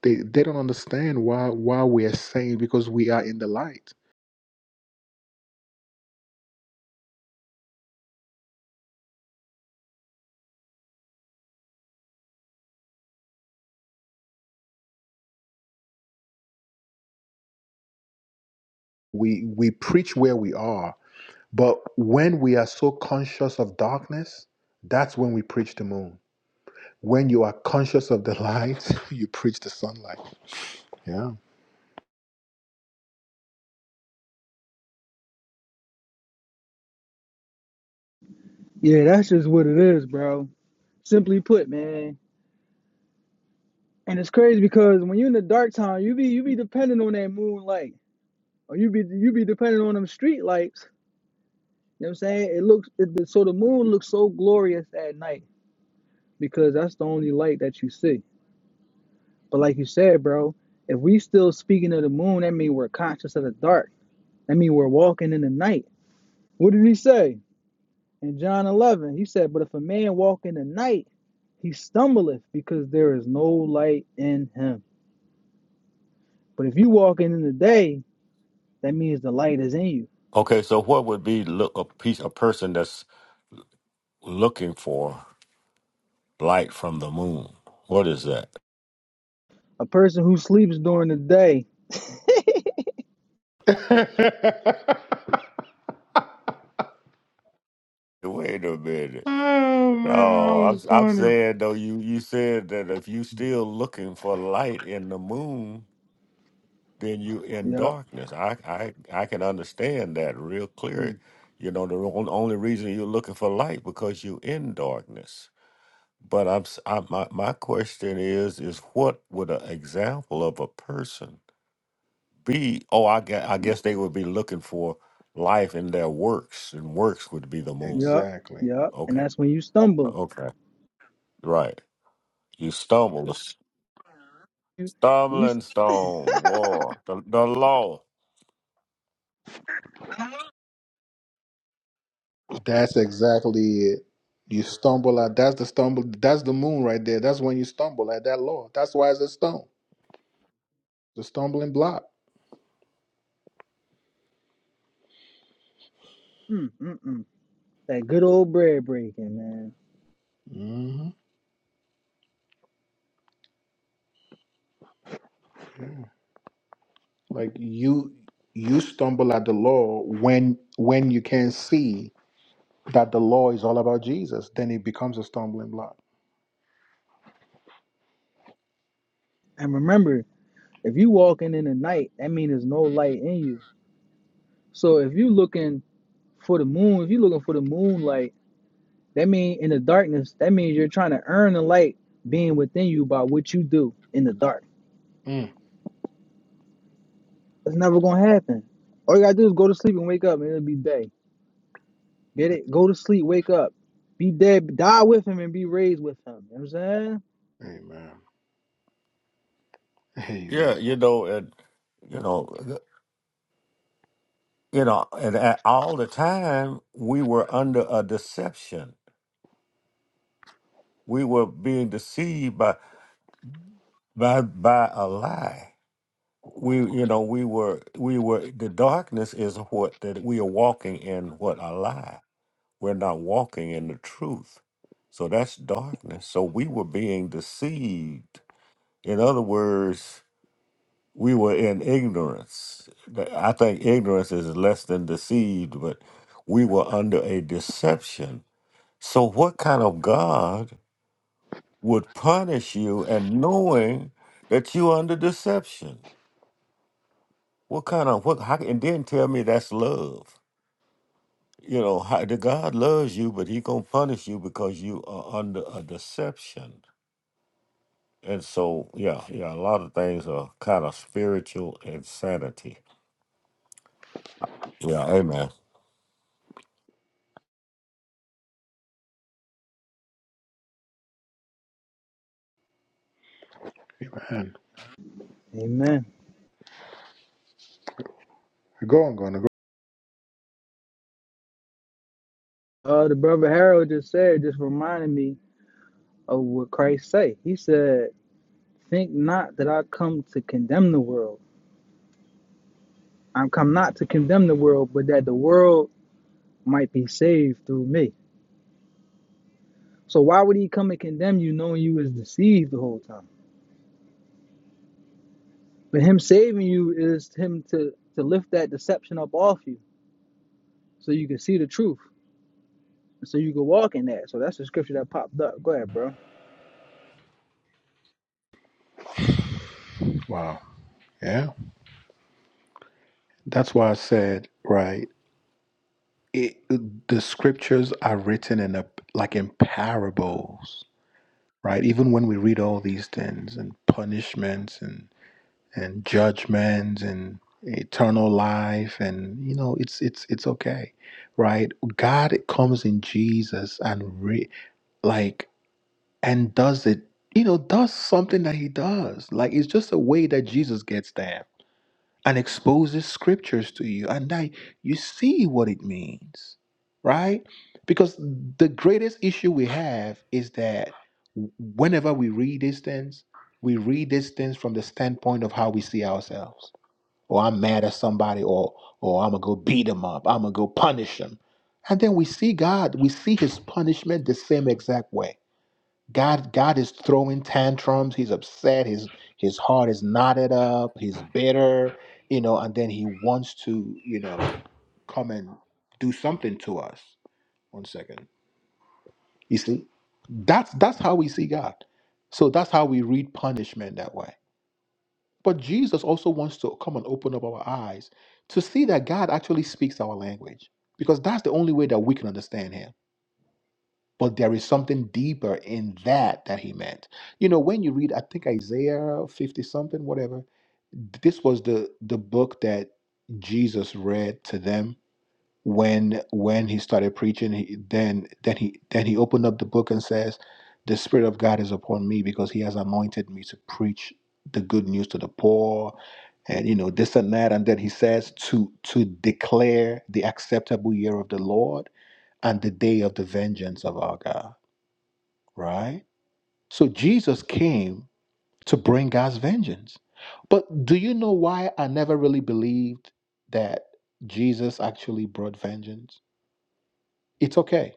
S2: They they don't understand why why we're saying because we are in the light. We we preach where we are, but when we are so conscious of darkness, that's when we preach the moon. When you are conscious of the light, [laughs] you preach the sunlight. Yeah.
S1: Yeah, that's just what it is, bro. Simply put, man. And it's crazy because when you're in the dark time, you be you be dependent on that moonlight, or you be you be dependent on them street lights. You know what I'm saying? It looks it, so the moon looks so glorious at night because that's the only light that you see. But like you said, bro, if we still speaking of the moon, that mean we're conscious of the dark. That mean we're walking in the night. What did he say in John 11? He said, "But if a man walk in the night, he stumbleth because there is no light in him. But if you walk in the day, that means the light is in you.
S3: Okay, so what would be look a piece a person that's looking for? Light from the moon. What is that?
S1: A person who sleeps during the day,
S2: [laughs]
S3: Wait a minute.
S2: Oh man, that
S3: No, I'm
S2: was
S3: I'm
S2: funny.
S3: saying though you you said that if you still looking for light in the moon, then you in
S1: yup,
S3: darkness. I I I can understand that real
S1: mm,
S3: clear. You know the on- only reason you're looking for light because you in darkness. But I'm s- I, my my question is is what would an example of a person be oh I guess, I guess they would be looking for life in their works and works would be the moon.
S1: yup,
S2: Anyway,
S1: yup, and
S3: Okay.
S1: that's when you stumble.
S3: Okay. Right. You stumble.
S1: You, and you,
S3: Stumbling stone. War. The the law.
S2: that's exactly it. You stumble out. That's the stumble. That's the moon right there. That's when you stumble at that law. That's why it's a stone. The stumbling block.
S1: mm, mm, mm. that good old bread breaking, man.
S2: hmm Like you, you stumble at the law when when you can see that the law is all about Jesus. Then it becomes a stumbling block.
S1: And remember, If you walking in the night, that means there's no light in you. So if you looking for the moon, if you looking for the moonlight, that mean in the darkness, that means you're trying to earn the light being within you by what you do in the dark.
S2: Mm.
S1: It's never gonna happen. All you gotta do is go to sleep and wake up and it'll be day. Get it? Go to sleep, wake up. Be dead, die with him and be raised with him. You know what I'm saying?
S2: Amen. Amen.
S3: Yeah, you know, and you know th- you know, and at all the time we were under a deception. We were being deceived by by by a lie. We you know, we were we were the darkness is what that we are walking in what a lie We're not walking in the truth. So that's darkness. So we were being deceived. In other words, we were in ignorance. Th- I think ignorance is less than deceived, but we were under a deception. So, what kind of God would punish you and knowing that you under deception? What kind of what? How, and then tell me that's love. You know, how, the God loves you, but He gonna punish you because you are under a deception. And so, yeah, yeah, a lot of things are kind of spiritual insanity. Yeah, amen.
S2: Man.
S1: Amen.
S2: Go on, gonna go.
S1: Uh the brother Harold just said, just reminded me of what Christ say. He said, Think not that I come to condemn the world. I'm come not to condemn the world, but that the world might be saved through me. So why would he come and condemn you knowing you was deceived the whole time? But him saving you is him to to lift that deception up off you so you can see the truth. So you can walk in that. So that's the scripture that popped up. Go ahead, bro.
S2: Wow. Yeah. That's why I said right. it, the scriptures are written in a like in parables right even when we read all these things and punishments and and judgments and eternal life and you know it's it's it's okay right god comes in jesus and re, like and does it you know does something that he does like it's just a way that jesus gets there and exposes scriptures to you and that you see what it means right because the greatest issue we have is that whenever we read these things we read these things from the standpoint of how we see ourselves or i'm mad at somebody or or i'm gonna go beat them up i'm gonna go punish them and then we see god we see his punishment the same exact way God, God is throwing tantrums. He's upset. His his heart is knotted up. He's bitter, you know. And then he wants to, you know, come and do something to us. One second. You see, that's that's how we see God. So that's how we read punishment that way. But Jesus also wants to come and open up our eyes to see that God actually speaks our language because that's the only way that we can understand Him but there is something deeper in that that he meant you know when you read i think isaiah 50 something whatever this was the the book that jesus read to them when when he started preaching he, then then he then he opened up the book and says the spirit of god is upon me because he has anointed me to preach the good news to the poor and you know this and that and then he says to to declare the acceptable year of the lord and the day of the vengeance of our god right? So Jesus came to bring God's vengeance. But do you know why I never really believed that Jesus actually brought vengeance? It's okay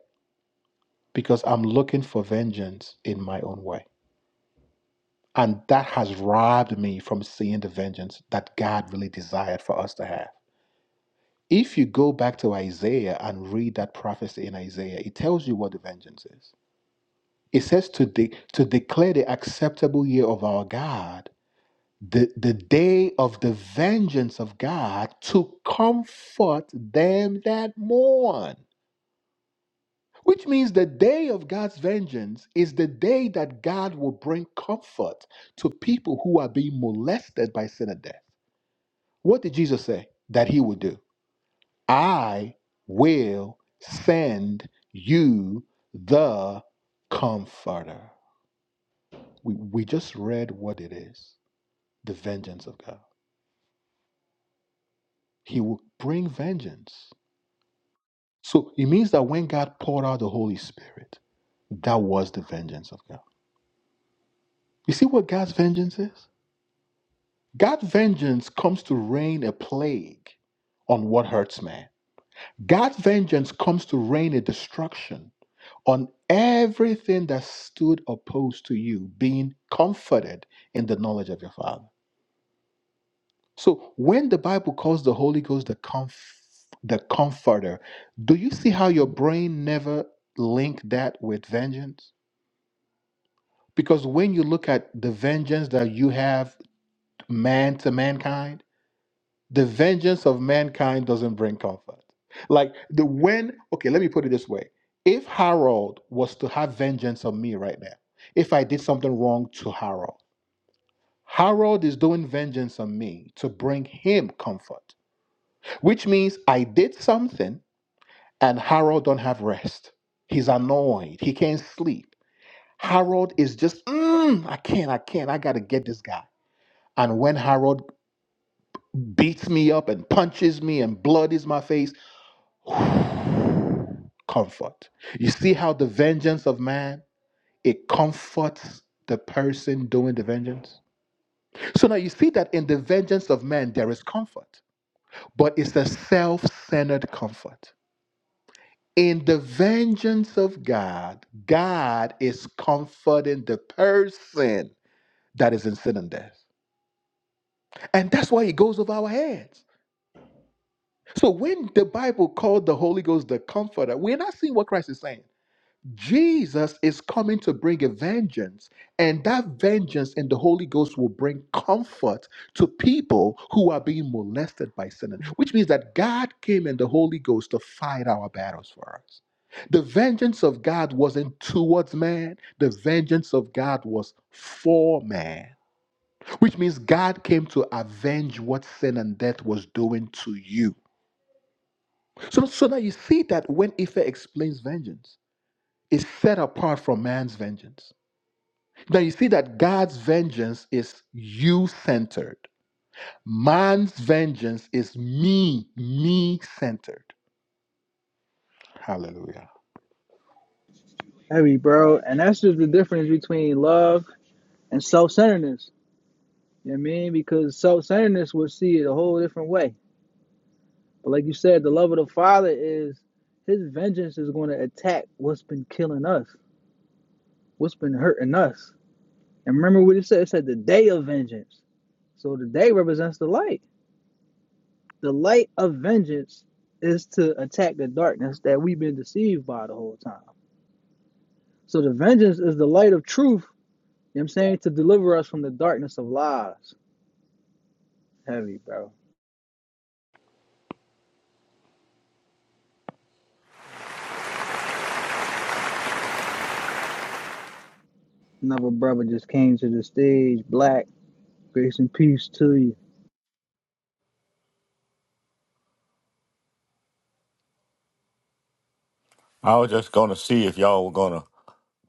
S2: because I'm looking for vengeance in my own way. And that has robbed me from seeing the vengeance that God really desired for us to have. If you go back to Isaiah and read that prophecy in Isaiah, it tells you what the vengeance is. It says to, de- to declare the acceptable year of our God The, the day of the vengeance of God to comfort them that mourn. Which means the day of God's vengeance is the day that God will bring comfort to people who are being molested by sin and death. What did Jesus say that he would do? I will send you the comforter. We, we just read what it is the vengeance of God. He will bring vengeance. So it means that when God poured out the Holy Spirit, that was the vengeance of God. You see what God's vengeance is? God's vengeance comes to rain a plague on what hurts man. God's vengeance comes to rain a destruction on everything that stood opposed to you being comforted in the knowledge of your Father. So when the Bible calls the Holy Ghost the comf- the comforter, do you see how your brain never linked that with vengeance? Because when you look at the vengeance that you have man to mankind, the vengeance of mankind doesn't bring comfort. Like the when, okay, let me put it this way. If Harold was to have vengeance on me right now, if I did something wrong to Harold, Harold is doing vengeance on me to bring him comfort, which means I did something and Harold don't have rest. He's annoyed. He can't sleep. Harold is just, "Mm, I can't, I can't, I gotta get this guy. And when Harold beats me up and punches me and blood is my face, comfort. You see how the vengeance of man, it comforts the person doing the vengeance. So now you see that in the vengeance of man, there is comfort, but it's a self centered comfort. In the vengeance of God, God is comforting the person that is in sin and death. And that's why it goes over our heads. So when the Bible called the Holy Ghost the Comforter, we're not seeing what Christ is saying. Jesus is coming to bring a vengeance, and that vengeance in the Holy Ghost will bring comfort to people who are being molested by sin, which means that God came in the Holy Ghost to fight our battles for us. The vengeance of God wasn't towards man, the vengeance of God was for man, which means God came to avenge what sin and death was doing to you. So, so now you see that when Ife explains vengeance, it's set apart from man's vengeance. Now you see that God's vengeance is you centered, man's vengeance is me, me centered. Hallelujah.
S1: Heavy, bro. And that's just the difference between love and self centeredness. You know what I mean? Because self centeredness will see it a whole different way. But like you said, the love of the Father is his vengeance is going to attack what's been killing us. What's been hurting us? And remember what it said? It said the day of vengeance. So the day represents the light. The light of vengeance is to attack the darkness that we've been deceived by the whole time. So the vengeance is the light of truth, you know what I'm saying, to deliver us from the darkness of lies. Heavy, bro. Another brother just came to the stage, black. Grace and peace to you.
S3: I was just gonna see if y'all were gonna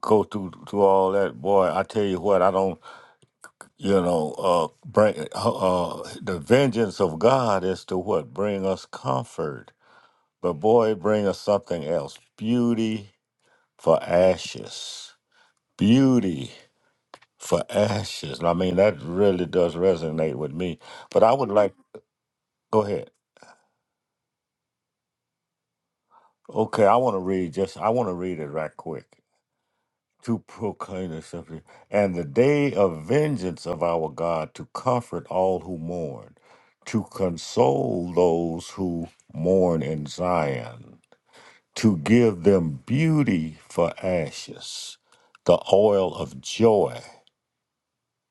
S3: go through through all that. Boy, I tell you what, I don't, you know, uh, bring uh, the vengeance of God is to what bring us comfort, but boy, it bring us something else: beauty for ashes, beauty for ashes. And I mean, that really does resonate with me. But I would like, go ahead. Okay, I want to read just I want to read it right quick. To proclaim the subject and the day of vengeance of our God to comfort all who mourn, to console those who mourn in Zion, to give them beauty for ashes, the oil of joy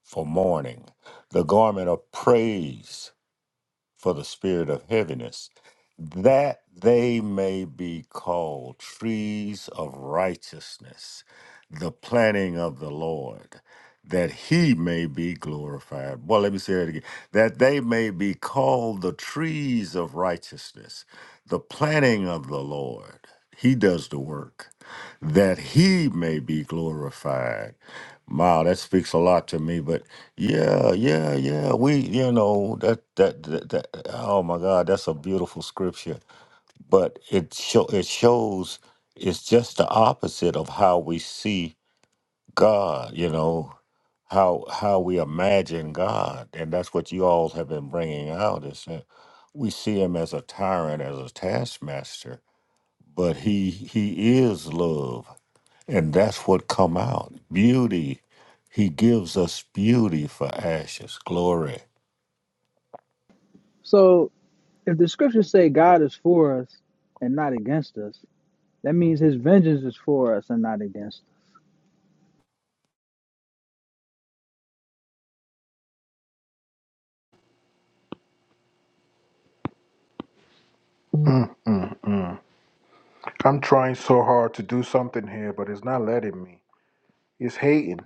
S3: for mourning, the garment of praise for the spirit of heaviness, that they may be called trees of righteousness, the planting of the Lord, that he may be glorified. Well, let me say that again that they may be called the trees of righteousness, the planting of the Lord. He does the work, that he may be glorified. Wow, that speaks a lot to me. But yeah, yeah, yeah. We, you know, that that that, that oh my God, that's a beautiful scripture. But it show it shows it's just the opposite of how we see God. You know, how how we imagine God, and that's what you all have been bringing out is that we see Him as a tyrant, as a taskmaster, but He He is love and that's what come out. Beauty. He gives us beauty for ashes, glory.
S1: So if the scriptures say God is for us and not against us, that means his vengeance is for us and not against us.
S2: Mm, mm, mm. I'm trying so hard to do something here, but it's not letting me. It's hating.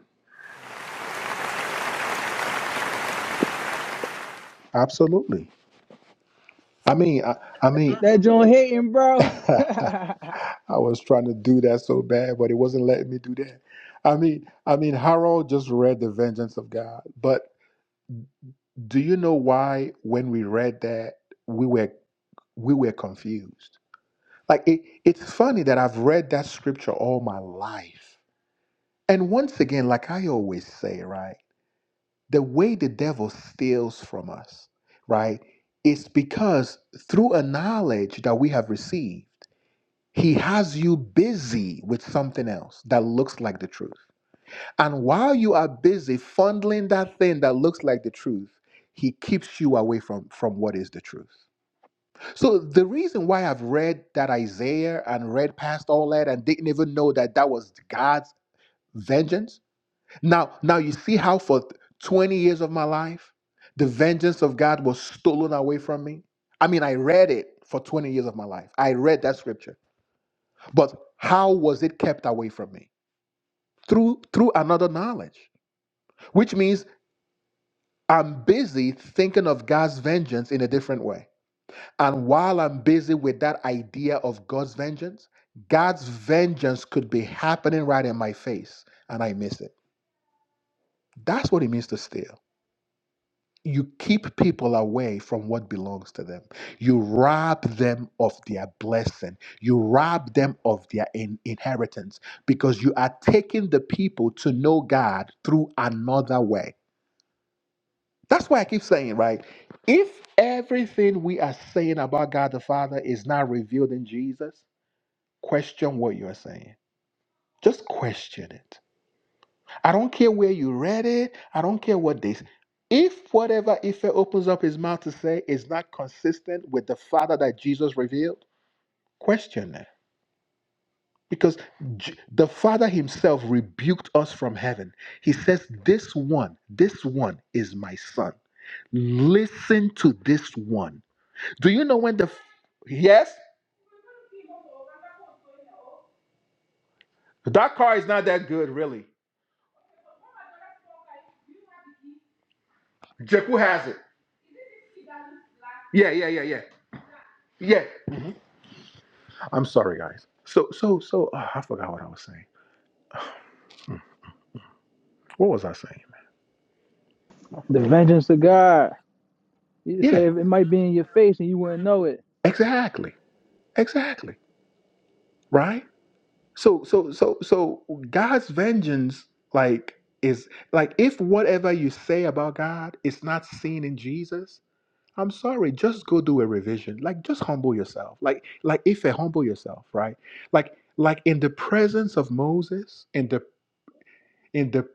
S2: Absolutely. I mean, I, I mean,
S1: That joint hitting, bro. [laughs]
S2: I
S1: the
S2: was trying to do that so bad, but it wasn't letting me do that. I mean, I mean, Harold just read The Vengeance of God, but do you know why when we read that we were we were confused? Like it, it's funny that I've read that scripture all my life. And once again, like I always say, right, the way the devil steals from us, right, is because through a knowledge that we have received He has you busy with something else that looks like the truth. And while you are busy fondling that thing that looks like the truth, he keeps you away from, from what is the truth. So the reason why I've read that Isaiah and read past all that and didn't even know that that was God's vengeance. Now, now you see how for 20 years of my life, the vengeance of God was stolen away from me. I mean, I read it for 20 years of my life. I read that scripture but how was it kept away from me through through another knowledge which means i'm busy thinking of god's vengeance in a different way and while i'm busy with that idea of god's vengeance god's vengeance could be happening right in my face and i miss it that's what it means to steal you keep people away from what belongs to them. You rob them of their blessing. You rob them of their in- inheritance because you are taking the people to know God through another way. That's why I keep saying, right? If everything we are saying about God the Father is not revealed in Jesus, question what you are saying. Just question it I don't care where you read it. I don't care what they. s- If whatever Ife opens up his mouth to say is not consistent with the Father that Jesus revealed, question it. Because J- the Father himself rebuked us from heaven. He says, This one, this one is my son. Listen to this one. Do you know when the. f- Yes? That car is not that good, really. Jeku has it. Yeah, yeah, yeah, yeah. Yeah. I'm sorry, guys. So, so, so, ah, I forgot what I was saying. What was I saying? I forgot what.
S1: vengeance of God. He
S2: Yeah,
S1: said it might be in your face and you wouldn't know it.
S2: exactly. Exactly. Right? So so so so God's vengeance like is like if whatever you say about God is not seen in Jesus, I'm sorry, just go do a revision. Like just humble yourself. Like like if you humble yourself, right? Like like in the presence of Moses, in the in the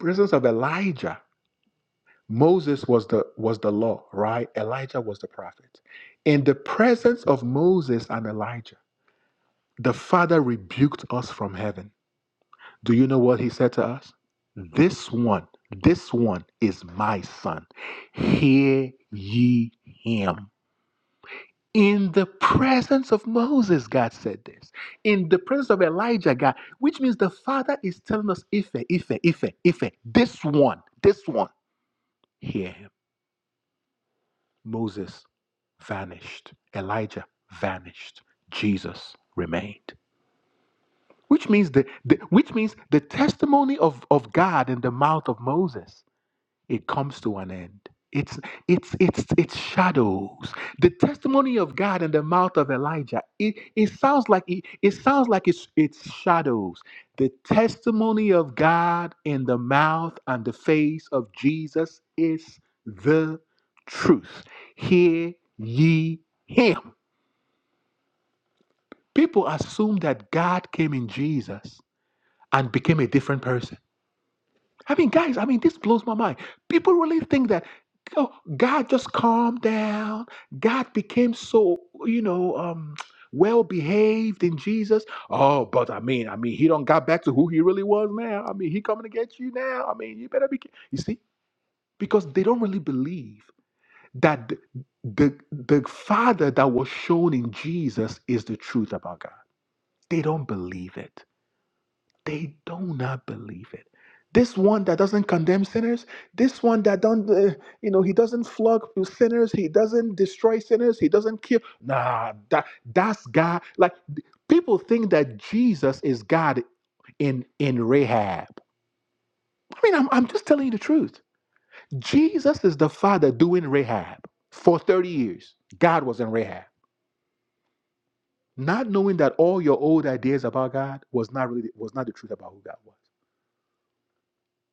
S2: presence of Elijah Moses was the was the law, right? Elijah was the prophet. In the presence of Moses and Elijah, the Father rebuked us from heaven. Do you know what he said to us? This one, this one is my son. Hear ye him. In the presence of Moses, God said this. In the presence of Elijah, God, which means the Father is telling us, Ife, Ife, Ife, Ife, this one, this one, hear him. Moses vanished. Elijah vanished. Jesus remained. Which means the, the which means the testimony of, of God in the mouth of Moses, it comes to an end. It's it's it's it's shadows. The testimony of God in the mouth of Elijah, it, it sounds like it, it sounds like it's it's shadows. The testimony of God in the mouth and the face of Jesus is the truth. Hear ye him. People assume that God came in Jesus and became a different person. I mean, guys, I mean, this blows my mind. People really think that oh, God just calmed down. God became so, you know, um, well behaved in Jesus. Oh, but I mean, I mean, he don't got back to who he really was now. I mean, he coming to get you now. I mean, you better be. You see, because they don't really believe that the the, the Father that was shown in Jesus is the truth about God. They don't believe it. they do not believe it this one that doesn't condemn sinners this one that don't uh, you know he doesn't flog sinners he doesn't destroy sinners he doesn't kill nah that that's god like th- people think that jesus is god in in rahab i mean i'm, I'm just telling you the truth jesus is the father doing rahab for 30 years god was in rahab not knowing that all your old ideas about god was not really was not the truth about who god was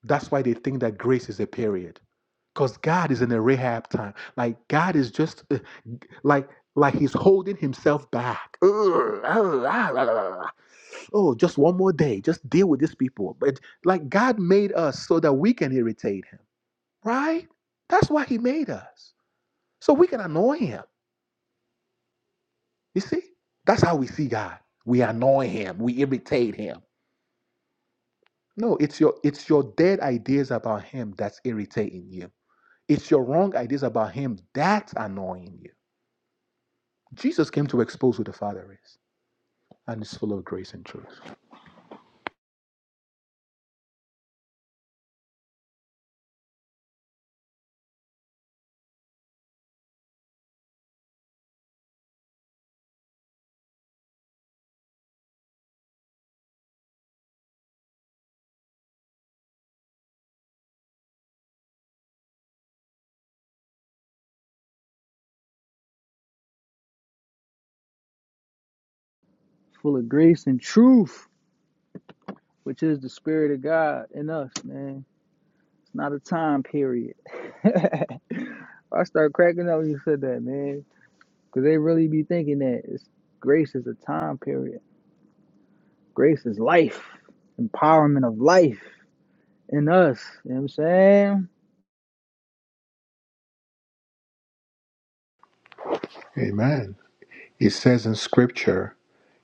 S2: that's why they think that grace is a period because God is in a Rahab time. Like God is just uh, like like he's holding himself back. [laughs] Ugh, ah, ah, la, la, la, Oh, just one more day. Just deal with these people. But like God made us so that we can irritate him, right? That's why he made us. So we can annoy him. You see? That's how we see God. We annoy him. We irritate him. No, it's your it's your dead ideas about him that's irritating you. It's your wrong ideas about him that's annoying you Jesus came to expose who the Father is and is full of grace and truth.
S1: Full of grace and truth, which is the spirit of God in us, man. It's not a time period. [laughs] I start cracking up when you said that, man. Because they really be thinking that it's, grace is a time period. Grace is life, empowerment of life in us. You know what I'm saying?
S2: Amen. It says in scripture,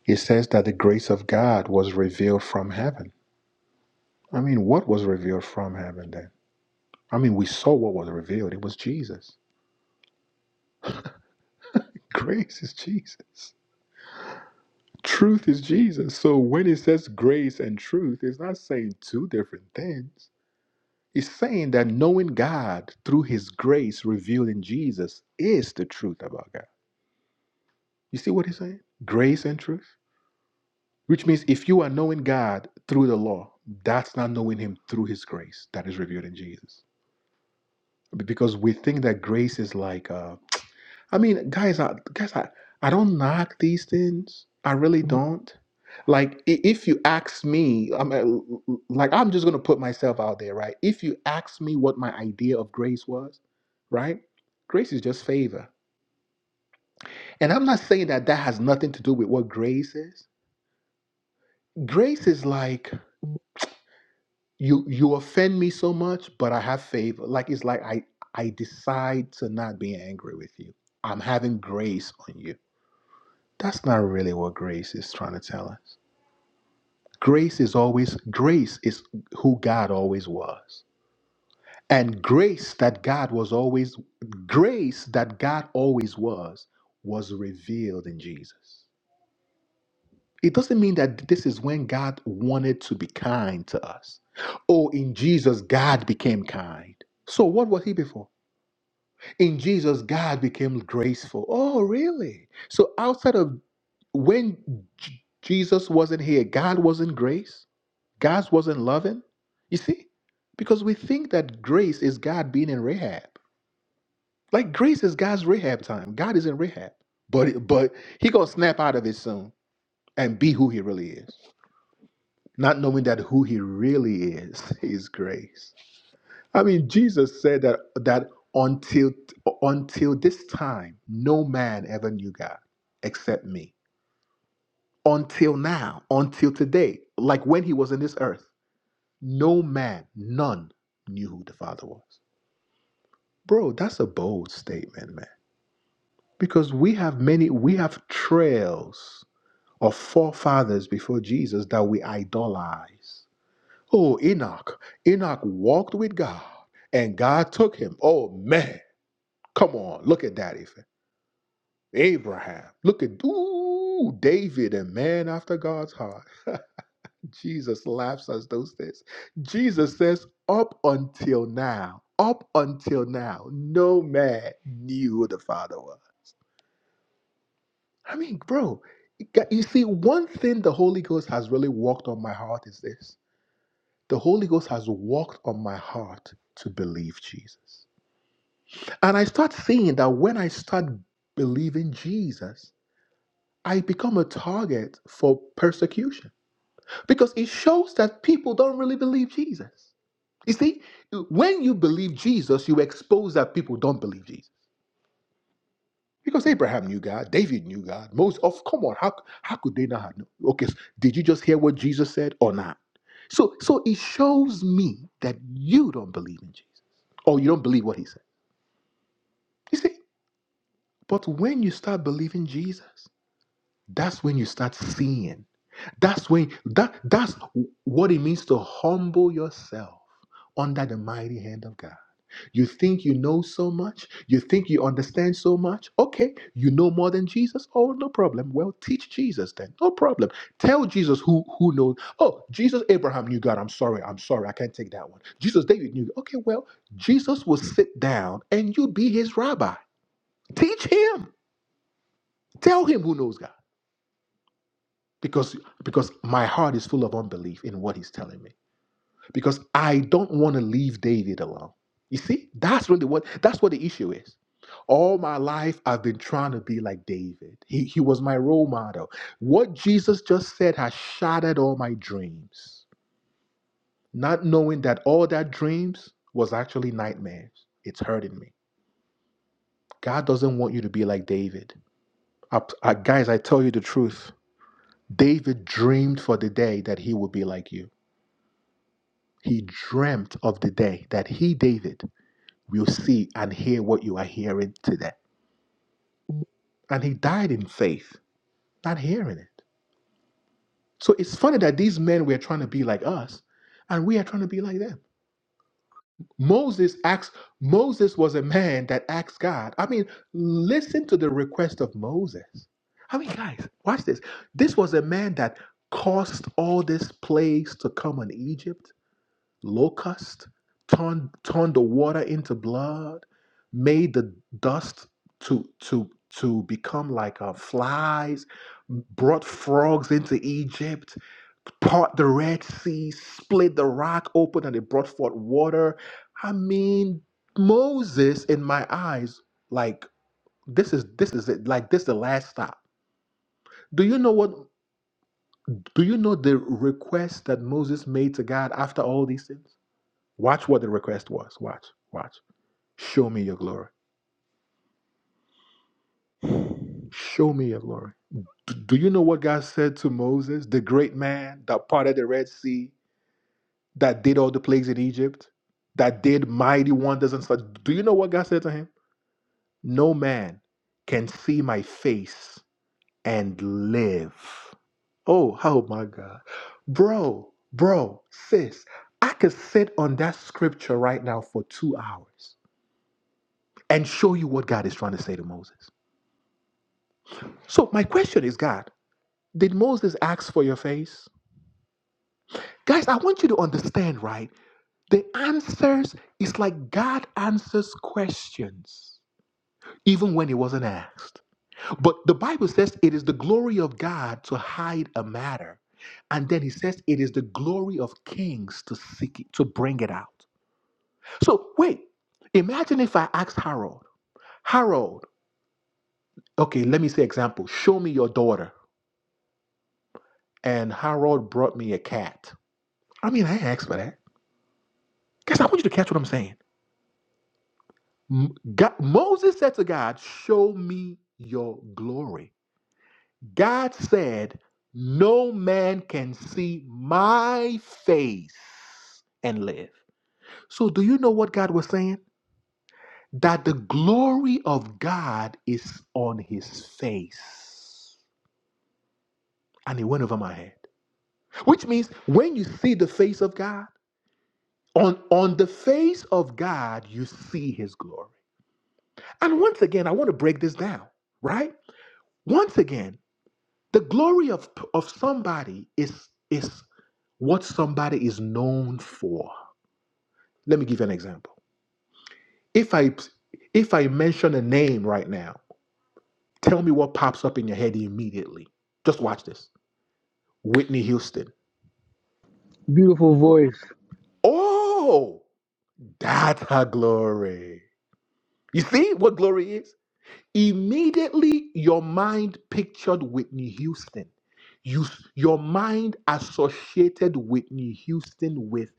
S2: it says that the grace of God was revealed from heaven. I mean, what was revealed from heaven then? I mean, we saw what was revealed. It was Jesus. [laughs] Grace is Jesus. Truth is Jesus. So when it says grace and truth, it's not saying two different things. It's saying that knowing God through his grace revealed in Jesus is the truth about God. You see what he's saying? Grace and truth. Which means if you are knowing God through the law, that's not knowing Him through His grace that is revealed in Jesus. Because we think that grace is like, uh, I mean, guys, I, guys, I, I don't knock these things. I really don't. Like, i- if you ask me, I'm uh, like, I'm just gonna put myself out there, right? If you ask me what my idea of grace was, right? Grace is just favor, and I'm not saying that that has nothing to do with what grace is. Grace is like. you you offend me so much but i have favor like it's like i i decide to not be angry with you i'm having grace on you that's not really what grace is trying to tell us grace is always grace is who god always was and grace that god was always grace that god always was was revealed in jesus It doesn't mean that this is when God wanted to be kind to us. Oh, in Jesus, God became kind. So, what was he before? In Jesus, God became graceful. Oh, really? So, outside of when J- Jesus wasn't here, God wasn't grace, God wasn't loving. You see? Because we think that grace is God being in Rahab. Like, grace is God's Rahab time. God is in Rahab. But, but he going to snap out of it soon and be who he really is. not knowing that who he really is [laughs] is grace i mean jesus said that that until until this time no man ever knew god except me until now until today like when he was in this earth no man none knew who the father was bro that's a bold statement man because we have many we have trails of forefathers before jesus that we idolize Oh, Enoch. Enoch walked with God and God took him. Oh, man. Come on. Look at that. Ethan. Abraham. Look at ooh, David, a man after God's heart. Jesus laughs at those things. Jesus says, Up until now, up until now, no man knew who the Father was. I mean, bro, you see, one thing the Holy Ghost has really walked on my heart is this the Holy Ghost has walked on my heart to believe Jesus. And I start seeing that when I start believing Jesus, I become a target for persecution because it shows that people don't really believe Jesus. You see, when you believe Jesus, you expose that people don't believe Jesus. Because Abraham knew God, David knew God, Moses. Of come on, how how could they not have known? Okay, so did you just hear what Jesus said or not? So so it shows me that you don't believe in Jesus, or you don't believe what he said. You see, but when you start believing Jesus, that's when you start seeing that's when that that's what it means to humble yourself under the mighty hand of god you think you know so much you think you understand so much okay you know more than jesus oh no problem well teach jesus then no problem tell jesus who who knows oh jesus abraham knew god i'm sorry i'm sorry i can't take that one jesus david knew okay well jesus will sit down and you be his rabbi teach him tell him who knows god because because my heart is full of unbelief in what he's telling me because i don't want to leave david alone you see that's really what that's what the issue is all my life i've been trying to be like david he, he was my role model what jesus just said has shattered all my dreams not knowing that all that dreams was actually nightmares it's hurting me god doesn't want you to be like david I, I- guys i tell you the truth david dreamed for the day that he would be like you He dreamt of the day that he, David, will see and hear what you are hearing today. And he died in faith, not hearing it. So it's funny that these men were trying to be like us, and we are trying to be like them. Moses asked, Moses was a man that asked God. I mean, listen to the request of Moses. I mean, guys, watch this. This was a man that caused all this plagues to come on Egypt locust, turned, turned the water into blood, made the dust to to to become like uh, flies, brought frogs into Egypt, part the Red Sea, split the rock open, and it brought forth water. I mean, Moses, in my eyes, like this is this is it, like this is the last stop. Do you know what? Do you know the request that Moses made to God after all these things? Watch what the request was. Watch, watch. Show me your glory. Show me your glory. Do you know what God said to Moses, the great man that parted the Red Sea, that did all the plagues in Egypt, that did mighty wonders and such? Do you know what God said to him? No man can see my face and live. Oh, oh my God. Bro, bro, sis, I could sit on that scripture right now for two hours and show you what God is trying to say to Moses. So, my question is, God, did Moses ask for your face? Guys, I want you to understand, right? The answers is like God answers questions, even when it wasn't asked. But the Bible says it is the glory of God to hide a matter. And then he says it is the glory of kings to seek it, to bring it out. So wait, imagine if I asked Harold, Harold, okay, let me say example, show me your daughter. And Harold brought me a cat. I mean, I ain't asked for that. Guys, I want you to catch what I'm saying. M- God, Moses said to God, Show me your glory. God said, No man can see my face and live. So, do you know what God was saying? That the glory of God is on his face. And it went over my head. Which means when you see the face of God, on, on the face of God, you see his glory. And once again, I want to break this down, right? Once again, The glory of, of somebody is, is what somebody is known for. Let me give you an example. If I if I mention a name right now, tell me what pops up in your head immediately. Just watch this. Whitney Houston.
S1: Beautiful voice,
S2: Oh, that's her glory. You see what glory is? Immediately, your mind pictured Whitney Houston. You, your mind associated Whitney Houston with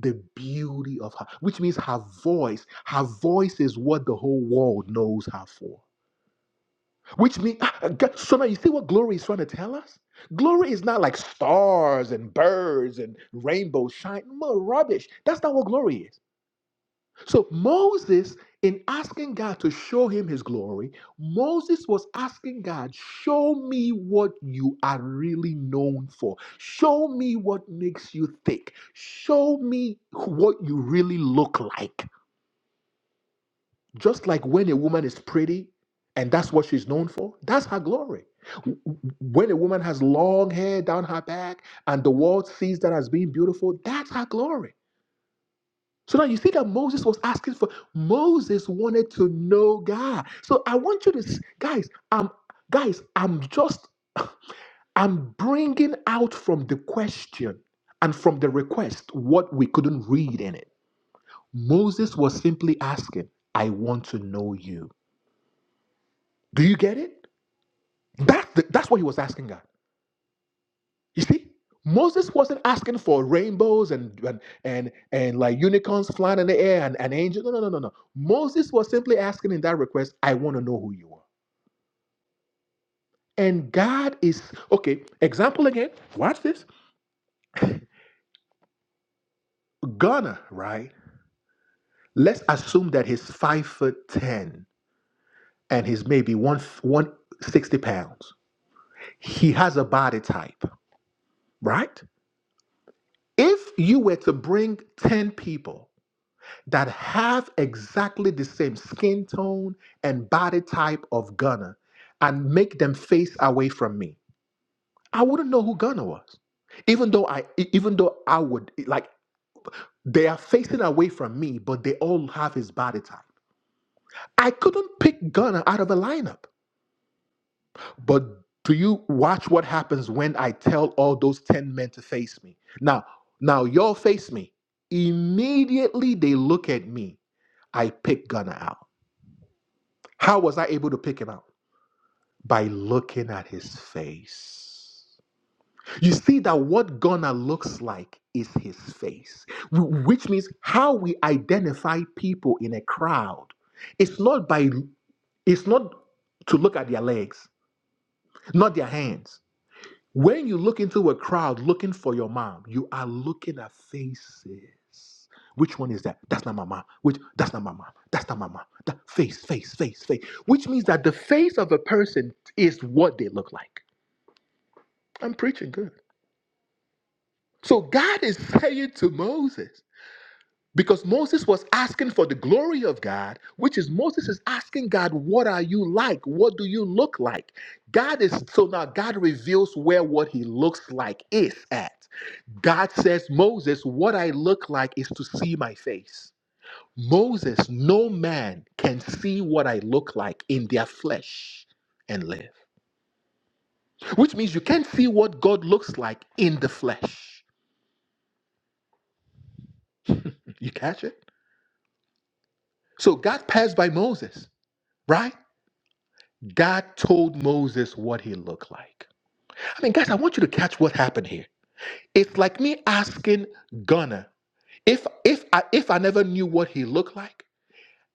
S2: the beauty of her, which means her voice. Her voice is what the whole world knows her for. Which means, so now you see what glory is trying to tell us? Glory is not like stars and birds and rainbow shine. No rubbish. That's not what glory is. So Moses, in asking God to show him his glory, Moses was asking God, show me what you are really known for. Show me what makes you thick. Show me what you really look like. Just like when a woman is pretty and that's what she's known for, that's her glory. When a woman has long hair down her back and the world sees that as being beautiful, that's her glory. So now you see that Moses was asking for, Moses wanted to know God. So I want you to, s- guys, um, guys, I'm just, I'm bringing out from the question and from the request what we couldn't read in it. Moses was simply asking, I want to know you. Do you get it? That's, the, that's what he was asking God. You see, Moses wasn't asking for rainbows and and and, and like unicorns flying in the air and an angel. No, no, no, no, no. Moses was simply asking in that request, I want to know who you are. And God is okay. Example again. Watch this. Ghana, right? Let's assume that he's five foot ten and he's maybe one one sixty pounds. He has a body type, right? If you were to bring ten people that have exactly the same skin tone and body type of Ghana and make them face away from me. I wouldn't know who Ghana was. Even though I e- even though I would e, like they are facing away from me, but they all have his body type. I couldn't pick Ghana out of a lineup. But do you watch what happens when I tell all those 10 men to face me? Now, now y'all face me. Immediately they look at me. I pick Ghana out. How was I able to pick him out? By looking at his face. You see that what Ghana looks like is his face, which means how we identify people in a crowd. It's not by it's not to look at their legs, not their hands. When you look into a crowd looking for your mom, you are looking at faces. Which one is that? That's not my mom. Which that's not my mom. That's not my mom. That face, face, face, face. Which means that the face of a person is what they look like. I'm preaching good. So God is saying to Moses, because Moses was asking for the glory of God, which is Moses is asking God, what are you like? What do you look like? God is so now God reveals where what he looks like is at. God says, Moses, what I look like is to see my face. Moses, no man can see what I look like in their flesh and live. Which means you can't see what God looks like in the flesh. You catch it? So God passed by Moses, right? God told Moses what he looked like. I mean, guys, I want you to catch what happened here. It's like me asking Gunner if if I if I never knew what he looked like.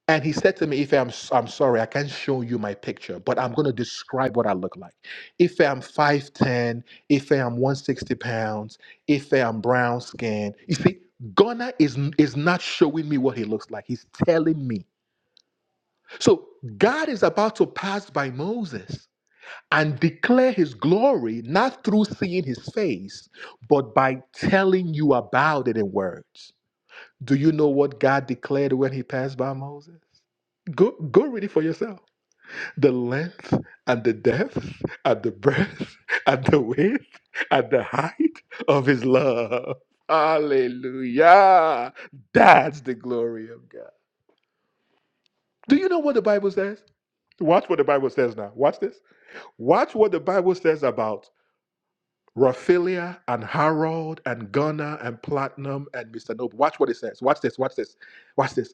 S2: And he said to me, Ife, I'm, s- I'm sorry, I can't show you my picture, but I'm going to describe what I look like. Ife, I'm 5'10, Ife, I'm 160 pounds, Ife, I'm brown skin. You see, Ghana is, n- is not showing me what he looks like. He's telling me. So God is about to pass by Moses and declare his glory, not through seeing his face, but by telling you about it in words. Do you know what God declared when he passed by Moses? Go, go read it for yourself the length and the depth and the breadth [laughs] and the width and the height of his love. Hallelujah. That's the glory of God. Do you know what the Bible says? Watch what the Bible says now. Watch this. Watch what the Bible says about Raphaelia and Harold and Gunnar and Platinum and Mr. Noble. Watch what it says. Watch this. Watch this. Watch this.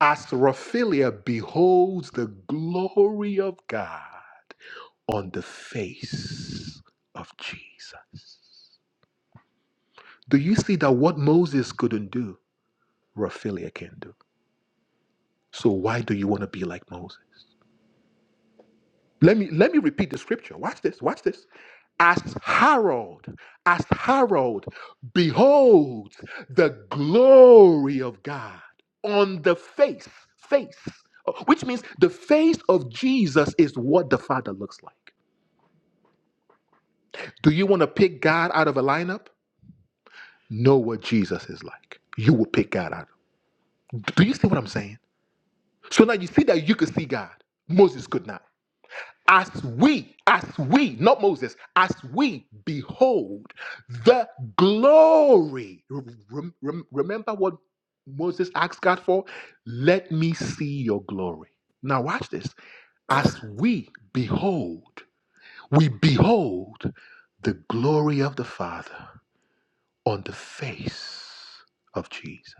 S2: As Raphaelia beholds the glory of God. on the face of Jesus. Do you see that what Moses couldn't do, Raphaelia can do? So why do you want to be like Moses? Let me let me repeat the scripture. Watch this. Watch this. As Harold, as Harold beholds the glory of God on the face, face, which means the face of Jesus is what the Father looks like. Do you want to pick God out of a lineup? know what Jesus is like. You will pick God out. Do you see what I'm saying? So now you see that you could see God. Moses could not. As we, as we, not Moses, as we behold the glory. Rem- rem- remember what Moses asked God for? Let me see your glory. Now watch this. As we behold, we behold the glory of the Father on the face of Jesus.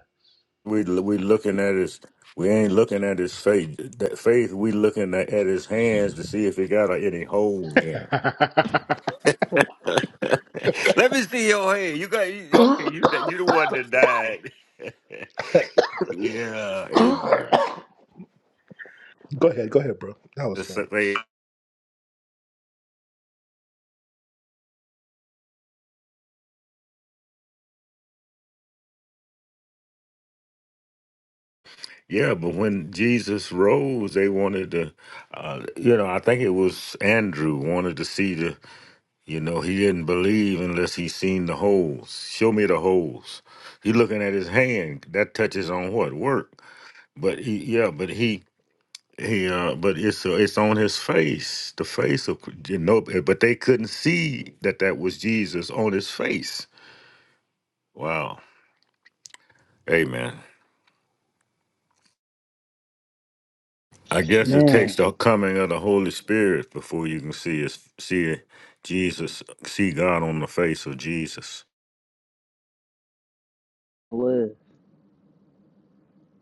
S3: We we looking at his. We ain't looking at his faith. That faith we looking at, at his hands to see if he got any holes in it. [laughs] Let me see your hand. You got you, okay.
S2: [laughs]
S3: You got you the one that died. [laughs] Yeah,
S2: [gasps]
S3: amen.
S2: Go ahead, go ahead, bro. That was
S3: It's
S2: funny.
S3: like they- yeah, but when Jesus rose, they wanted to. Uh, you know, I think it was Andrew wanted to see the You know, he didn't believe unless he seen the holes. Show me the holes. He looking at his hand. That touches on what work. But he, yeah, but he, he, uh, but it's uh, it's on his face, the face of you know. But they couldn't see that that was Jesus on his face. Wow. Amen. I guess it takes
S1: man.
S3: the coming of the Holy Spirit before you can see his, see Jesus, see God on the face of Jesus.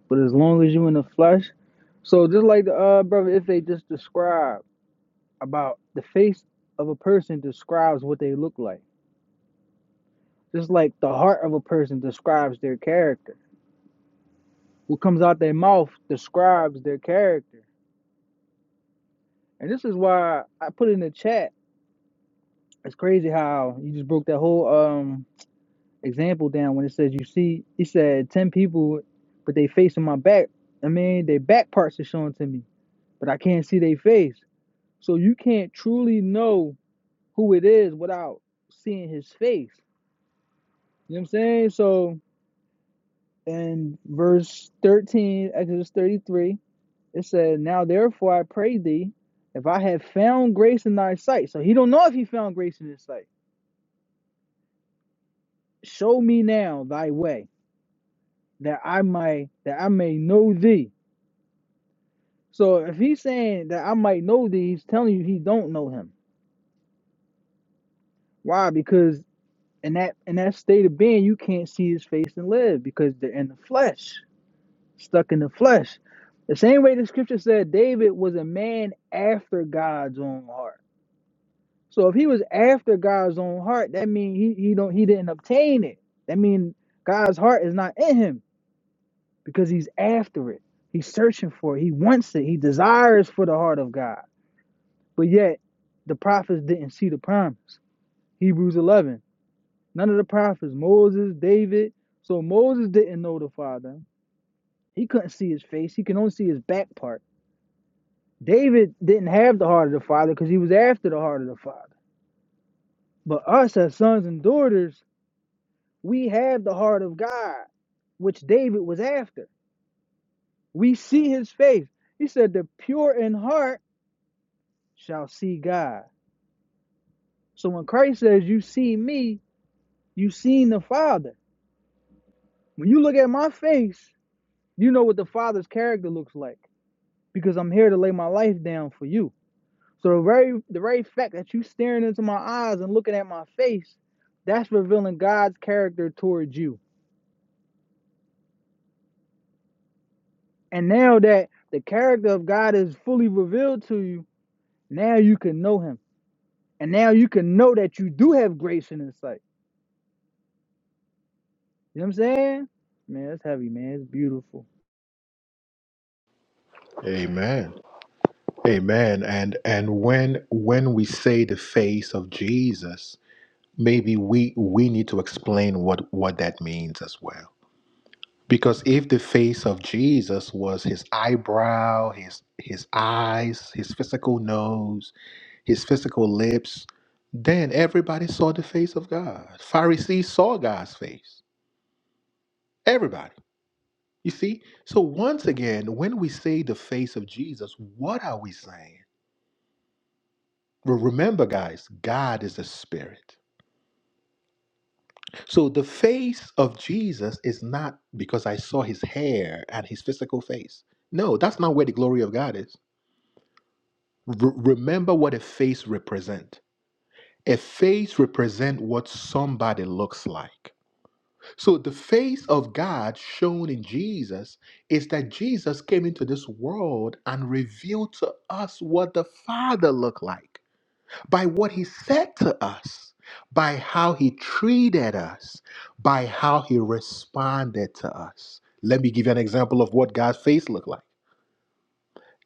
S1: But as long as you in the flesh, so just like the uh, brother, if they just describe about the face of a person describes what they look like, just like the heart of a person describes their character. What comes out their mouth describes their character, and this is why I put in the chat. It's crazy how you just broke that whole um example down when it says you see. He said ten people, but they face in my back. I mean, their back parts are shown to me, but I can't see their face. So you can't truly know who it is without seeing his face. You know what I'm saying? So in verse 13, Exodus 33, it said, Now therefore I pray thee, if I have found grace in thy sight. So he don't know if he found grace in his sight. Show me now thy way, that I might that I may know thee. So if he's saying that I might know thee, he's telling you he don't know him. Why? Because in that in that state of being, you can't see his face and live because they're in the flesh. stuck in the flesh. The same way the scripture said David was a man after God's own heart. So if he was after God's own heart, that means he, he don't he didn't obtain it. That means God's heart is not in him because he's after it. He's searching for it. He wants it. He desires for the heart of God. But yet the prophets didn't see the promise. Hebrews 11. None of the prophets, Moses, David. So Moses didn't know the Father. He couldn't see his face. He can only see his back part David didn't have the heart of the father because he was after the heart of the father. But us as sons and daughters, we have the heart of God, which David was after. We see his face. He said, The pure in heart shall see God. So when Christ says, You see me, you seen the Father. When you look at my face, you know what the Father's character looks like because I'm here to lay my life down for you. So the very the very fact that you staring into my eyes and looking at my face, that's revealing God's character towards you. And now that the character of God is fully revealed to you, now you can know him. And now you can know that you do have grace in his sight. You know what I'm saying? Man, it's heavy, man. It's beautiful.
S2: Amen. Amen. And and when when we say the face of Jesus, maybe we we need to explain what what that means as well. Because if the face of Jesus was his eyebrow, his his eyes, his physical nose, his physical lips, then everybody saw the face of God. Pharisees saw God's face. Everybody. You see? So, once again, when we say the face of Jesus, what are we saying? Well, remember, guys, God is a spirit. So, the face of Jesus is not because I saw his hair and his physical face. No, that's not where the glory of God is. R- remember what a face represents. A face represents what somebody looks like. So the face of God shown in Jesus is that Jesus came into this world and revealed to us what the Father looked like by what he said to us, by how he treated us, by how he responded to us. Let me give you an example of what God's face looked like.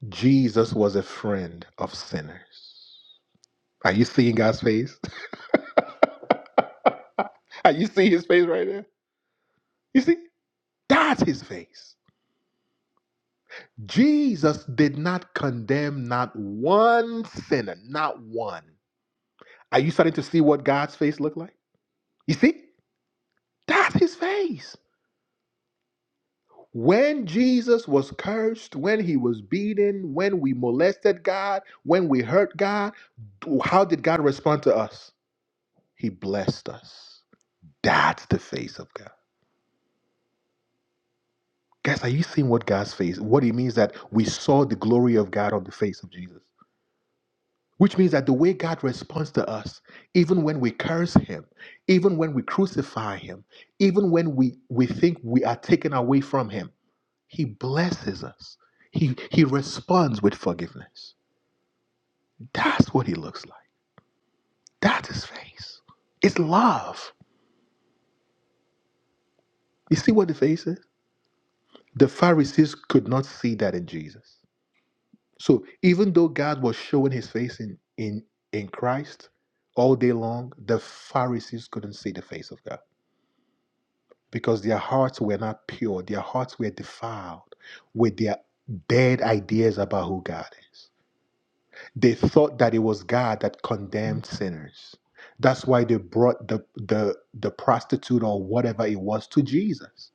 S2: Jesus was a friend of sinners. Are you seeing God's face? [laughs] Are you seeing his face right there? You see? That's his face. Jesus did not condemn not one sinner, not one. Are you starting to see what God's face looked like? You see? That's his face. When Jesus was cursed, when he was beaten, when we molested God, when we hurt God, how did God respond to us? He blessed us. That's the face of God. Guys, are you seeing what God's face? What it means that we saw the glory of God on the face of Jesus. Which means that the way God responds to us, even when we curse Him, even when we crucify Him, even when we, we think we are taken away from Him, He blesses us. He, he responds with forgiveness. That's what He looks like. That's His face. It's love. You see what the face is? The Pharisees could not see that in Jesus. So even though God was showing His face in, in, in Christ all day long, the Pharisees couldn't see the face of God. because their hearts were not pure. Their hearts were defiled with their dead ideas about who God is. They thought that it was God that condemned sinners. That's why they brought the the the prostitute or whatever it was to Jesus.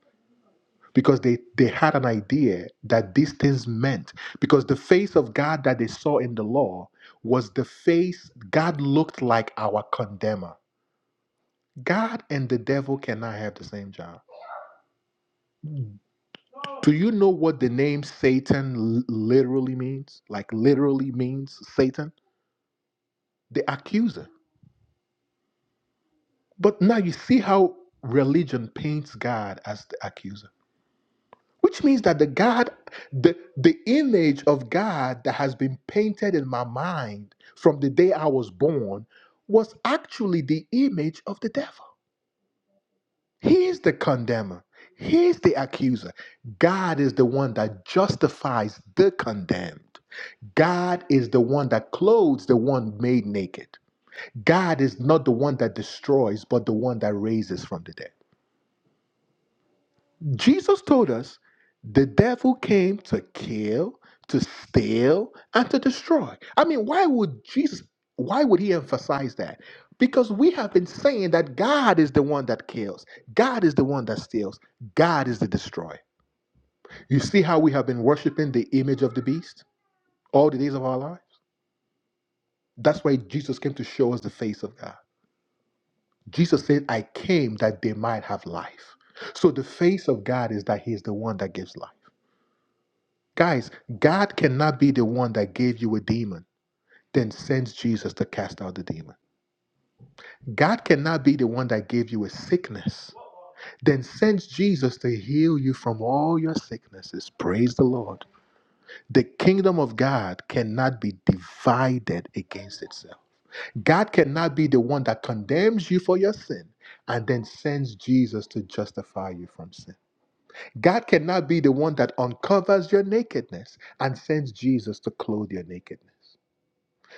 S2: Because they, they had an idea that these things meant. Because the face of God that they saw in the law was the face God looked like our condemner. God and the devil cannot have the same job. Do you know what the name Satan l- literally means? Like, literally means Satan, the accuser. But now you see how religion paints God as the accuser, which means that the God, the, the image of God that has been painted in my mind from the day I was born was actually the image of the devil. He is the condemner, he is the accuser. God is the one that justifies the condemned. God is the one that clothes the one made naked. God is not the one that destroys, but the one that raises from the dead. Jesus told us the devil came to kill, to steal, and to destroy. I mean, why would Jesus, why would he emphasize that? Because we have been saying that God is the one that kills, God is the one that steals, God is the destroyer. You see how we have been worshiping the image of the beast all the days of our lives? That's why Jesus came to show us the face of God. Jesus said, I came that they might have life. So the face of God is that He is the one that gives life. Guys, God cannot be the one that gave you a demon, then sends Jesus to cast out the demon. God cannot be the one that gave you a sickness, then sends Jesus to heal you from all your sicknesses. Praise the Lord. The kingdom of God cannot be divided against itself. God cannot be the one that condemns you for your sin and then sends Jesus to justify you from sin. God cannot be the one that uncovers your nakedness and sends Jesus to clothe your nakedness.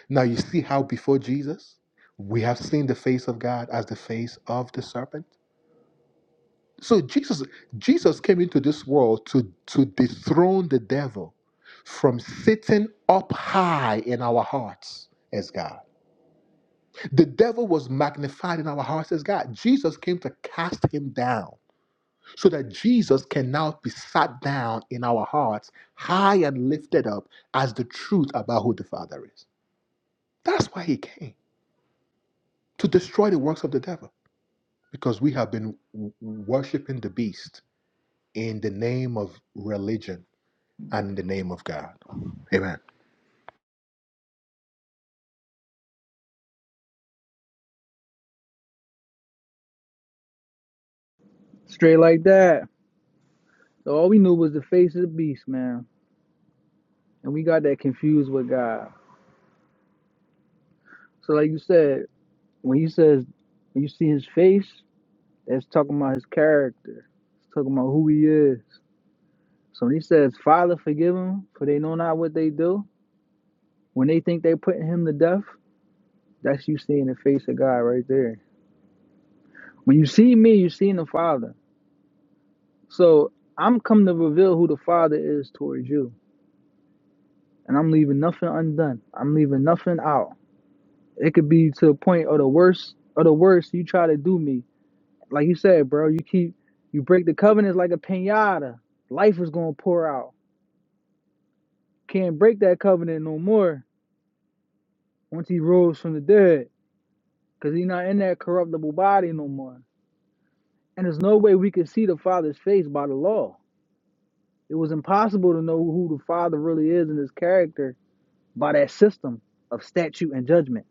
S2: Now, you see how before Jesus, we have seen the face of God as the face of the serpent. So Jesus, Jesus came into this world to, to dethrone the devil from sitting up high in our hearts as God. The devil was magnified in our hearts as God. Jesus came to cast him down so that Jesus can now be sat down in our hearts, high and lifted up as the truth about who the Father is. That's why he came to destroy the works of the devil because we have been w- worshiping the beast in the name of religion and in the name of God. Amen.
S1: Straight like that. So all we knew was the face of the beast, man. And we got that confused with God. So like you said, when he says when you see his face, That's talking about his character. It's talking about who he is. So when he says, Father, forgive them, for they know not what they do. When they think they're putting him to death, that's you seeing the face of God right there. When you see me, you're seeing the Father. So I'm come to reveal who the Father is towards you. And I'm leaving nothing undone. I'm leaving nothing out. It could be to the point of the worst of the worst you try to do me. Like you said, bro, you keep you break the covenants like a pinata. Life is gonna pour out can't break that covenant no more once he rose from the dead because he's not in that corruptible body no more. And there's no way we could see the Father's face by the law. It was impossible to know who the Father really is in his character by that system of statute and judgment.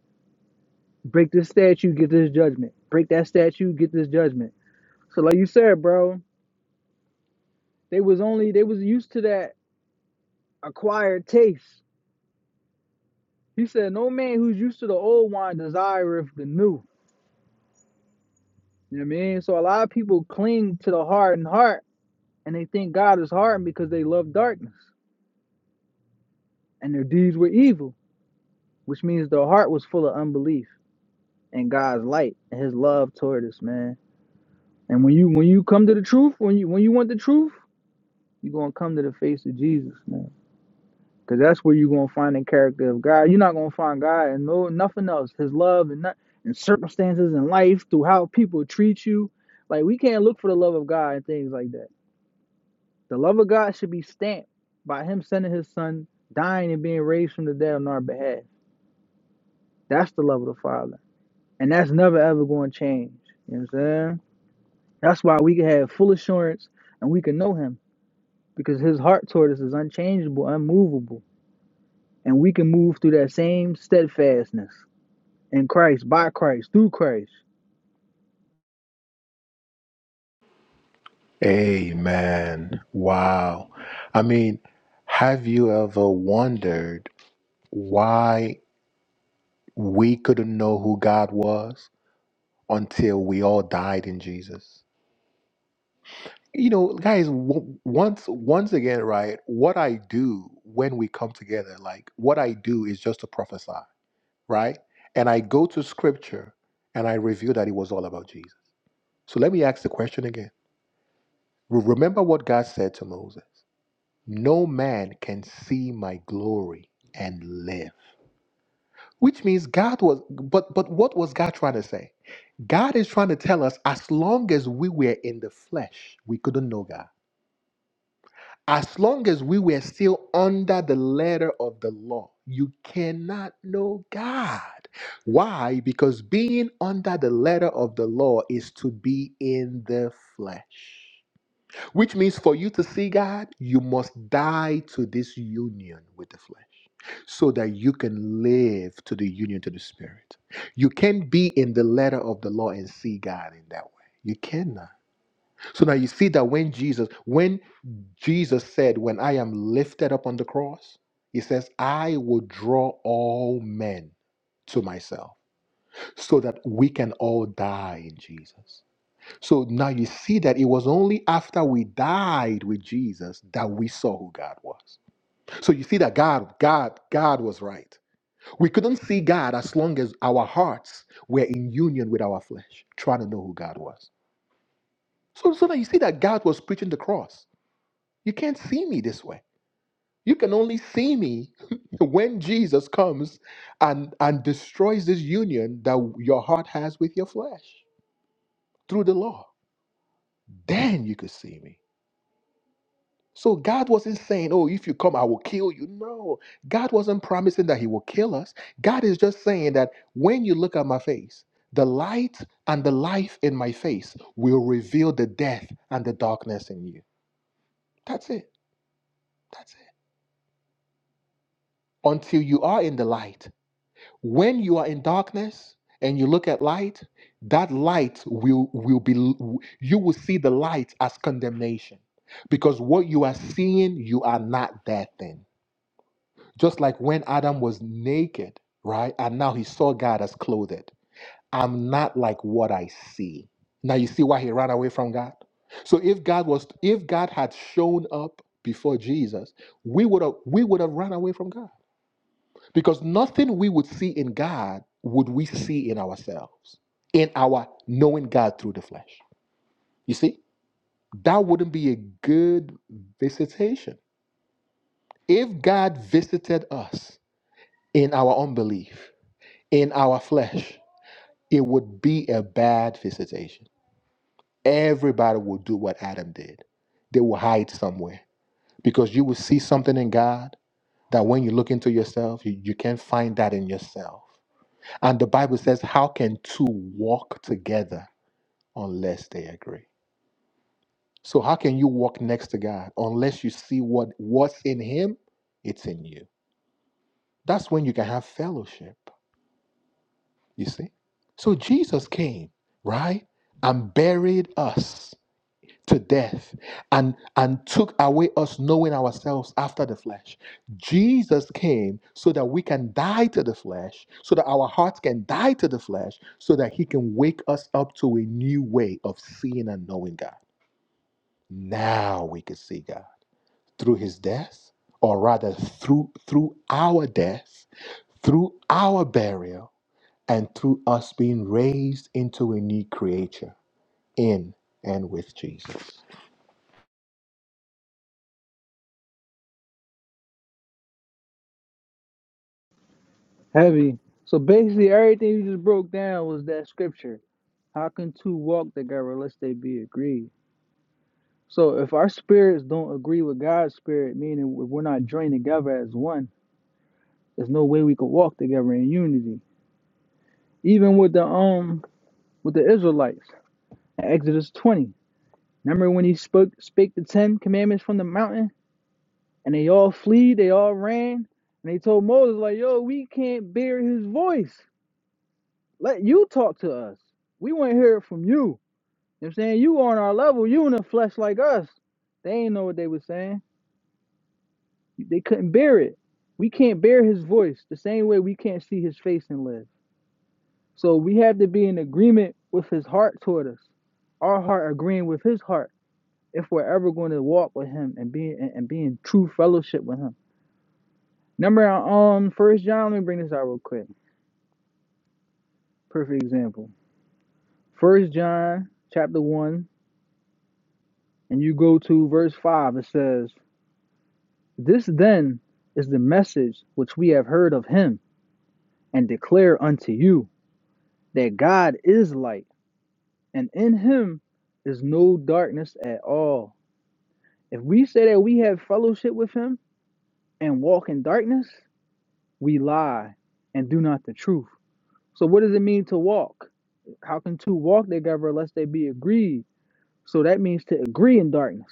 S1: Break this statute, get this judgment. Break that statute, get this judgment. So, like you said, bro, they was only they was used to that acquired taste. He said, "No man who's used to the old wine desireth the new." You know what I mean? So a lot of people cling to the hardened heart and they think God is hardened because they love darkness and their deeds were evil, which means their heart was full of unbelief and God's light and his love toward us, man. And when you when you come to the truth, when you when you want the truth, you're gonna come to the face of Jesus, man. Cause that's where you're gonna find the character of God. You're not gonna find God and no nothing else. His love and not, and circumstances in life, through how people treat you. Like we can't look for the love of God and things like that. The love of God should be stamped by Him sending His Son, dying and being raised from the dead on our behalf. That's the love of the Father. And that's never ever going to change. You know what I'm saying? That's why we can have full assurance and we can know Him because His heart toward us is unchangeable, unmovable. And we can move through that same steadfastness in Christ, by Christ, through Christ.
S2: Amen. Wow. I mean, have you ever wondered why we couldn't know who God was until we all died in Jesus? you know guys w- once once again right what i do when we come together like what i do is just to prophesy right and i go to scripture and i reveal that it was all about jesus so let me ask the question again Re- remember what god said to moses no man can see my glory and live which means god was but but what was god trying to say god is trying to tell us as long as we were in the flesh we couldn't know god As long as we were still under the letter of the law, you cannot know God. Why? Because being under the letter of the law is to be in the flesh. Which means for you to see God, you must die to this union with the flesh so that you can live to the union to the spirit. You can't be in the letter of the law and see God in that way. You cannot. So now you see that when Jesus, when Jesus said, When I am lifted up on the cross, he says, I will draw all men to myself so that we can all die in Jesus. So now you see that it was only after we died with Jesus that we saw who God was. So you see that God, God, God was right. We couldn't see God as long as our hearts were in union with our flesh, trying to know who God was. So, so now you see that God was preaching the cross. You can't see me this way. You can only see me [laughs] when Jesus comes and, and destroys this union that your heart has with your flesh through the law. Then you could see me. So God wasn't saying, Oh, if you come, I will kill you. No, God wasn't promising that He will kill us. God is just saying that when you look at my face, the light and the life in my face will reveal the death and the darkness in you. That's it. That's it. Until you are in the light When you are in darkness and you look at light, that light will, will be, you will see the light as condemnation. Because what you are seeing, you are not that thing. Just like when Adam was naked, right? And now he saw God as clothed. I'm not like what I see. Now you see why he ran away from God? So if God was if God had shown up before Jesus, we would have we would have run away from God. Because nothing we would see in God would we see in ourselves, in our knowing God through the flesh. You see, that wouldn't be a good visitation. If God visited us in our unbelief, in our flesh, it would be a bad visitation. Everybody will do what Adam did, they will hide somewhere because you will see something in God that when you look into yourself, you, you can't find that in yourself. And the Bible says, How can two walk together unless they agree? So, how can you walk next to God unless you see what, what's in Him? It's in you. That's when you can have fellowship, you see? So, Jesus came, right? And buried us to death and and took away us knowing ourselves after the flesh jesus came so that we can die to the flesh so that our hearts can die to the flesh so that he can wake us up to a new way of seeing and knowing god now we can see god through his death or rather through through our death through our burial and through us being raised into a new creature in and with jesus
S1: Heavy. So basically, everything you just broke down was that scripture. How can two walk together unless they be agreed? So if our spirits don't agree with God's spirit, meaning if we're not joined together as one, there's no way we could walk together in unity. Even with the um with the Israelites, Exodus 20. Remember when he spoke spake the ten commandments from the mountain and they all fled, they all ran, and they told Moses, like, yo, we can't bear his voice. Let you talk to us. We want to hear it from you. You know what I'm saying? You on our level, you in the flesh like us. They ain't know what they were saying. They couldn't bear it. We can't bear his voice the same way we can't see his face and live. So we have to be in agreement with his heart toward us. Our heart agreeing with his heart if we're ever going to walk with him and be and, and be in true fellowship with him. Number um first John, let me bring this out real quick. Perfect example. First John chapter one, and you go to verse five, it says, This then is the message which we have heard of him and declare unto you that God is light and in him is no darkness at all. If we say that we have fellowship with him and walk in darkness, we lie and do not the truth. So, what does it mean to walk? How can two walk together unless they be agreed? So, that means to agree in darkness.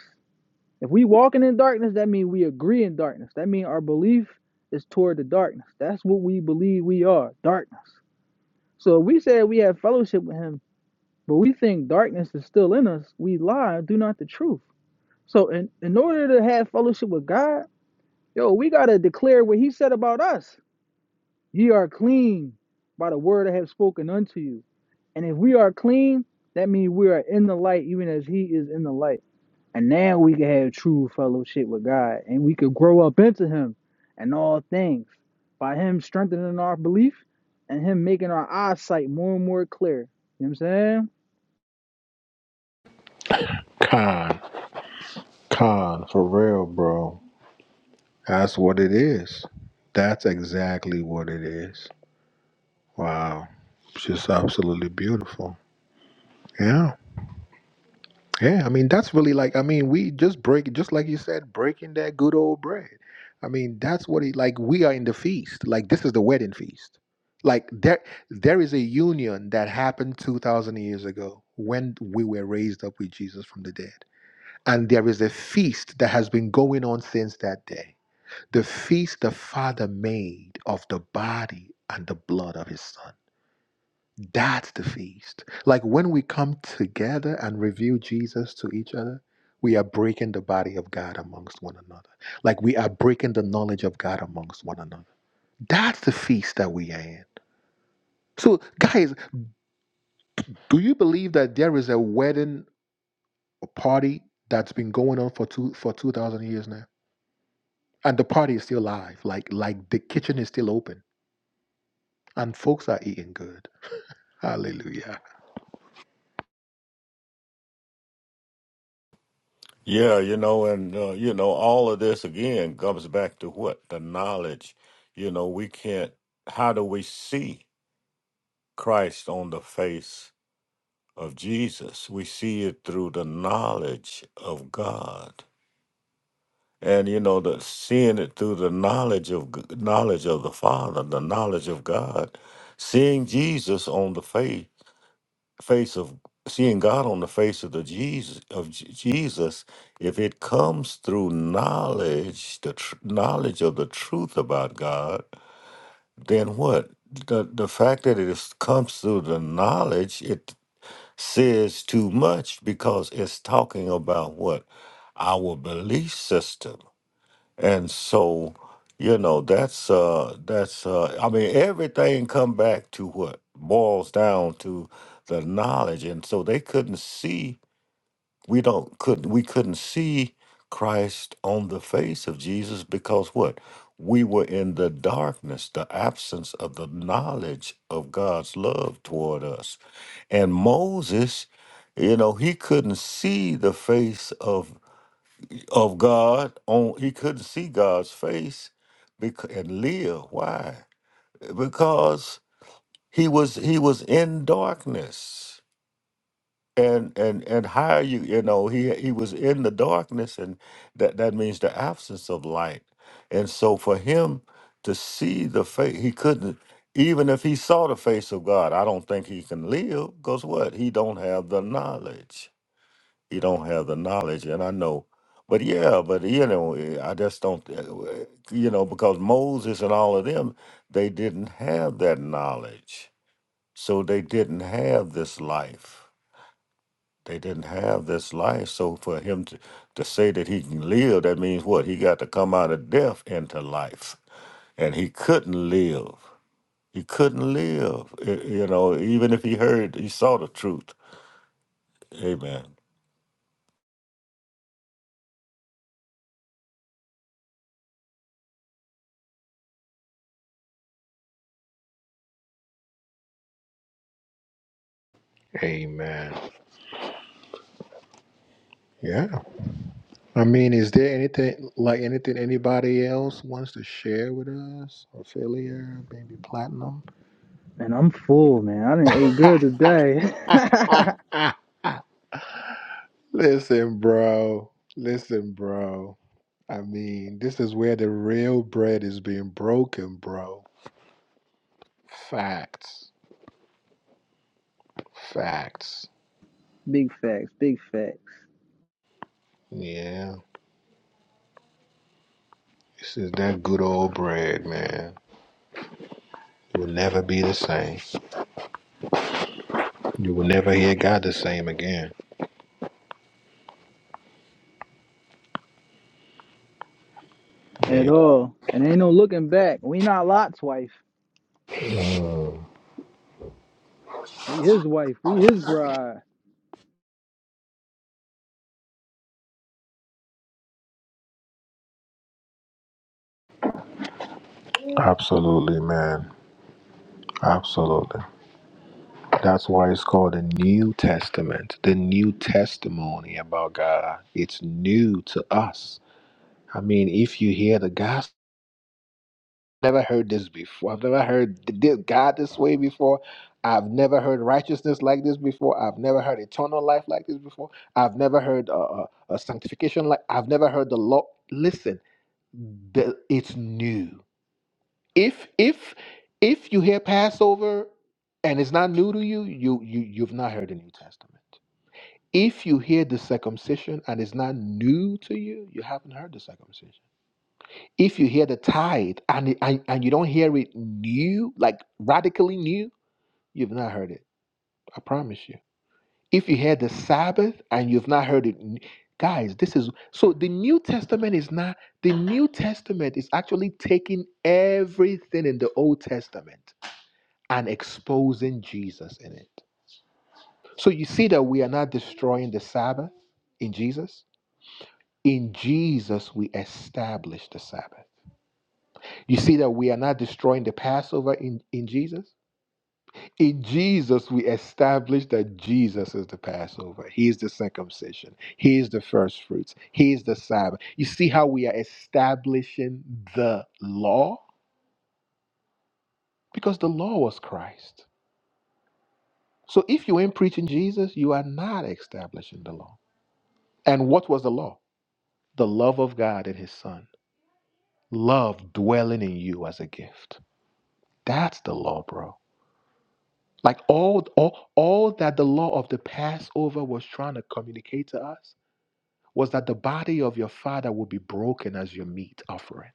S1: If we walking in darkness, that means we agree in darkness. That means our belief is toward the darkness. That's what we believe we are darkness. So, if we say we have fellowship with him, but we think darkness is still in us, we lie and do not the truth. So in, in order to have fellowship with God, yo, we gotta declare what he said about us. Ye are clean by the word I have spoken unto you. And if we are clean, that means we are in the light, even as he is in the light. And now we can have true fellowship with God and we could grow up into him and all things by him strengthening our belief and him making our eyesight more and more clear. You know what I'm saying?
S2: Come. Con, for real, bro. That's what it is. That's exactly what it is. Wow. It's just absolutely beautiful. Yeah. Yeah. I mean, that's really like, I mean, we just break, just like you said, breaking that good old bread. I mean, that's what it, like, we are in the feast. Like, this is the wedding feast. Like, there, there is a union that happened 2,000 years ago when we were raised up with Jesus from the dead. And there is a feast that has been going on since that day the feast the Father made of the body and the blood of his Son. That's the feast. Like when we come together and reveal Jesus to each other, we are breaking the body of God amongst one another. Like we are breaking the knowledge of God amongst one another. That's the feast that we are in. So, guys, do you believe that there is a wedding party that's been going on for two for two thousand years now, and the party is still live? Like, like the kitchen is still open, and folks are eating good. Hallelujah.
S3: Yeah, you know, and uh, you know, all of this again comes back to what? The knowledge. You know, we can't how do we see Christ on the face of Jesus? We see it through the knowledge of God. And you know, the seeing it through the knowledge of g- knowledge of the Father, the knowledge of God, seeing Jesus on the face face of seeing God on the face of the Jesus of J- Jesus, if it comes through knowledge, the tr- knowledge of the truth about God, then what? The the fact that it is, comes through the knowledge, it says too much because it's talking about what our belief system. And so, you know, that's uh that's uh I mean everything come back to what boils down to the knowledge. And so they couldn't see we don't couldn't we couldn't see Christ on the face of Jesus because what? We were in the darkness, the absence of the knowledge of God's love toward us. And Moses, you know, he couldn't see the face of of God on he couldn't see God's face because, and live. Why? Because he was he was in darkness. And and and how you you know he he was in the darkness and that that means the absence of light. And so for him to see the face he couldn't even if he saw the face of God, I don't think he can live because what? He don't have the knowledge you don't have the knowledge and i know but yeah but you know eh, i just don't eh, w- you know because moses and all of them they didn't have that knowledge so they didn't have this life they didn't have this life so for him to, to say that he can live that means what he got to come out of death into life and he couldn't live he couldn't live eh, you know even if he heard he saw the truth amen
S2: Amen. Yeah. I mean, is there anything like anything anybody else wants to share with us? Ophelia, baby Platinum?
S1: And I'm full, man. I didn't eat good today. [laughs]
S2: [laughs] Listen, bro. Listen, bro. I mean, this is where the real bread is being broken, bro. Facts. Facts.
S1: big facts, big facts.
S2: Yeah. This is that good old bread, man. It will never be the same. You will never hear God the same again.
S1: at
S2: Yeah.
S1: all. And ain't no looking back. We not Lot's wife.
S2: Mm.
S1: We his wife. We his bride.
S2: Absolutely, man. Absolutely. That's why it's called the New Testament, the new testimony about God. It's new to us. I mean, if you hear the gospel, I've never heard this before. I've never heard th- th- God this way before. I've never heard righteousness like this before. I've never heard eternal life like this before. I've never heard uh, uh, uh, sanctification like. I've never heard the law. Listen, the, it's new. if if if you hear Passover and it's not new to you, you you you've not heard the New Testament. If you hear the circumcision and it's not new to you, you haven't heard the circumcision. If you hear the tithe and it- and, and you don't hear it new, like radically new, you've not heard it. I promise you. If you hear the Sabbath and you've not heard it, n- guys, this is so the New Testament is not the New Testament is actually taking everything in the Old Testament and exposing Jesus in it. So you see that we are not destroying the Sabbath in Jesus. In Jesus, we establish the Sabbath. You see that we are not destroying the Passover in, in Jesus. In Jesus, we establish that Jesus is the Passover. He is the circumcision. He is the first fruits. He is the Sabbath. You see how we are establishing the law? Because the law was Christ. So if you ain't preaching Jesus, you are not establishing the law. And what was the law? The love of God and his son. Love dwelling in you as a gift. That's the law, bro. Like all, all, all that the law of the Passover was trying to communicate to us was that the body of your father would be broken as your meat offering.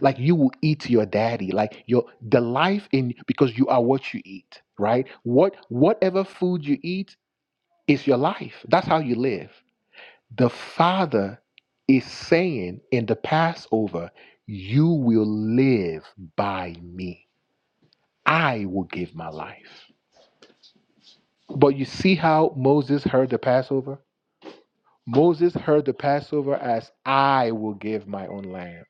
S2: Like you will eat your daddy, like your the life in because you are what you eat, right? What whatever food you eat is your life. That's how you live. The Father is saying in the Passover, You will live by me. I will give my life. But you see how Moses heard the Passover? Moses heard the Passover as I will give my own lamb.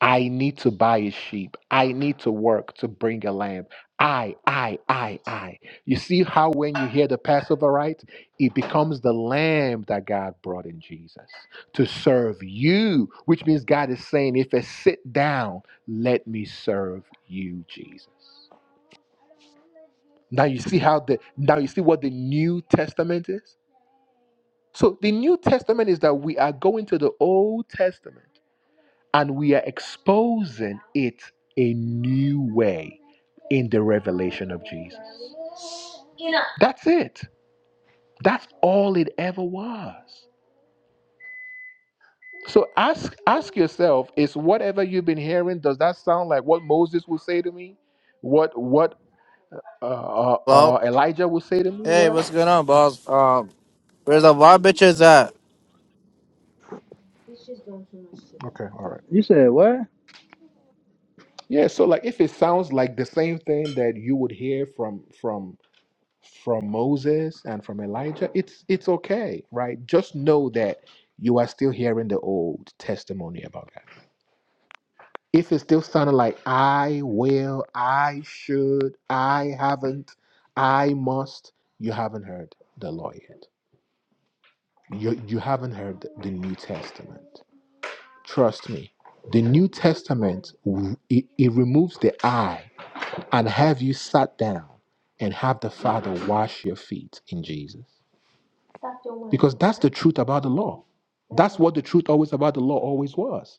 S2: I need to buy a sheep. I need to work to bring a lamb. I, I, I, I. You see how when you hear the Passover rite, it becomes the lamb that God brought in Jesus to serve you, which means God is saying, if I sit down, let me serve you, Jesus. Now you see how the now you see what the New Testament is? So the New Testament is that we are going to the Old Testament and we are exposing it a new way in the revelation of Jesus. That's it. That's all it ever was. So ask ask yourself, is whatever you've been hearing, does that sound like what Moses would say to me? What what uh, uh,
S4: Hello.
S2: uh, Elijah would say to me?
S4: Hey,
S2: Well,
S4: what's going on, boss? Um, where's the wild bitches at?
S2: okay, all right.
S1: You said what?
S2: Yeah, so like if it sounds like the same thing that you would hear from from from Moses and from Elijah, it's it's okay, right? Just know that you are still hearing the old testimony about that. If it's still sounding like I will, I should, I haven't, I must, you haven't heard the law yet. You you haven't heard the New Testament. Trust me. The New Testament w- it, it removes the I and have you sat down and have the Father wash your feet in Jesus. Because that's the truth about the law. That's what the truth always about the law always was.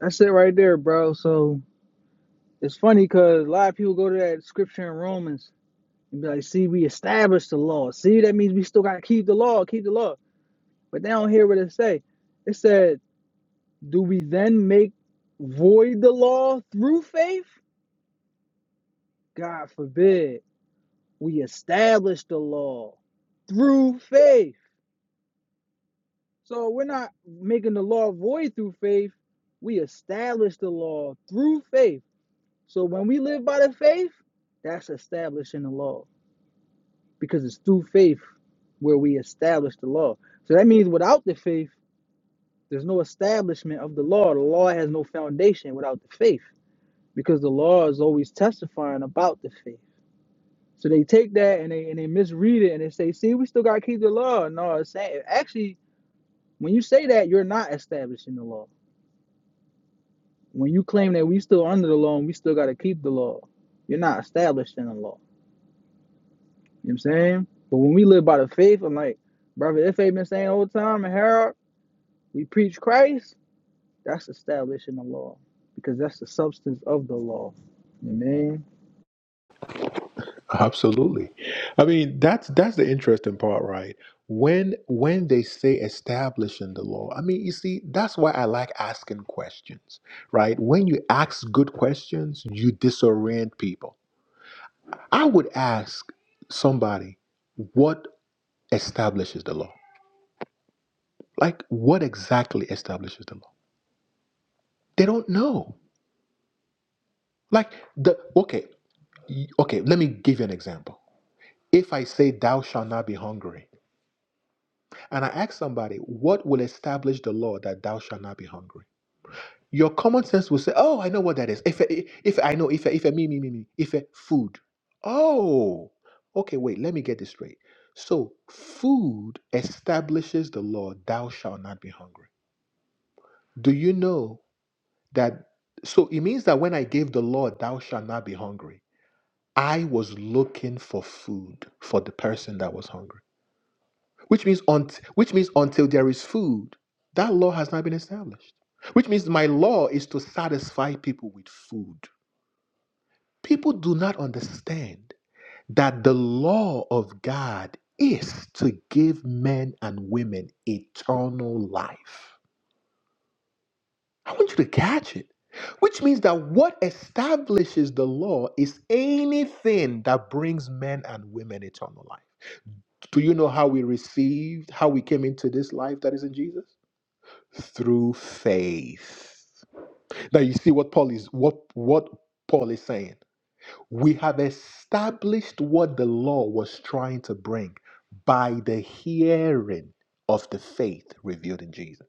S1: That's it right there, bro. So it's funny because a lot of people go to that scripture in Romans and be like, see, we established the law. See, that means we still got to keep the law, keep the law. But they don't hear what it say. It said, do we then make void the law through faith? God forbid. We establish the law through faith. So we're not making the law void through faith. We establish the law through faith. So when we live by the faith, that's establishing the law because it's through faith where we establish the law. So that means without the faith, there's no establishment of the law. The law has no foundation without the faith because the law is always testifying about the faith. So they take that and they and they misread it and they say, "See, we still got to keep the law." No, it's saying actually when you say that, you're not establishing the law When you claim that we still under the law and we still got to keep the law, you're not established in the law. You know what I'm saying? But when we live by the faith, I'm like, brother, if they been saying all the time, and Harold, we preach Christ, that's established in the law because that's the substance of the law. You know what I mean?
S2: Absolutely. I mean, that's that's the interesting part, right? When when they say establishing the law, I mean, you see, that's why I like asking questions, right? When you ask good questions, you disorient people. I would ask somebody, what establishes the law? Like, what exactly establishes the law? They don't know. Like the okay, y- okay, let me give you an example. If I say, Thou shalt not be hungry, and I ask somebody, What will establish the law that thou shalt not be hungry? Your common sense will say, Oh, I know what that is. If if I know, if if me me me me, if food. Oh, okay. Wait, let me get this straight. So food establishes the law, Thou shalt not be hungry. Do you know that? So it means that when I gave the law, Thou shalt not be hungry, I was looking for food for the person that was hungry. which means unt- which means until there is food that law has not been established which means my law is to satisfy people with food people do not understand that the law of god is to give men and women eternal life i want you to catch it which means that what establishes the law is anything that brings men and women eternal life do you know how we received how we came into this life that is in jesus through faith. Now you see what Paul is what what Paul is saying. We have established what the law was trying to bring by the hearing of the faith revealed in Jesus.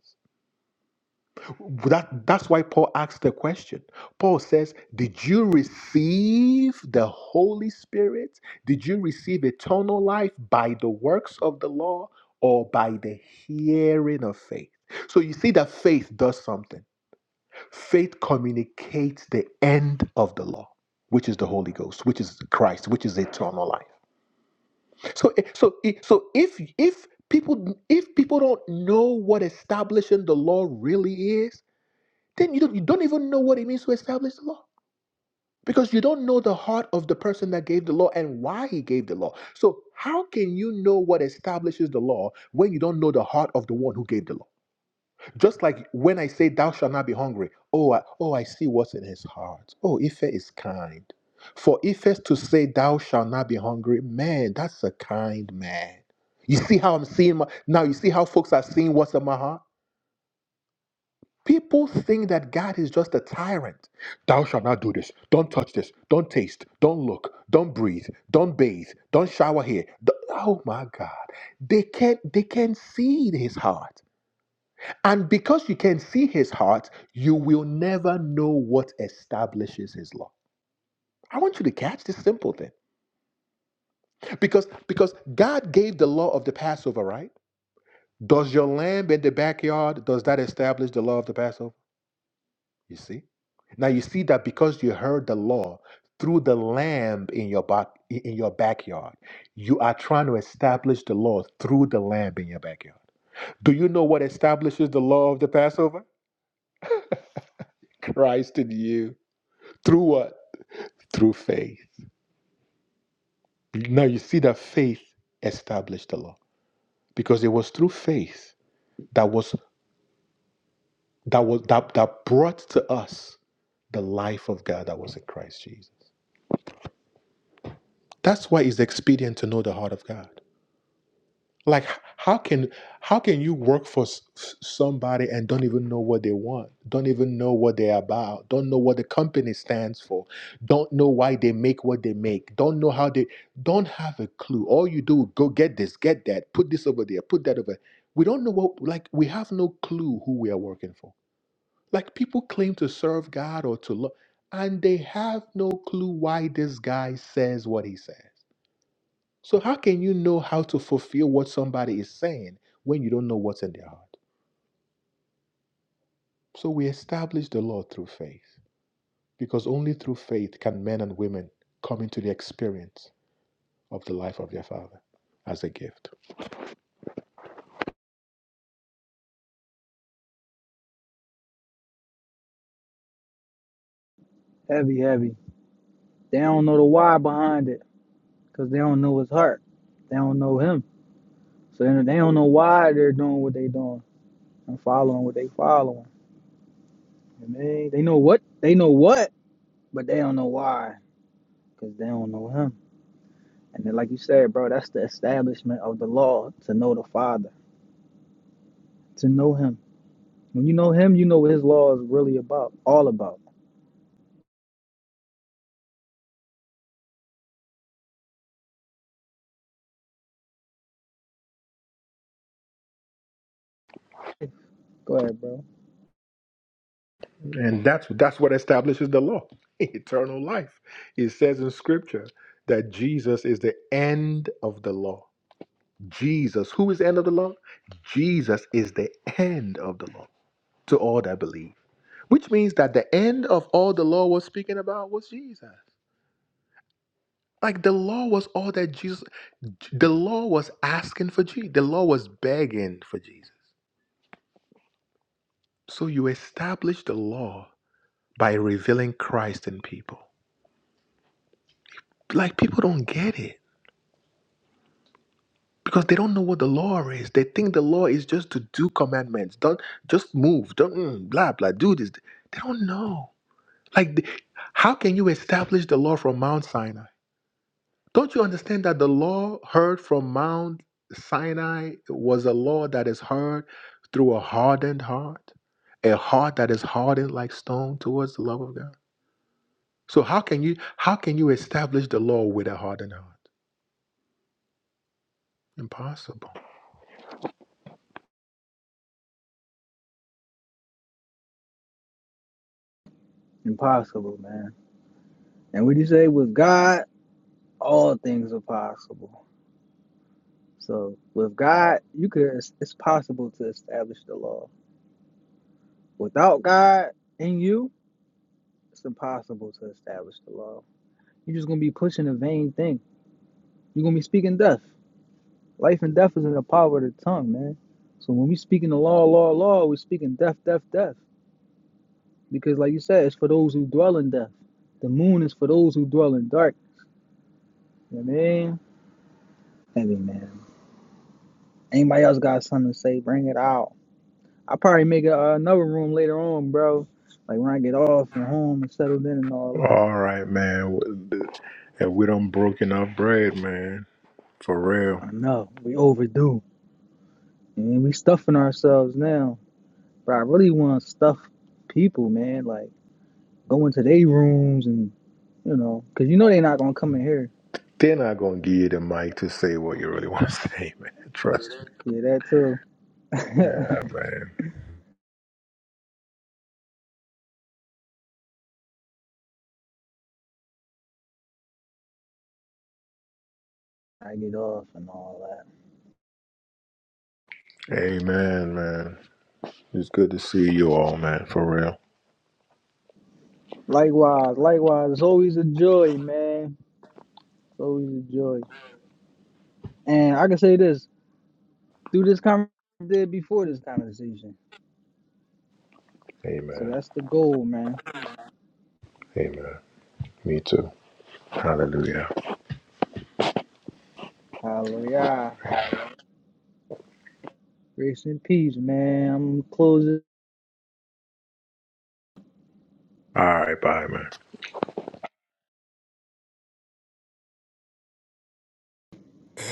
S2: That, that's why Paul asked the question. Paul says, Did you receive the Holy Spirit? Did you receive eternal life by the works of the law or by the hearing of faith? So you see that faith does something Faith communicates the end of the law, which is the Holy Ghost, which is Christ, which is eternal life. So, eh, so, eh, so if if people if people don't know what establishing the law really is, then you don't you don't even know what it means to establish the law because you don't know the heart of the person that gave the law and why he gave the law. So, how can you know what establishes the law when you don't know the heart of the one who gave the law? Just like when I say, Thou shalt not be hungry, oh, I, oh, I see what's in his heart. Oh, Ife is kind. For Ife to say, Thou shalt not be hungry, man, that's a kind man. You see how I'm seeing my, now, you see how folks are seeing what's in my heart? People think that God is just a tyrant. Thou shalt not do this. Don't touch this. Don't taste. Don't look. Don't breathe. Don't bathe. Don't shower here. Don't- oh my God. They can't they can't see his heart. And because you can see his heart, you will never know what establishes his law. I want you to catch this simple thing. Because because God gave the law of the Passover, right? Does your lamb in the backyard, does that establish the law of the Passover? You see? Now you see that because you heard the law through the lamb in your back in your backyard, you are trying to establish the law through the lamb in your backyard. Do you know what establishes the law of the Passover? Christ in you. Through what? through faith. Now you see that faith established the law because it was through faith that was that was that, that brought to us the life of God that was in Christ Jesus. That's why it's expedient to know the heart of God. like h- how can how can you work for s- s- somebody and don't even know what they want don't even know what they're about don't know what the company stands for don't know why they make what they make don't know how they don't have a clue all you do go get this get that put this over there put that over we don't know what like we have no clue who we are working for like people claim to serve god or to love and they have no clue why this guy says what he says so, how can you know how to fulfill what somebody is saying when you don't know what's in their heart? So, we establish the law through faith because only through faith can men and women come into the experience of the life of their Father as a gift.
S1: Heavy, heavy. They don't know the why behind it because they don't know his heart. They don't know him. So they don't know why they're doing what they are doing and following what they are following. You know what I mean? They know what, they know what, but they don't know why because they don't know him. And then, like you said, bro, that's the establishment of the law to know the Father, to know Him. When you know Him, you know what His law is really about, all about. Go ahead, bro.
S2: And that's, that's what establishes the law [laughs] eternal life. It says in Scripture that Jesus is the end of the law. Jesus, who is the end of the law? Jesus is the end of the law to all that believe. Which means that the end of all the law was speaking about was Jesus. Like the law was all that Jesus, the law was asking for Jesus, the law was begging for Jesus. So you establish the law by revealing Christ in people. Like people don't get it because they don't know what the law is. They think the law is just to do commandments, don't just move, don't mm, blah blah, do this. They don't know. Like, the- how can you establish the law from Mount Sinai? Don't you understand that the law heard from Mount Sinai was a law that is heard through a hardened heart, a heart that is hardened like stone towards the love of God? So how can you how can you establish the law with a hardened heart? Impossible.
S1: Impossible, man. And what you say with God, all things are possible. So with God, you could it's, it's possible to establish the law. Without God in you, it's impossible to establish the law. You're just gonna be pushing a vain thing. You're gonna be speaking death. Life and death is in the power of the tongue, man. So when we speak in the law, law, law, we're speaking death, death, death. Because like you said, it's for those who dwell in death. The moon is for those who dwell in dark. You know what I mean? Heavy man. Anybody else got something to say? Bring it out. I'll probably make a, uh, another room later on, bro. Like when I get off and home and settled in and all that.
S2: All right, man. If we don't broke enough bread, man, for real.
S1: I know. We overdue. And we stuffing ourselves now. But I really want to stuff people, man. Like go into their rooms and You know, because you know they're not gonna come in here.
S2: They're not gonna give you the mic to say what you really want to [laughs] say, man. Trust me.
S1: Yeah, that too. [laughs]
S2: Yeah,
S1: I
S2: man.
S1: get off and all that.
S2: Amen, man. It's good to see you all, man. For real.
S1: Likewise, likewise. It's always a joy, man. It's always a joy. And I can say this through this conversation did before this conversation. So
S2: Amen.
S1: that's the goal, man.
S2: Amen. Me too. Hallelujah.
S1: Hallelujah. Grace and peace, man. I'm gonna close it.
S2: All right. Bye, man.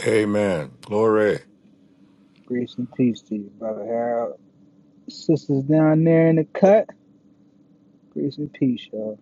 S3: amen glory
S1: Grace and peace to you, brother Harold. Sisters down there in the cut. Grace and peace, y'all.